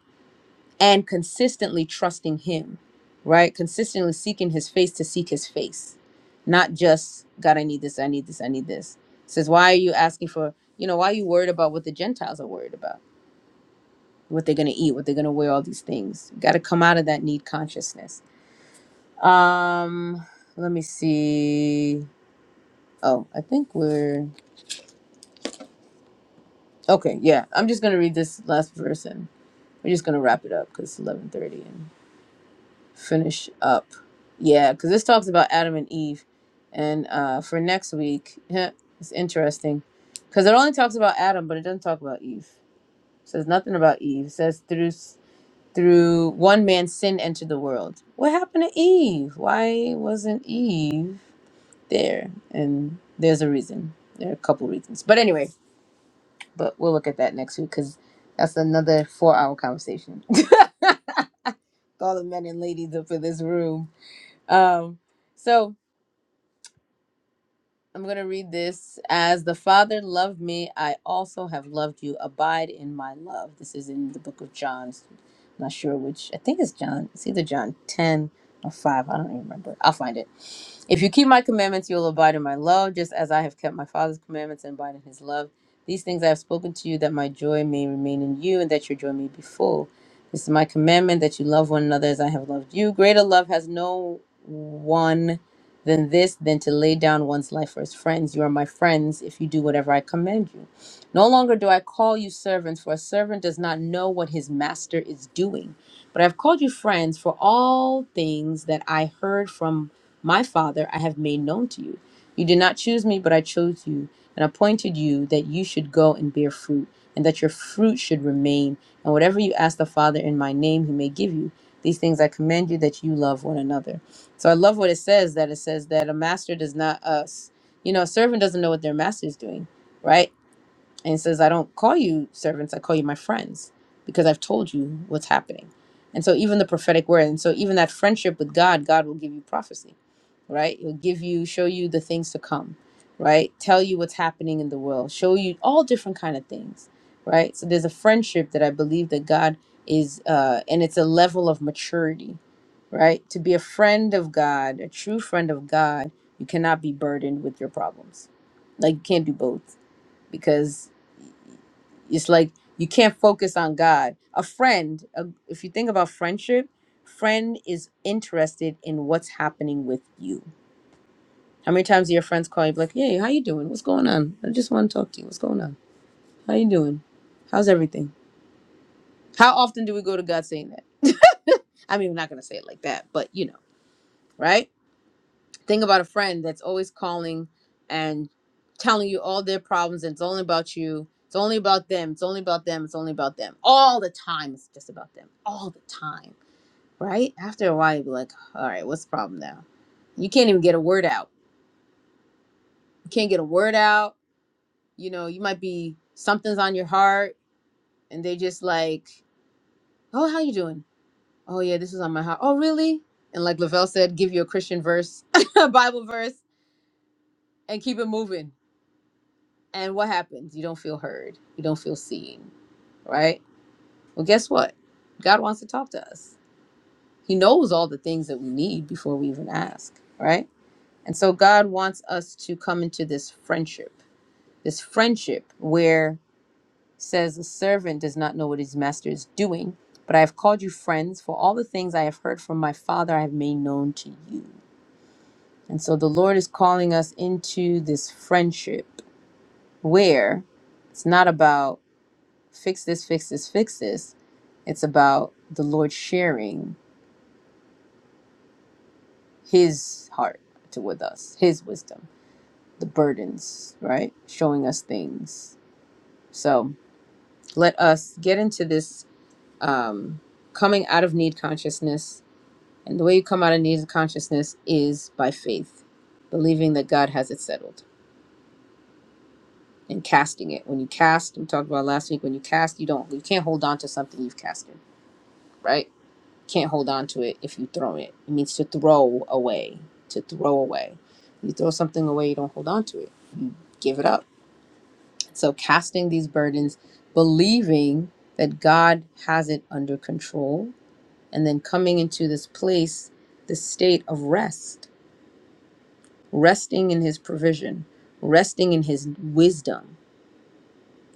A: and consistently trusting him right consistently seeking his face to seek his face not just god i need this i need this i need this It says why are you asking for you know why are you worried about what the gentiles are worried about what they're going to eat what they're going to wear all these things got to come out of that need consciousness um, let me see. Oh, I think we're okay. Yeah, I'm just gonna read this last verse and we're just gonna wrap it up because it's 11:30 and finish up. Yeah, because this talks about Adam and Eve, and uh, for next week, it's interesting because it only talks about Adam, but it doesn't talk about Eve. It says nothing about Eve. It says through s- through one man sin entered the world. What happened to Eve? Why wasn't Eve? there and there's a reason there are a couple reasons but anyway but we'll look at that next week because that's another four hour conversation all the men and ladies up in this room um so I'm going to read this as the Father loved me, I also have loved you. Abide in my love. This is in the book of John. I'm not sure which. I think it's John. It's either John 10 or 5. I don't even remember. I'll find it. If you keep my commandments, you'll abide in my love, just as I have kept my Father's commandments and abide in his love. These things I have spoken to you, that my joy may remain in you, and that your joy may be full. This is my commandment, that you love one another as I have loved you. Greater love has no one than this than to lay down one's life for his friends. You are my friends if you do whatever I command you. No longer do I call you servants, for a servant does not know what his master is doing. But I have called you friends, for all things that I heard from my Father I have made known to you. You did not choose me, but I chose you and appointed you that you should go and bear fruit, and that your fruit should remain. And whatever you ask the Father in my name, he may give you. These things I command you that you love one another. So I love what it says that it says that a master does not us, you know, a servant doesn't know what their master is doing, right? And it says, I don't call you servants, I call you my friends because I've told you what's happening. And so even the prophetic word, and so even that friendship with God, God will give you prophecy right? It'll give you, show you the things to come, right? Tell you what's happening in the world, show you all different kind of things, right? So there's a friendship that I believe that God is, uh, and it's a level of maturity, right? To be a friend of God, a true friend of God, you cannot be burdened with your problems. Like you can't do both because it's like you can't focus on God. A friend, a, if you think about friendship, friend is interested in what's happening with you how many times do your friends call you be like, "Hey, how you doing? What's going on? I just want to talk to you. What's going on? How you doing? How's everything?" How often do we go to God saying that? I mean, I'm not gonna say it like that, but you know, right? Think about a friend that's always calling and telling you all their problems, and it's only about you. It's only about them. It's only about them. It's only about them. All the time, it's just about them. All the time, right? After a while, you'll be like, "All right, what's the problem now?" You can't even get a word out. You can't get a word out you know you might be something's on your heart and they just like oh how you doing oh yeah this is on my heart oh really and like lavelle said give you a christian verse a bible verse and keep it moving and what happens you don't feel heard you don't feel seen right well guess what god wants to talk to us he knows all the things that we need before we even ask right and so god wants us to come into this friendship this friendship where. says, The servant does not know what his master is doing, but I have called you friends, for all the things I have heard from my Father I have made known to you. And so the Lord is calling us into this friendship where it's not about fix this, fix this, fix this. It's about the Lord sharing his heart to with us, his wisdom, the burdens, right? Showing us things. So let us get into this um, coming out of need consciousness And the way you come out of needs of consciousness is by faith, believing that God has it settled and casting it. When you cast, we talked about last week, when you cast, you don't you can't hold on to something you've casted, right? Can't hold on to it if you throw it. It means to throw away. To throw away. You throw something away, you don't hold on to it. Give it up. So casting these burdens, believing that God has it under control, and then coming into this place, this state of rest resting in his provision, resting in his wisdom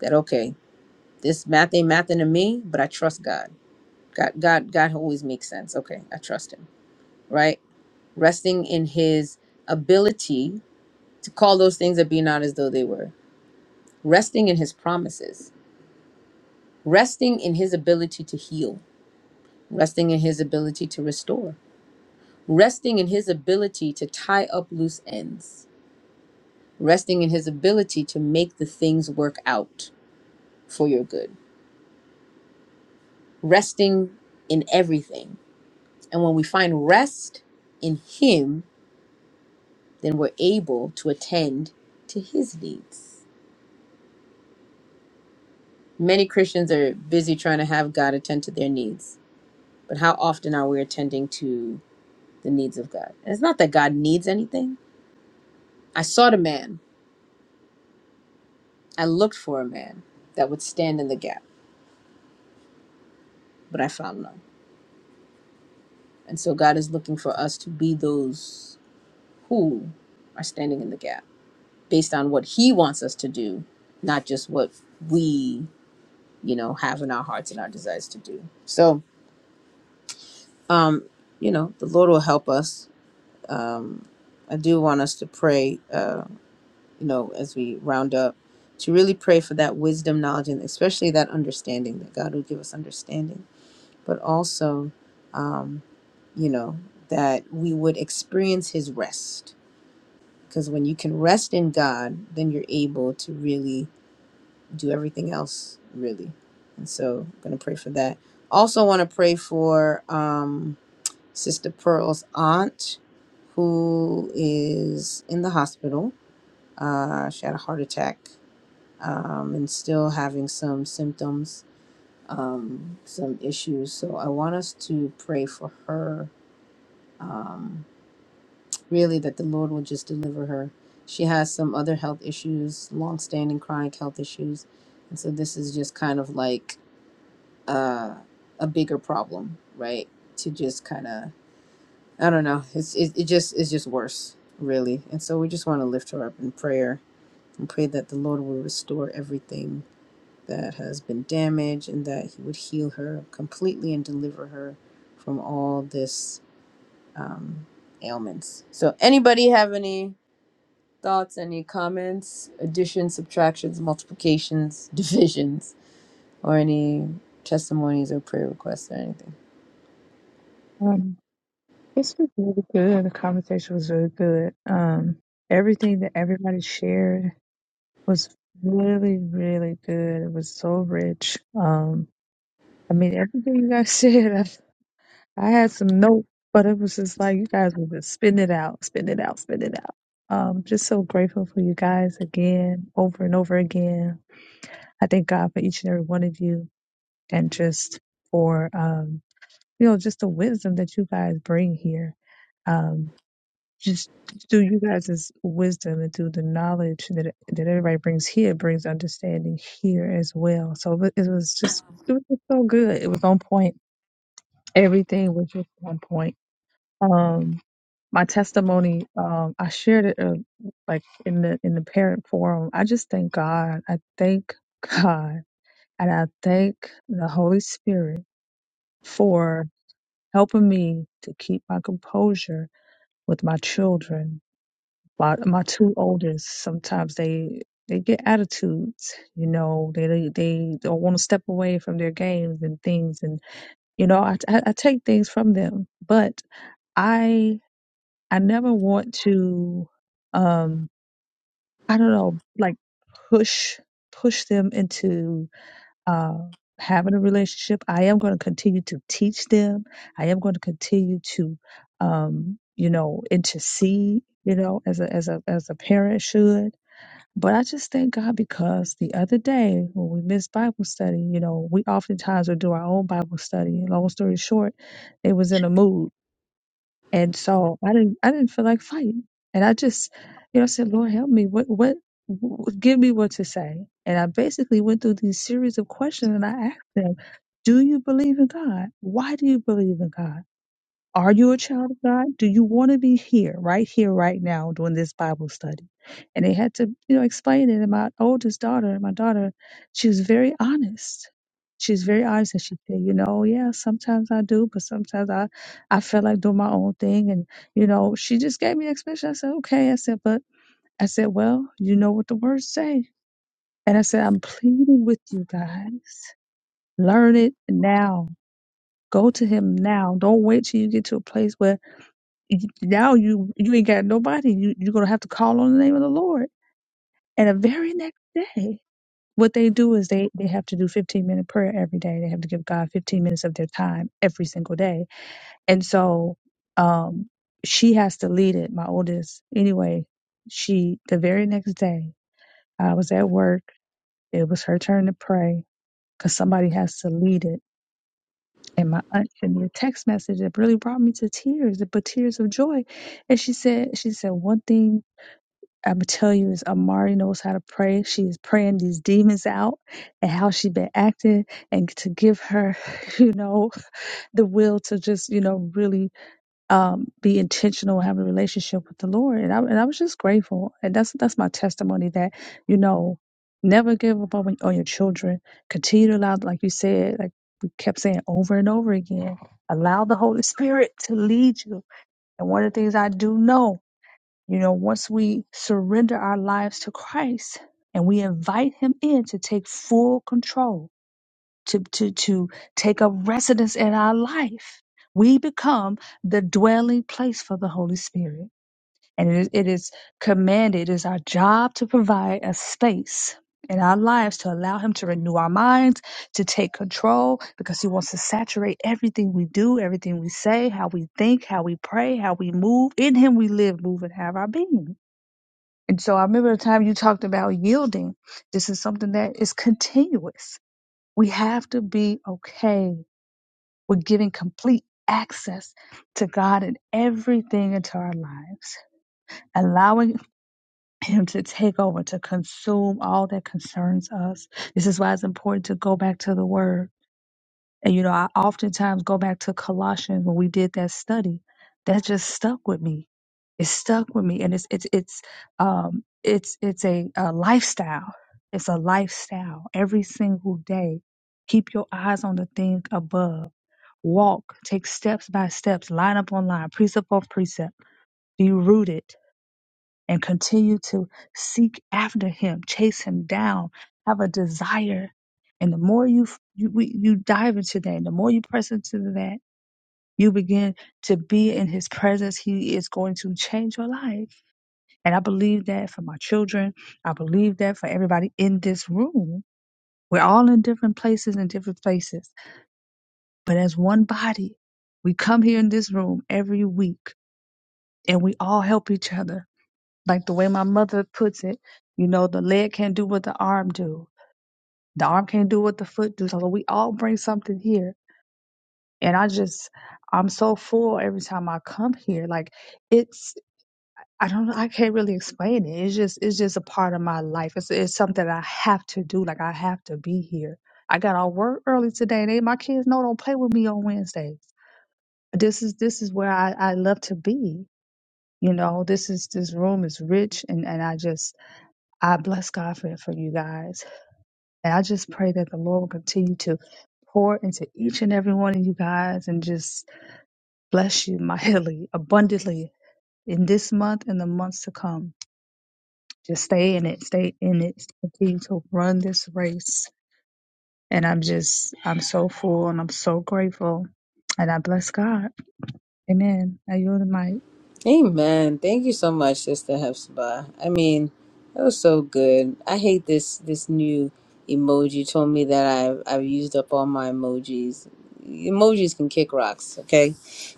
A: that okay, this math ain't mathing to me, but I trust God. God God God always makes sense. Okay, I trust him. Right? Resting in his ability to call those things that be not as though they were. Resting in his promises. Resting in his ability to heal. Resting in his ability to restore. Resting in his ability to tie up loose ends. Resting in his ability to make the things work out for your good resting in everything. And when we find rest in Him, then we're able to attend to His needs. Many Christians are busy trying to have God attend to their needs, but how often are we attending to the needs of God? And it's not that God needs anything. I sought a man, I looked for a man that would stand in the gap, but I found none. And so God is looking for us to be those who are standing in the gap based on what he wants us to do, not just what we, you know, have in our hearts and our desires to do. So, um, you know, the Lord will help us. Um, I do want us to pray, uh, you know, as we round up, to really pray for that wisdom, knowledge, and especially that understanding that God would give us understanding, but also, um, you know, that we would experience His rest. Because when you can rest in God, then you're able to really do everything else really. And so I'm gonna pray for that. Also wanna pray for um Sister Pearl's aunt who is in the hospital. Uh she had a heart attack um and still having some symptoms, um, some issues. So I want us to pray for her. Um really that the Lord will just deliver her. She has some other health issues, longstanding chronic health issues. And so this is just kind of like uh, a bigger problem, right? To just kind of, I don't know, it's it, it just it's just worse, really. And so we just want to lift her up in prayer and pray that the Lord will restore everything that has been damaged and that He would heal her completely and deliver her from all this um, ailments. So, anybody have any? Thoughts, any comments, additions, subtractions, multiplications, divisions, or any testimonies or prayer requests or anything?
F: Mm-hmm. This was really good. The conversation was really good. Um, everything that everybody shared was really, really good. It was so rich. Um, I mean, everything you guys said, I, I had some notes, but it was just like you guys were just spitting it out, spitting it out, spitting it out. Um, just so grateful for you guys again, over and over again. I thank God for each and every one of you, and just for um, you know, just the wisdom that you guys bring here Um, just through you guys' wisdom and through the knowledge that that everybody brings here brings understanding here as well. So it it was just it was just so good. It was on point. Everything was just on point. Um, my testimony, um, I shared it uh, like in the in the parent forum. I just thank God. I thank God, and I thank the Holy Spirit for helping me to keep my composure with my children my my two oldest sometimes they they get attitudes you know they they, they don't want to step away from their games and things and you know I, I I take things from them but i i never want to um i don't know like push push them into uh having a relationship i am going to continue to teach them i am going to continue to um you know intercede you know as a as a as a parent should but I just thank God because the other day when we missed Bible study, you know, we oftentimes would do our own Bible study. And long story short, it was in a mood. And so I didn't I didn't feel like fighting. And I just, you know, I said, Lord help me. What what wh- give me what to say? And I basically went through these series of questions and I asked them, Do you believe in God? Why do you believe in God? Are you a child of God? Do you want to be here, right here, right now, doing this Bible study? And they had to, you know, explain it. And my oldest daughter, my daughter, she was very honest. She was very honest, and she said, you know, yeah, sometimes I do, but sometimes I, I feel like doing my own thing. And you know, she just gave me an explanation. I said, okay. I said, but I said, well, you know what the words say. And I said, I'm pleading with you guys, learn it now. Go to him now. Don't wait till you get to a place where you- now you you ain't got nobody. You you're gonna have to call on the name of the Lord. And the very next day, what they do is they they have to do 15 minute prayer every day. They have to give God 15 minutes of their time every single day. And so, um, she has to lead it. My oldest, anyway. She the very next day, I was at work. It was her turn to pray because somebody has to lead it. And my aunt sent me a text message that really brought me to tears, but tears of joy. And she said, she said one thing I'm gonna tell you, is Amari knows how to pray. She is praying these demons out and how she been acting, and to give her, you know, the will to just, you know, really um, be intentional and have a relationship with the Lord. And I, and I was just grateful. And that's that's my testimony that, you know, never give up on, on your children. Continue to allow, like you said, like we kept saying over and over again, allow the Holy Spirit to lead you. And one of the things I do know you know, once we surrender our lives to Christ and we invite him in to take full control, to, to, to take up residence in our life, we become the dwelling place for the Holy Spirit. And it is, it is commanded, it is our job to provide a space in our lives to allow him to renew our minds, to take control, because he wants to saturate everything we do, everything we say, how we think, how we pray, how we move. In him we live, move, and have our being. And so I remember the time you talked about yielding. This is something that is continuous. We have to be okay with giving complete access to God in everything into our lives, allowing Him to take over, to consume all that concerns us. This is why it's important to go back to the Word and you know, I oftentimes go back to Colossians when we did that study. That just stuck with me. It stuck with me, and it's it's it's um it's it's a, a lifestyle. It's a lifestyle. Every single day, keep your eyes on the thing above. Walk, take steps by steps, line up on line, precept on precept. Be rooted and continue to seek after him, chase him down, have a desire. And the more you you, we, you dive into that, the more you press into that, you begin to be in his presence. He is going to change your life. And I believe that for my children. I believe that for everybody in this room. We're all in different places and different places. But as one body, we come here in this room every week and we all help each other like the way my mother puts it, you know, the leg can't do what the arm do. The arm can't do what the foot do. So we all bring something here. And I just I'm so full every time I come here. Like it's I don't I can't really explain it. It's just it's just a part of my life. It's it's something I have to do. Like I have to be here. I got off work early today. They my kids know don't play with me on Wednesdays. This is this is where I, I love to be. You know, this is this room is rich and, and I just I bless God for, for you guys. And I just pray that the Lord will continue to pour into each and every one of you guys and just bless you mightily, abundantly in this month and the months to come. Just stay in it, stay in it, continue to run this race. And I'm just, I'm so full and I'm so grateful. And I bless God. Amen. I yield the mic.
A: Amen. Thank you so much, Sister Hepzibah. I mean, that was so good. I hate this this new emoji. You told me that I've I've used up all my emojis. Emojis can kick rocks, okay?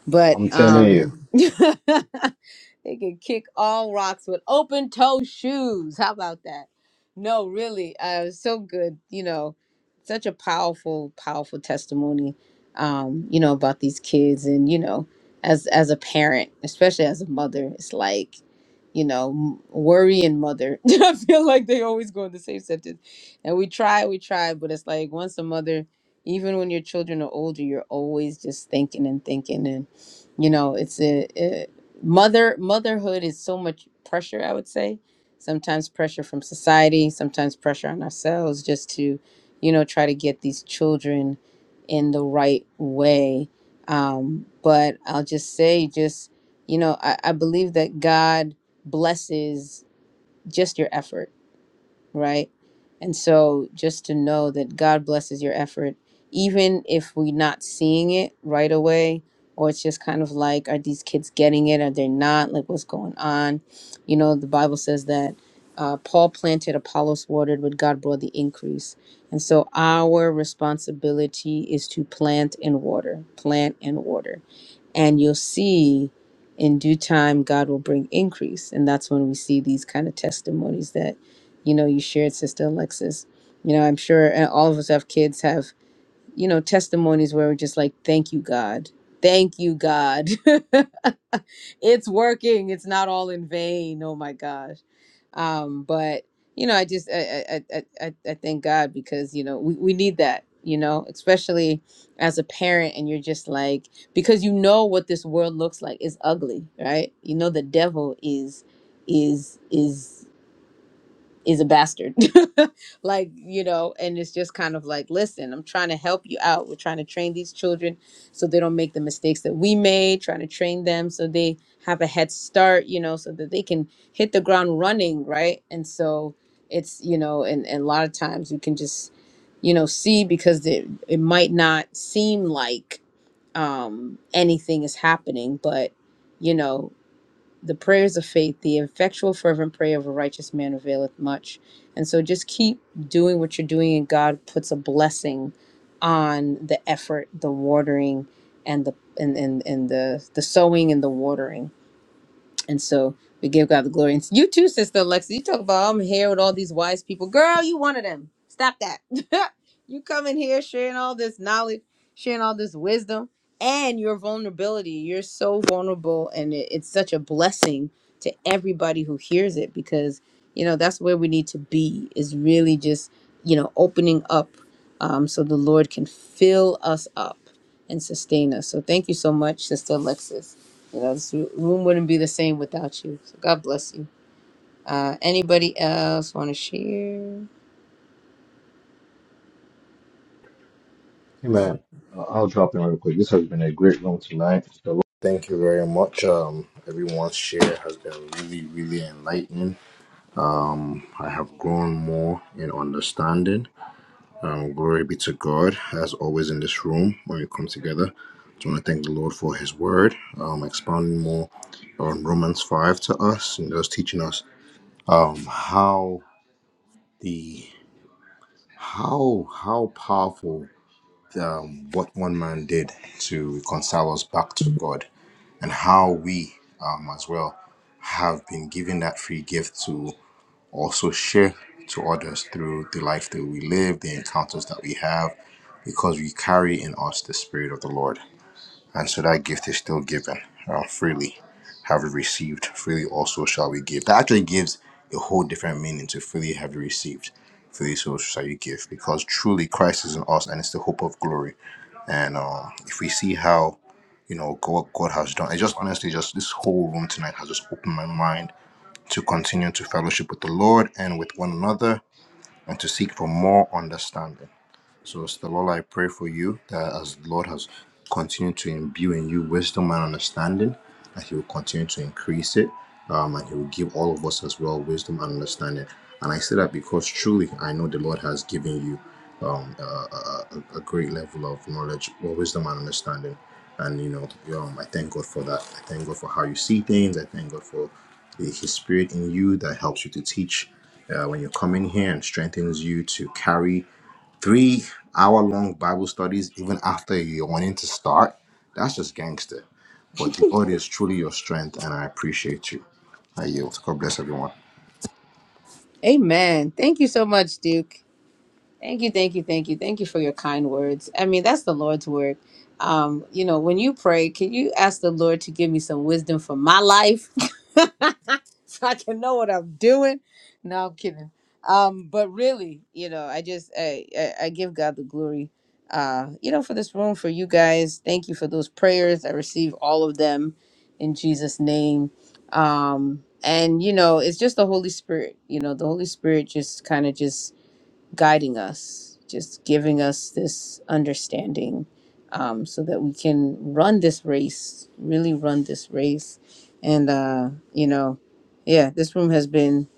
A: But
D: I'm telling you.
A: um they can kick all rocks with open toe shoes. How about that? No, really. Uh it was so good, you know. Such a powerful, powerful testimony. Um, you know, about these kids and you know as as a parent, especially as a mother, it's like, you know, m- worry and mother. I feel like they always go in the same sentence. And we try, we try, but it's like once a mother, even when your children are older, you're always just thinking and thinking, and you know, it's a, a mother motherhood is so much pressure. I would say sometimes pressure from society, sometimes pressure on ourselves, just to, you know, try to get these children in the right way um, but I'll just say, just, you know, I, I believe that God blesses just your effort, right? And so just to know that God blesses your effort, even if we're not seeing it right away, or it's just kind of like, are these kids getting it? Are they not? Like, what's going on? You know, the Bible says that uh, Paul planted, Apollos watered, but God brought the increase. And so our responsibility is to plant and water, plant and water and you'll see in due time god will bring increase and that's when we see these kind of testimonies that you know you shared sister alexis you know i'm sure and all of us have kids have you know, testimonies where we're just like, thank you, God. Thank you, God. it's working. It's not all in vain. Oh my gosh. Um, but you know, I just I I I, I I- thank God because you know we, we need that, you know, especially as a parent and you're just like because you know what this world looks like. It's ugly, right? You know the devil is is is is a bastard. like, you know, and it's just kind of like, listen, I'm trying to help you out. We're trying to train these children so they don't make the mistakes that we made, trying to train them so they have a head start, you know, so that they can hit the ground running, right? And so it's, you know, and, and a lot of times you can just, you know, see because it, it might not seem like um anything is happening, but you know, the prayers of faith, the effectual, fervent prayer of a righteous man availeth much. And so just keep doing what you're doing, and God puts a blessing on the effort, the watering, and the and and, and the the sowing and the watering and so we give God the glory. And you too, Sister Alexa. You talk about I'm here with all these wise people. Girl, you one of them. Stop that. you come in here sharing all this knowledge, sharing all this wisdom, and your vulnerability. You're so vulnerable, and it- it's such a blessing to everybody who hears it because you know that's where we need to be. Is really just you know opening up um, so the Lord can fill us up and sustain us. So thank you so much, Sister Alexis. You know, this room wouldn't be the same without you. So God bless you. Uh, anybody else want to share?
D: Hey man, I'll I'll drop in real quick. This has been a great room tonight. So thank you very much. Um, everyone's share has been really, really enlightening. Um, I have grown more in understanding. Um, glory be to God, as always in this room when we come together. Just want to thank the Lord for His Word, um, expounding more on Romans five to us and just teaching us um how the how how powerful um, what one man did to reconcile us back to God, and how we um, as well have been given that free gift to also share to others through the life that we live, the encounters that we have, because we carry in us the Spirit of the Lord. And so that gift is still given uh, freely. Have we received freely also shall we give. That actually gives a whole different meaning to freely have you received. Freely so shall you give. Because truly Christ is in us and it's the hope of glory. And uh, if we see how, you know, God, God has done, it just honestly, just this whole room tonight has just opened my mind to continue to fellowship with the Lord and with one another and to seek for more understanding so, Sister Lola, I pray for you that as the Lord has continued to imbue in you wisdom and understanding, that He will continue to increase it, um, and He will give all of us as well wisdom and understanding. And I say that because truly I know the Lord has given you um, a, a, a a great level of knowledge, or wisdom and understanding. And you know, um, I thank God for that. I thank God for how you see things. I thank God for the, His Spirit in you that helps you to teach uh, when you come in here and strengthens you to carry Three hour long Bible studies, even after you're wanting to start, that's just gangster. But the Lord is truly your strength, and I appreciate you. I yield. God bless everyone.
A: Amen. Thank you so much, Duke. Thank you, thank you, thank you, thank you for your kind words. I mean, that's the Lord's word. Um, you know, when you pray, can you ask the Lord to give me some wisdom for my life so I can know what I'm doing? No, I'm kidding. Um, but really, you know, I just I, I, I give God the glory. Uh, you know, for this room, for you guys. Thank you for those prayers. I receive all of them in Jesus' name. Um, and you know, it's just the Holy Spirit. You know, the Holy Spirit just kind of just guiding us, just giving us this understanding um, so that we can run this race, really run this race. And, uh, you know, yeah, this room has been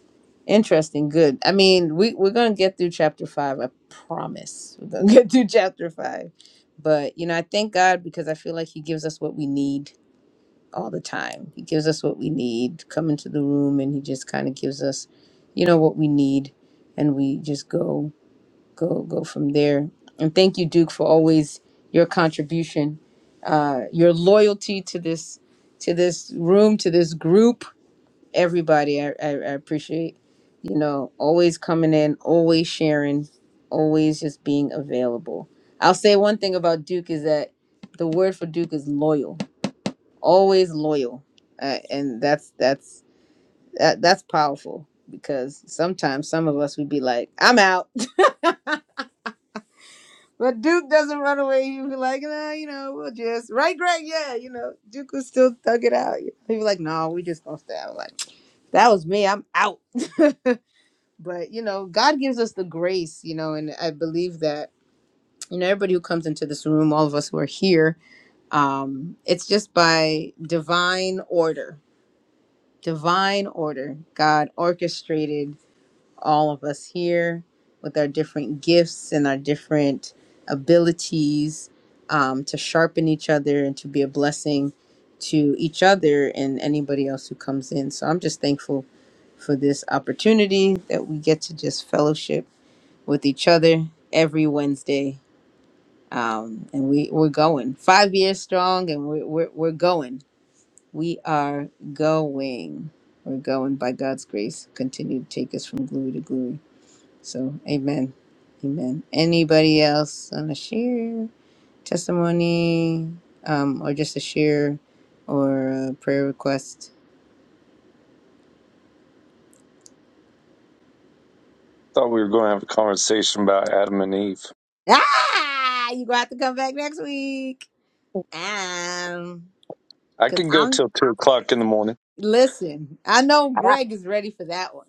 A: interesting, good. I mean, we, we're going to get through chapter five, I promise. We're going to get through chapter five. But, you know, I thank God because I feel like He gives us what we need all the time. He gives us what we need, come into the room, and He just kind of gives us, you know, what we need and we just go go go from there. And thank you, Duke, for always your contribution, uh, your loyalty to this to this room, to this group. Everybody, I, I, I appreciate you know always coming in, always sharing, always just being available. I'll say one thing about Duke is that the word for Duke is loyal, always loyal, uh, and that's that's that, that's powerful because sometimes some of us would be like, I'm out But Duke doesn't run away. He'd be like, nah, you know, we'll just right, Greg. Yeah, you know, Duke would still thug it out. He'd be like, no, we just gonna stay out. Like that was me. I'm out. but you know, God gives us the grace. You know, and I believe that you know everybody who comes into this room, all of us who are here, um, it's just by divine order. Divine order. God orchestrated all of us here with our different gifts and our different abilities um, to sharpen each other and to be a blessing to each other and anybody else who comes in. So I'm just thankful for this opportunity that we get to just fellowship with each other every Wednesday. Um, and we, we're going five years strong and we're, we're, we're going. We are going. We're going by God's grace. Continue to take us from glory to glory. So, amen. Amen. Anybody else on a share testimony um, or just a share or a prayer request?
I: Thought we were going to have a conversation about Adam and Eve.
A: Ah, you gonna have to come back next week. Um,
I: I
A: cause
I: could go
A: I'm
I: till two o'clock in the morning.
A: listen. I know Greg is ready for that one.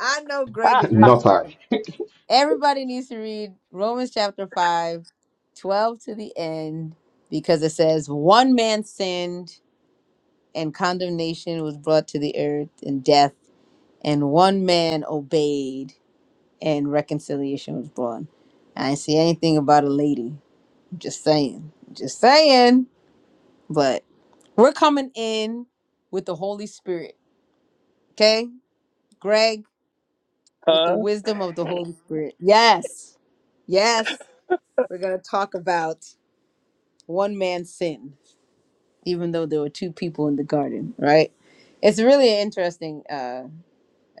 A: I know
I: Huh?
A: Greg is ready for
D: Not
A: that
D: I.
A: one. Everybody needs to read Romans chapter 5, 12 to the end, because it says, One man sinned and condemnation was brought to the earth and death and one man obeyed and reconciliation was brought i didn't see anything about a lady just saying just saying but we're coming in with the holy spirit okay greg with the wisdom of the holy spirit yes yes we're gonna talk about one man's sin even though there were two people in the garden right it's really interesting uh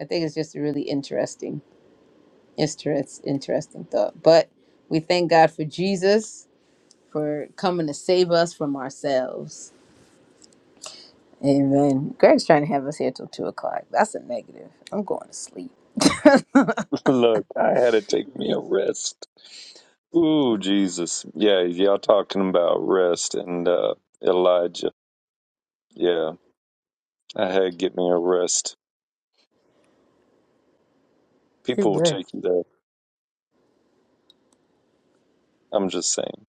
A: i think it's just really interesting It's It's interesting thought. But we thank God for Jesus for coming to save us from ourselves. Amen. Greg's trying to have us here till two o'clock. That's a negative. I'm going to sleep.
I: Look, I had to take me a rest. Ooh, Jesus. Yeah, y'all talking about rest and uh, Elijah. Yeah, I had to get me a rest. People will
A: Amen.
I: take you there. I'm just saying.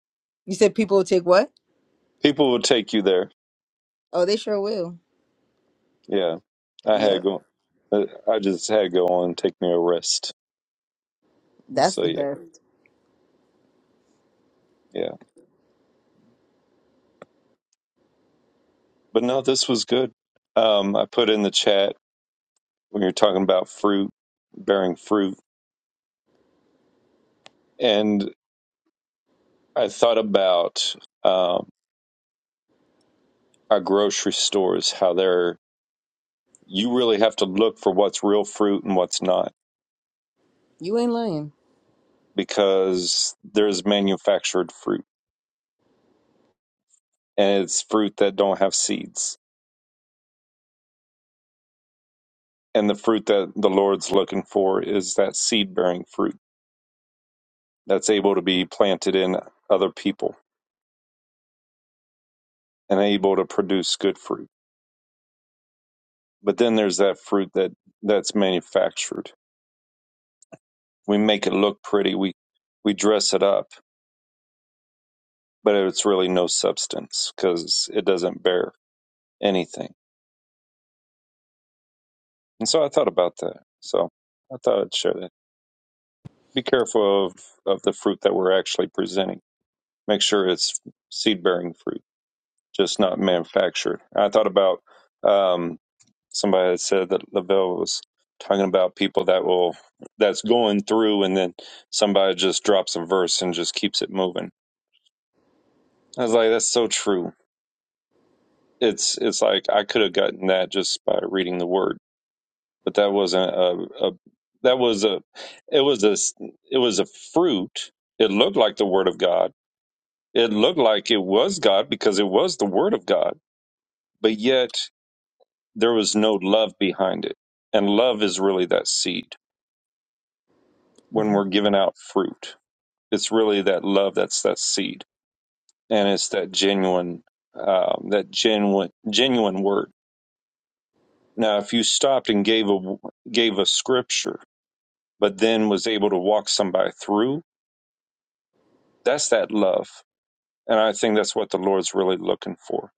A: You said people will take what?
I: People will take you there.
A: Oh, they sure will.
I: Yeah, I had to
A: Yep.
I: go. uh, I just had to go on and take me a rest.
A: That's
I: So
A: the
I: yeah,
A: best.
I: yeah. But no, this was good. Um, I put in the chat when you're talking about fruit bearing fruit and i thought about um our grocery stores how they're you really have to look for what's real fruit and what's not
A: You ain't lying.
I: because there's manufactured fruit and it's fruit that don't have seeds and the fruit that the lord's looking for is that seed bearing fruit that's able to be planted in other people and able to produce good fruit but then there's that fruit that that's manufactured we make it look pretty. We we dress it up, but it's really no substance because it doesn't bear anything. And so I thought about that. So I thought I'd share that. Be careful of of the fruit that we're actually presenting. Make sure it's seed bearing fruit, just not manufactured. I thought about um, somebody had said that Lavelle was talking about people that will that's going through and then somebody just drops a verse and just keeps it moving. I was like, that's so true it's it's like I could have gotten that just by reading the word, but that wasn't a, a that was a it was a it was a fruit. It looked like the word of God. It looked like it was God because it was the word of God, but yet there was no love behind it. And love is really that seed when
A: Mhm.
I: we're giving out fruit. It's really that love that's that seed, and it's that genuine um, that genuine genuine word. Now, if you stopped and gave a gave a scripture but then was able to walk somebody through. That's that love. And I think that's what the Lord's really looking for.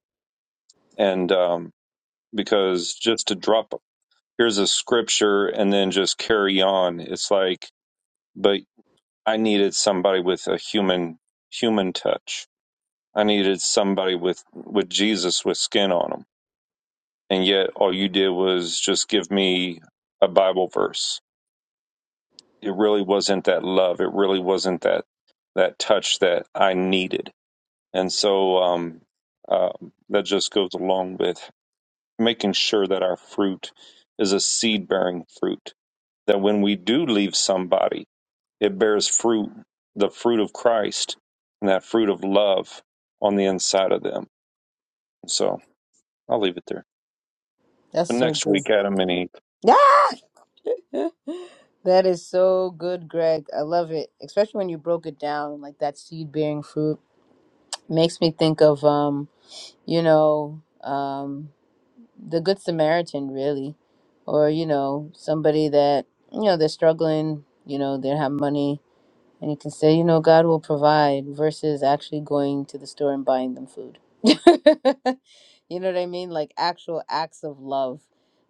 I: And um, because just to drop, here's a scripture and then just carry on, it's like, but I needed somebody with a human, human touch. I needed somebody with, with Jesus with skin on them. And yet all you did was just give me a Bible verse. It really wasn't that love. It really wasn't that, that touch that I needed And so um, uh, that just goes along with making sure that our fruit is a seed bearing fruit, that when we do leave somebody, it bears fruit, the fruit of Christ, and that fruit of love on the inside of them. So I'll leave it there.
A: That's
I: But
A: so
I: next
A: good.
I: week, Adam and Eve.
A: Yeah. That is so good, Greg. I love it. Especially when you broke it down, like that seed bearing fruit. Makes me think of um, you know, um the good samaritan really or you know somebody that you know they're struggling you know they don't have money and you can say you know god will provide versus actually going to the store and buying them food you know what i mean like actual acts of love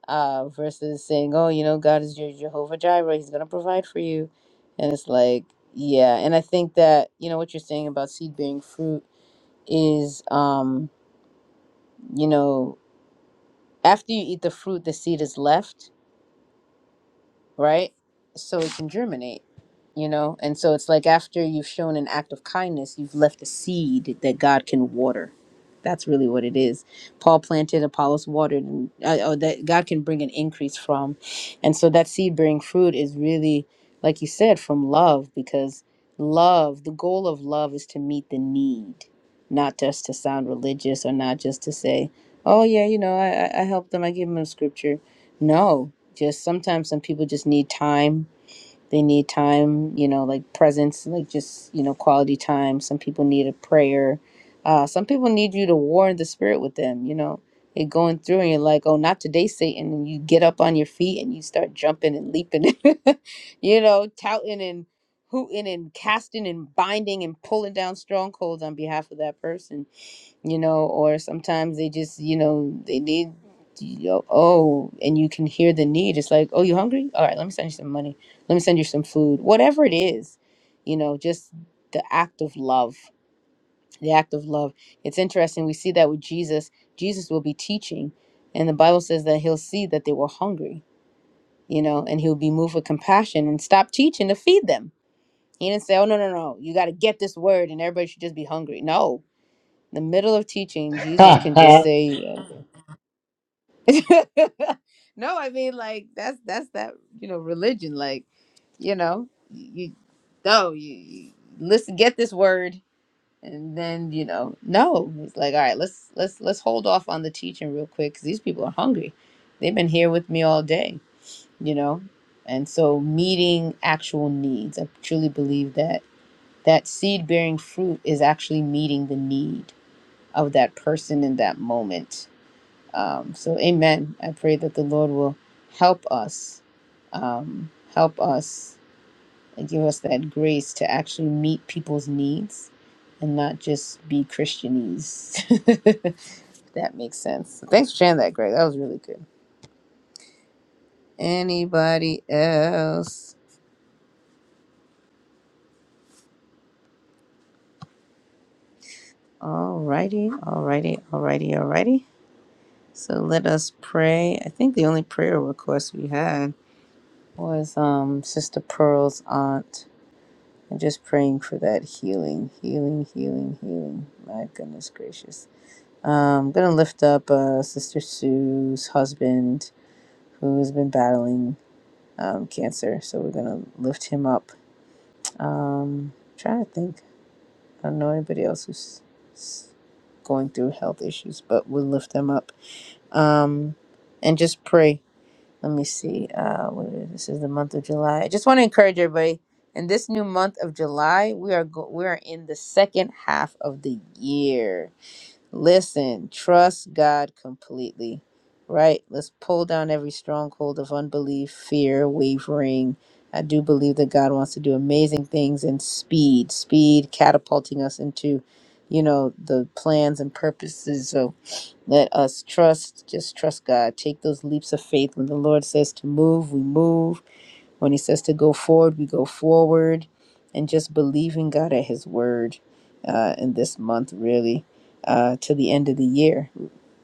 A: uh versus saying oh you know god is your jehovah jireh he's going to provide for you and it's like yeah and i think that you know what you're saying about seed bearing fruit is um you know after you eat the fruit the seed is left right? So it can germinate, you know? And so it's like after you've shown an act of kindness, you've left a seed that God can water. That's really what it is. Paul planted, Apollos watered, and uh, oh, that God can bring an increase from. And so that seed bearing fruit is really, like you said, from love, because love, the goal of love is to meet the need, not just to sound religious or not just to say, oh, yeah, you know, I, I I helped them, I gave them a scripture. No, just sometimes some people just need time they need time you know like presence like just you know quality time some people need a prayer uh some people need you to war in the spirit with them you know You're going through and you're like oh not today satan and you get up on your feet and you start jumping and leaping you know touting and hooting and casting and binding and pulling down strongholds on behalf of that person you know, or sometimes they just, you know, they need, you know, oh, and you can hear the need. It's like, oh, you hungry? All right, let me send you some money. Let me send you some food. Whatever it is, you know, just the act of love, the act of love. It's interesting. We see that with Jesus. Jesus will be teaching, and the Bible says that he'll see that they were hungry, you know, and he'll be moved with compassion and stop teaching to feed them. He didn't say, oh, no, no, no, you got to get this word and everybody should just be hungry. No, the middle of teaching, Jesus can just say, uh, "No, I mean, like that's that's that you know religion. Like, you know, you no, you, you listen, get this word, and then you know, no, it's like, all right, let's let's let's hold off on the teaching real quick because these people are hungry. They've been here with me all day, you know, and so meeting actual needs. I truly believe that that seed bearing fruit is actually meeting the need of that person in that moment Um, so, amen. I pray that the Lord will help us, um, help us, and give us that grace to actually meet people's needs and not just be Christianese. If that makes sense. So Thanks for sharing that, Greg. That was really good. Anybody else? Alrighty, alrighty, alrighty, alrighty. So let us pray. I think the only prayer request we had was um, Sister Pearl's aunt I'm just praying for that healing, healing, healing, healing. My goodness gracious. Um, I'm going to lift up uh, Sister Sue's husband who has been battling um, cancer. So we're going to lift him up. Um, I'm trying to think. I don't know anybody else who's going through health issues, but we'll lift them up. Um, and just pray. let me see uh what is this is the month of july i just want to encourage everybody in this new month of july we are go- we are in the second half of the year Listen, trust God completely, right? Let's pull down every stronghold of unbelief, fear, wavering. I do believe that God wants to do amazing things in speed, speed catapulting us into, you know, the plans and purposes. So let us trust, just trust God. Take those leaps of faith. When the Lord says to move, we move when he says to go forward, we go forward and just believing God at his word uh, in this month, really, uh, to the end of the year.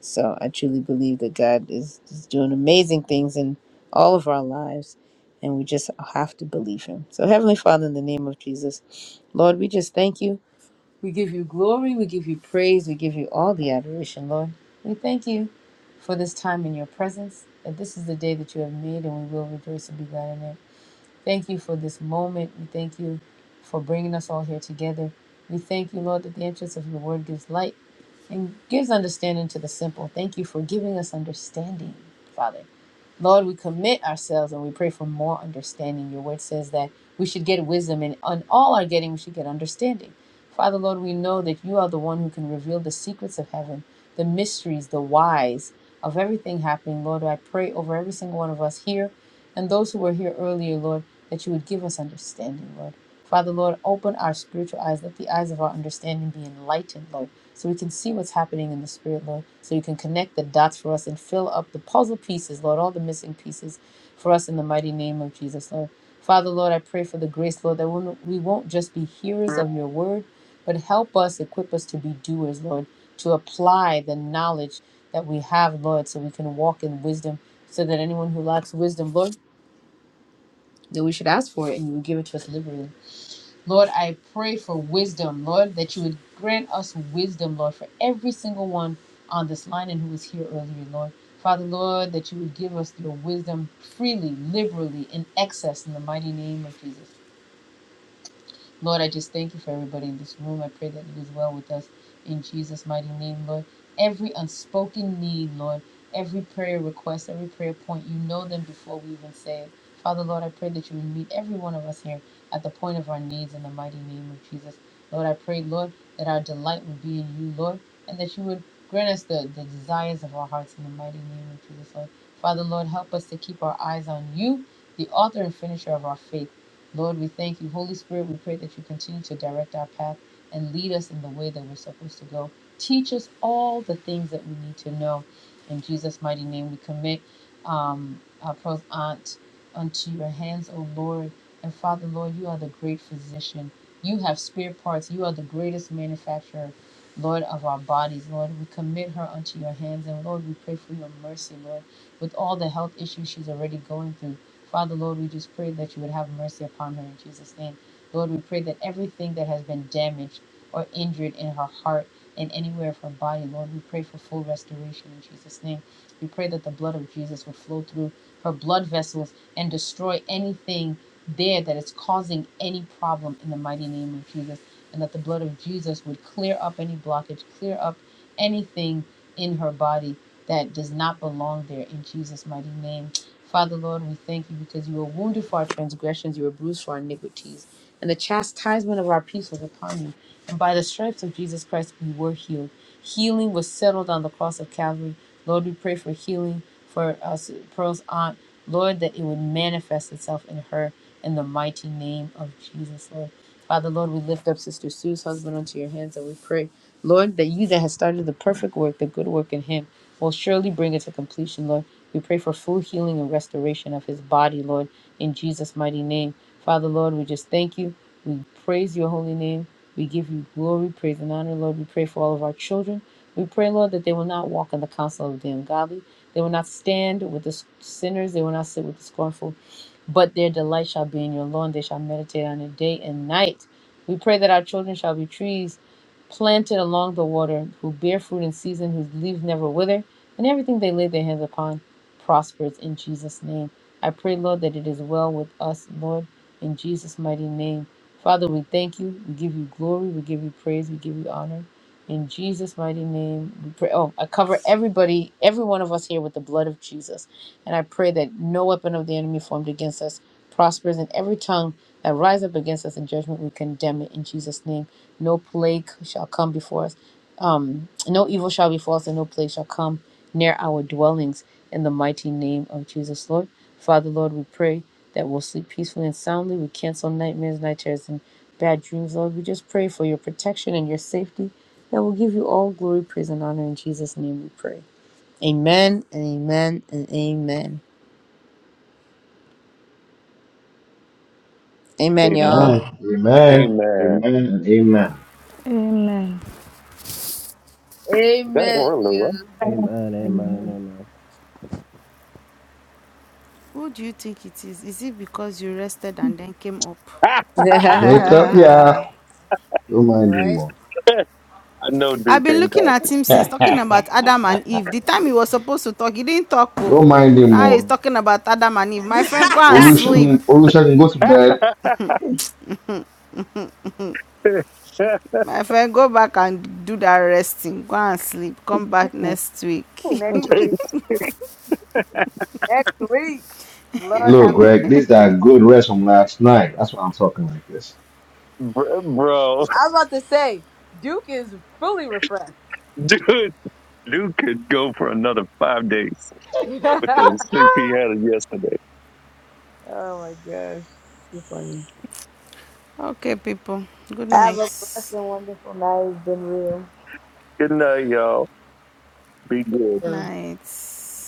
A: So I truly believe that God is, is doing amazing things in all of our lives. And we just have to believe him. So, Heavenly Father, in the name of Jesus, Lord, we just thank you. We give you glory. We give you praise. We give you all the adoration, Lord. We thank you for this time in your presence, that this is the day that you have made, and we will rejoice and be glad in it. Thank you for this moment. We thank you for bringing us all here together. We thank you, Lord, that the entrance of your word gives light and gives understanding to the simple. Thank you for giving us understanding, Father. Lord, we commit ourselves and we pray for more understanding. Your word says that we should get wisdom, and on all our getting, we should get understanding. Father, Lord, we know that you are the one who can reveal the secrets of heaven, the mysteries, the whys of everything happening. Lord, I pray over every single one of us here and those who were here earlier, Lord, that you would give us understanding, Lord. Father, Lord, open our spiritual eyes. Let the eyes of our understanding be enlightened, Lord, so we can see what's happening in the spirit, Lord, so you can connect the dots for us and fill up the puzzle pieces, Lord, all the missing pieces for us in the mighty name of Jesus, Lord. Father, Lord, I pray for the grace, Lord, that we'll- we will not just be hearers of your word, but help us, equip us to be doers, Lord, to apply the knowledge that we have, Lord, so we can walk in wisdom, so that anyone who lacks wisdom, Lord, that we should ask for it and you will give it to us liberally. Lord, I pray for wisdom, Lord, that you would grant us wisdom, Lord, for every single one on this line and who was here earlier, Lord. Father, Lord, that you would give us your wisdom freely, liberally, in excess, in the mighty name of Jesus. Lord, I just thank you for everybody in this room. I pray that it is well with us in Jesus' mighty name, Lord. Every unspoken need, Lord, every prayer request, every prayer point, you know them before we even say it. Father, Lord, I pray that you would meet every one of us here at the point of our needs in the mighty name of Jesus. Lord, I pray, Lord, that our delight would be in you, Lord, and that you would grant us the, the desires of our hearts in the mighty name of Jesus, Lord. Father, Lord, help us to keep our eyes on you, the author and finisher of our faith. Lord, we thank you. Holy Spirit, we pray that you continue to direct our path and lead us in the way that we're supposed to go. Teach us all the things that we need to know. In Jesus' mighty name, we commit um, our pros aunt unto your hands, O Lord. And Father, Lord, you are the great physician. You have spare parts. You are the greatest manufacturer, Lord, of our bodies. Lord, we commit her unto your hands. And Lord, we pray for your mercy, Lord with all the health issues she's already going through. Father, Lord, we just pray that you would have mercy upon her in Jesus' name. Lord, we pray that everything that has been damaged or injured in her heart and anywhere of her body, Lord, we pray for full restoration in Jesus' name. We pray that the blood of Jesus would flow through her blood vessels and destroy anything there that is causing any problem in the mighty name of Jesus. And that the blood of Jesus would clear up any blockage, clear up anything in her body that does not belong there in Jesus' mighty name. Father, Lord, we thank you because you were wounded for our transgressions, you were bruised for our iniquities, and the chastisement of our peace was upon you and by the stripes of Jesus Christ we were healed. Healing was settled on the cross of Calvary. Lord, we pray for healing for us, Pearl's aunt. Lord, that it would manifest itself in her in the mighty name of Jesus, Lord. Father, Lord, we lift up Sister Sue's husband unto your hands and we pray, Lord, that you that has started the perfect work, the good work in him, will surely bring it to completion, Lord. We pray for full healing and restoration of his body, Lord, in Jesus' mighty name. Father, Lord, we just thank you. We praise your holy name. We give you glory, praise, and honor, Lord. We pray for all of our children. We pray, Lord, that they will not walk in the counsel of the ungodly. They will not stand with the sinners. They will not sit with the scornful but their delight shall be in your law, and they shall meditate on it day and night. We pray that our children shall be trees planted along the water, who bear fruit in season, whose leaves never wither, and everything they lay their hands upon prospers in Jesus' name. I pray, Lord, that it is well with us, Lord, in Jesus' mighty name. Father, we thank you. We give you glory. We give you praise. We give you honor. In Jesus' mighty name, we pray. Oh, I cover everybody, every one of us here with the blood of Jesus. And I pray that no weapon of the enemy formed against us prospers, and every tongue that rises up against us in judgment, we condemn it in Jesus' name. No plague shall come before us. Um, no evil shall befall us, and no plague shall come near our dwellings in the mighty name of Jesus, Lord. Father, Lord, we pray that we'll sleep peacefully and soundly. We cancel nightmares, night terrors, and bad dreams, Lord. We just pray for your protection and your safety that will give you all glory, praise, and honor. In Jesus' name we pray. Amen and amen and amen. Amen,
I: Amen.
A: y'all.
D: amen. Amen.
I: Amen.
D: and Amen.
B: Amen.
I: Is that
A: Amen,
I: Orlua?
A: you.
F: Amen.
B: Who do you think it is? Is it because you rested and then came up?
I: I
D: Wake up,
A: oh
D: yeah. Don't
A: All
D: mind him
A: right.
D: more.
I: know
B: I've
I: Duke
B: been
I: ain't
B: looking
I: caught.
B: at him since talking about
D: Don't
B: Adam and Eve. The time he was supposed to talk, he didn't talk. Oh.
D: mind him
B: Now he's
D: more.
B: talking about Adam and Eve. My friend, go and sleep.
D: Olusegun, Olusegun, go to bed.
B: My friend, go back and do that resting. Go and sleep. Come back next week.
A: Next next week. Lord
D: Look,
A: have mercy.
D: Greg, these are good rest from last night. That's why I'm talking like this.
I: Bro,
A: Hey, do it.
I: dude. Dude could go for another five days with the sleep he had yesterday.
A: oh my gosh. So funny.
B: okay, people. Good night.
A: Been real.
I: Good night, y'all. Be good.
B: Night.